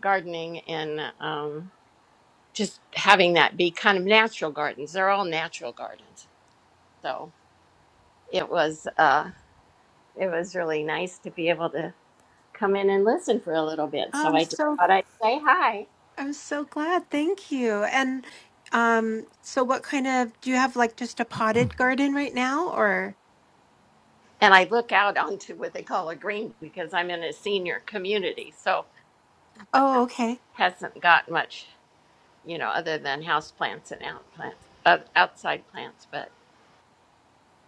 [SPEAKER 3] gardening and um just having that be kind of natural gardens. They're all natural gardens. So it was uh it was really nice to be able to come in and listen for a little bit. So
[SPEAKER 1] I'm
[SPEAKER 3] I just
[SPEAKER 1] so
[SPEAKER 3] thought I'd say hi.
[SPEAKER 1] I'm so glad. Thank you. And um, so what kind of do you have like just a potted garden right now or?
[SPEAKER 3] And I look out onto what they call a green because I'm in a senior community, so
[SPEAKER 1] Oh, okay.
[SPEAKER 3] hasn't got much, you know, other than house plants and out plants, uh, outside plants. But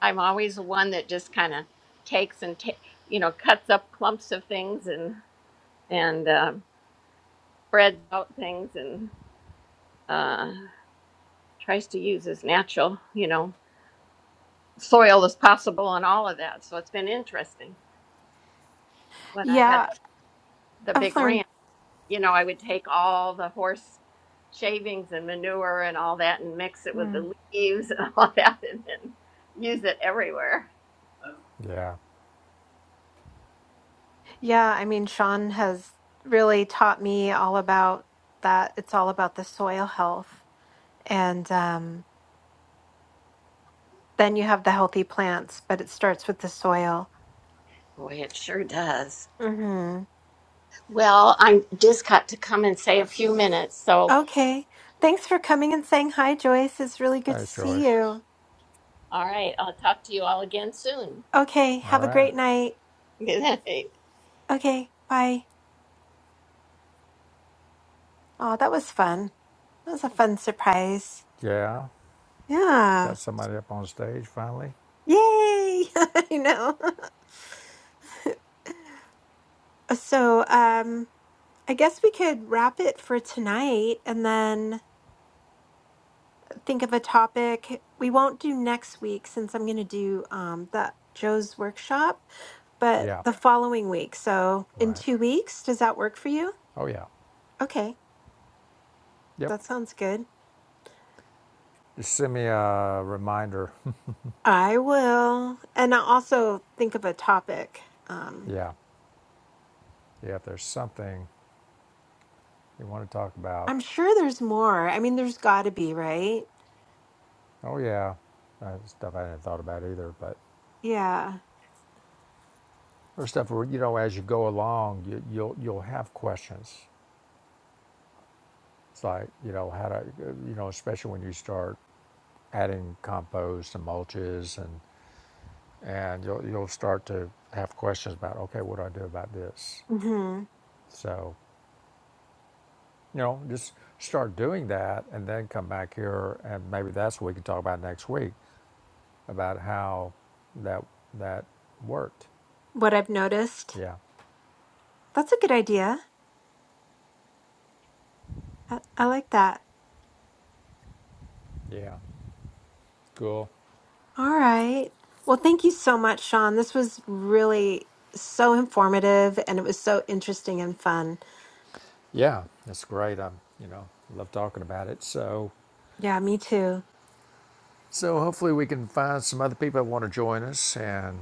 [SPEAKER 3] I'm always one that just kind of takes and ta- you know cuts up clumps of things and and uh, spreads out things and uh, tries to use as natural, you know, soil as possible and all of that. So it's been interesting when I had
[SPEAKER 1] Yeah,
[SPEAKER 3] the
[SPEAKER 1] I've
[SPEAKER 3] big
[SPEAKER 1] learned.
[SPEAKER 3] ranch, you know, I would take all the horse shavings and manure and all that and mix it with the leaves and all that and then use it everywhere.
[SPEAKER 2] yeah.
[SPEAKER 1] Yeah, I mean, Sean has really taught me all about that. It's all about the soil health. And um, then you have the healthy plants, but it starts with the soil.
[SPEAKER 3] Boy, it sure does.
[SPEAKER 1] hmm
[SPEAKER 3] Well, I'm just got to come and say a few minutes. So,
[SPEAKER 1] Okay. Thanks for coming and saying hi, Joyce. It's really good to
[SPEAKER 2] Thanks,
[SPEAKER 1] see
[SPEAKER 2] Joyce.
[SPEAKER 1] you.
[SPEAKER 3] all right, I'll talk to you all again soon.
[SPEAKER 1] Okay.
[SPEAKER 2] All
[SPEAKER 1] Have a
[SPEAKER 2] right.
[SPEAKER 1] great night.
[SPEAKER 3] Good night.
[SPEAKER 1] Okay. Bye. Oh, that was fun. That was a fun surprise.
[SPEAKER 2] Yeah.
[SPEAKER 1] Yeah.
[SPEAKER 2] Got somebody up on stage finally.
[SPEAKER 1] Yay. I know. So, um, I guess we could wrap it for tonight and then think of a topic. We won't do next week since I'm going to do um, that Joe's workshop, but
[SPEAKER 2] Yeah.
[SPEAKER 1] the following week. So in
[SPEAKER 2] Right.
[SPEAKER 1] two weeks, does that work for you?
[SPEAKER 2] Oh, yeah.
[SPEAKER 1] Okay,
[SPEAKER 2] Yep.
[SPEAKER 1] that sounds good.
[SPEAKER 2] Just send me a reminder.
[SPEAKER 1] I will. And I'll also think of a topic. Um,
[SPEAKER 2] yeah. Yeah. If there's something you want to talk about.
[SPEAKER 1] I'm sure there's more. I mean, there's got to be, right?
[SPEAKER 2] Oh, yeah. Uh, stuff I hadn't thought about either, but
[SPEAKER 1] Yeah.
[SPEAKER 2] or stuff where you know as you go along, you, you'll you'll have questions. It's like you know how to you know especially when you start adding compost and mulches and and you'll you'll start to have questions about okay what do I do about this
[SPEAKER 1] hmm
[SPEAKER 2] so you know just start doing that and then come back here and maybe that's what we can talk about next week about how that that worked
[SPEAKER 1] What I've noticed.
[SPEAKER 2] yeah
[SPEAKER 1] That's a good idea. I, I like that.
[SPEAKER 2] yeah cool
[SPEAKER 1] All right. Well, thank you so much, Sean. This was really so informative and it was so interesting and fun.
[SPEAKER 2] yeah that's great I'm you know love talking about it so
[SPEAKER 1] Yeah, me too.
[SPEAKER 2] so hopefully we can find some other people that want to join us and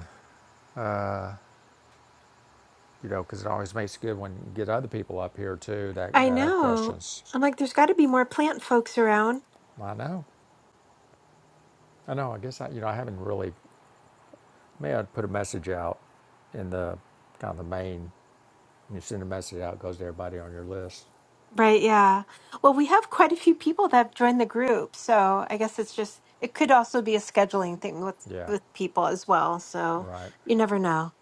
[SPEAKER 2] you know, because it always makes it good when you get other people up here too that,
[SPEAKER 1] I
[SPEAKER 2] that have
[SPEAKER 1] know.
[SPEAKER 2] questions.
[SPEAKER 1] I'm like, there's got to be more plant folks around.
[SPEAKER 2] I know, I know. I guess I, you know, I haven't really. Maybe I'd put a message out in the kind of the main. When you send a message out, it goes to everybody on your list.
[SPEAKER 1] Right. Yeah. Well, we have quite a few people that have joined the group. So I guess it's just, it could also be a scheduling thing with,
[SPEAKER 2] Yeah,
[SPEAKER 1] with people as well. So
[SPEAKER 2] right,
[SPEAKER 1] you never know.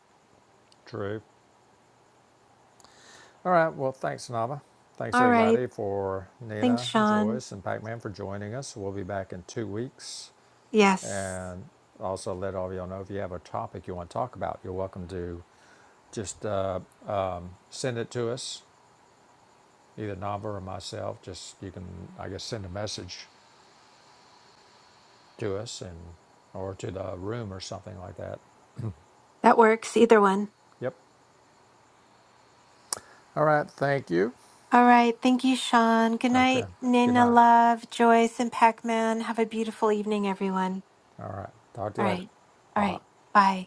[SPEAKER 2] true. All right. Well, thanks, Nava. Thanks
[SPEAKER 1] All right.
[SPEAKER 2] everybody for
[SPEAKER 1] Thanks,
[SPEAKER 2] Nina,
[SPEAKER 1] Sean.
[SPEAKER 2] Joyce, and Pac-Man for joining us. We'll be back in two weeks,
[SPEAKER 1] Yes,
[SPEAKER 2] and also let all of y'all know if you have a topic you want to talk about. You're welcome to just. Uh, send it to us, either Nava or myself. Just you can, I guess, send a message to us and or to the room or something like that.
[SPEAKER 1] that works. Either one.
[SPEAKER 2] Yep. All right. Thank you.
[SPEAKER 1] All right. Thank you, Sean. Good
[SPEAKER 2] Okay.
[SPEAKER 1] night,
[SPEAKER 2] Good
[SPEAKER 1] Nina
[SPEAKER 2] night.
[SPEAKER 1] Love, Joyce, and Pac Man. Have a beautiful evening, everyone.
[SPEAKER 2] All right. Talk to
[SPEAKER 1] All
[SPEAKER 2] you later.
[SPEAKER 1] right.
[SPEAKER 2] Bye
[SPEAKER 1] All
[SPEAKER 2] bye.
[SPEAKER 1] right. Bye.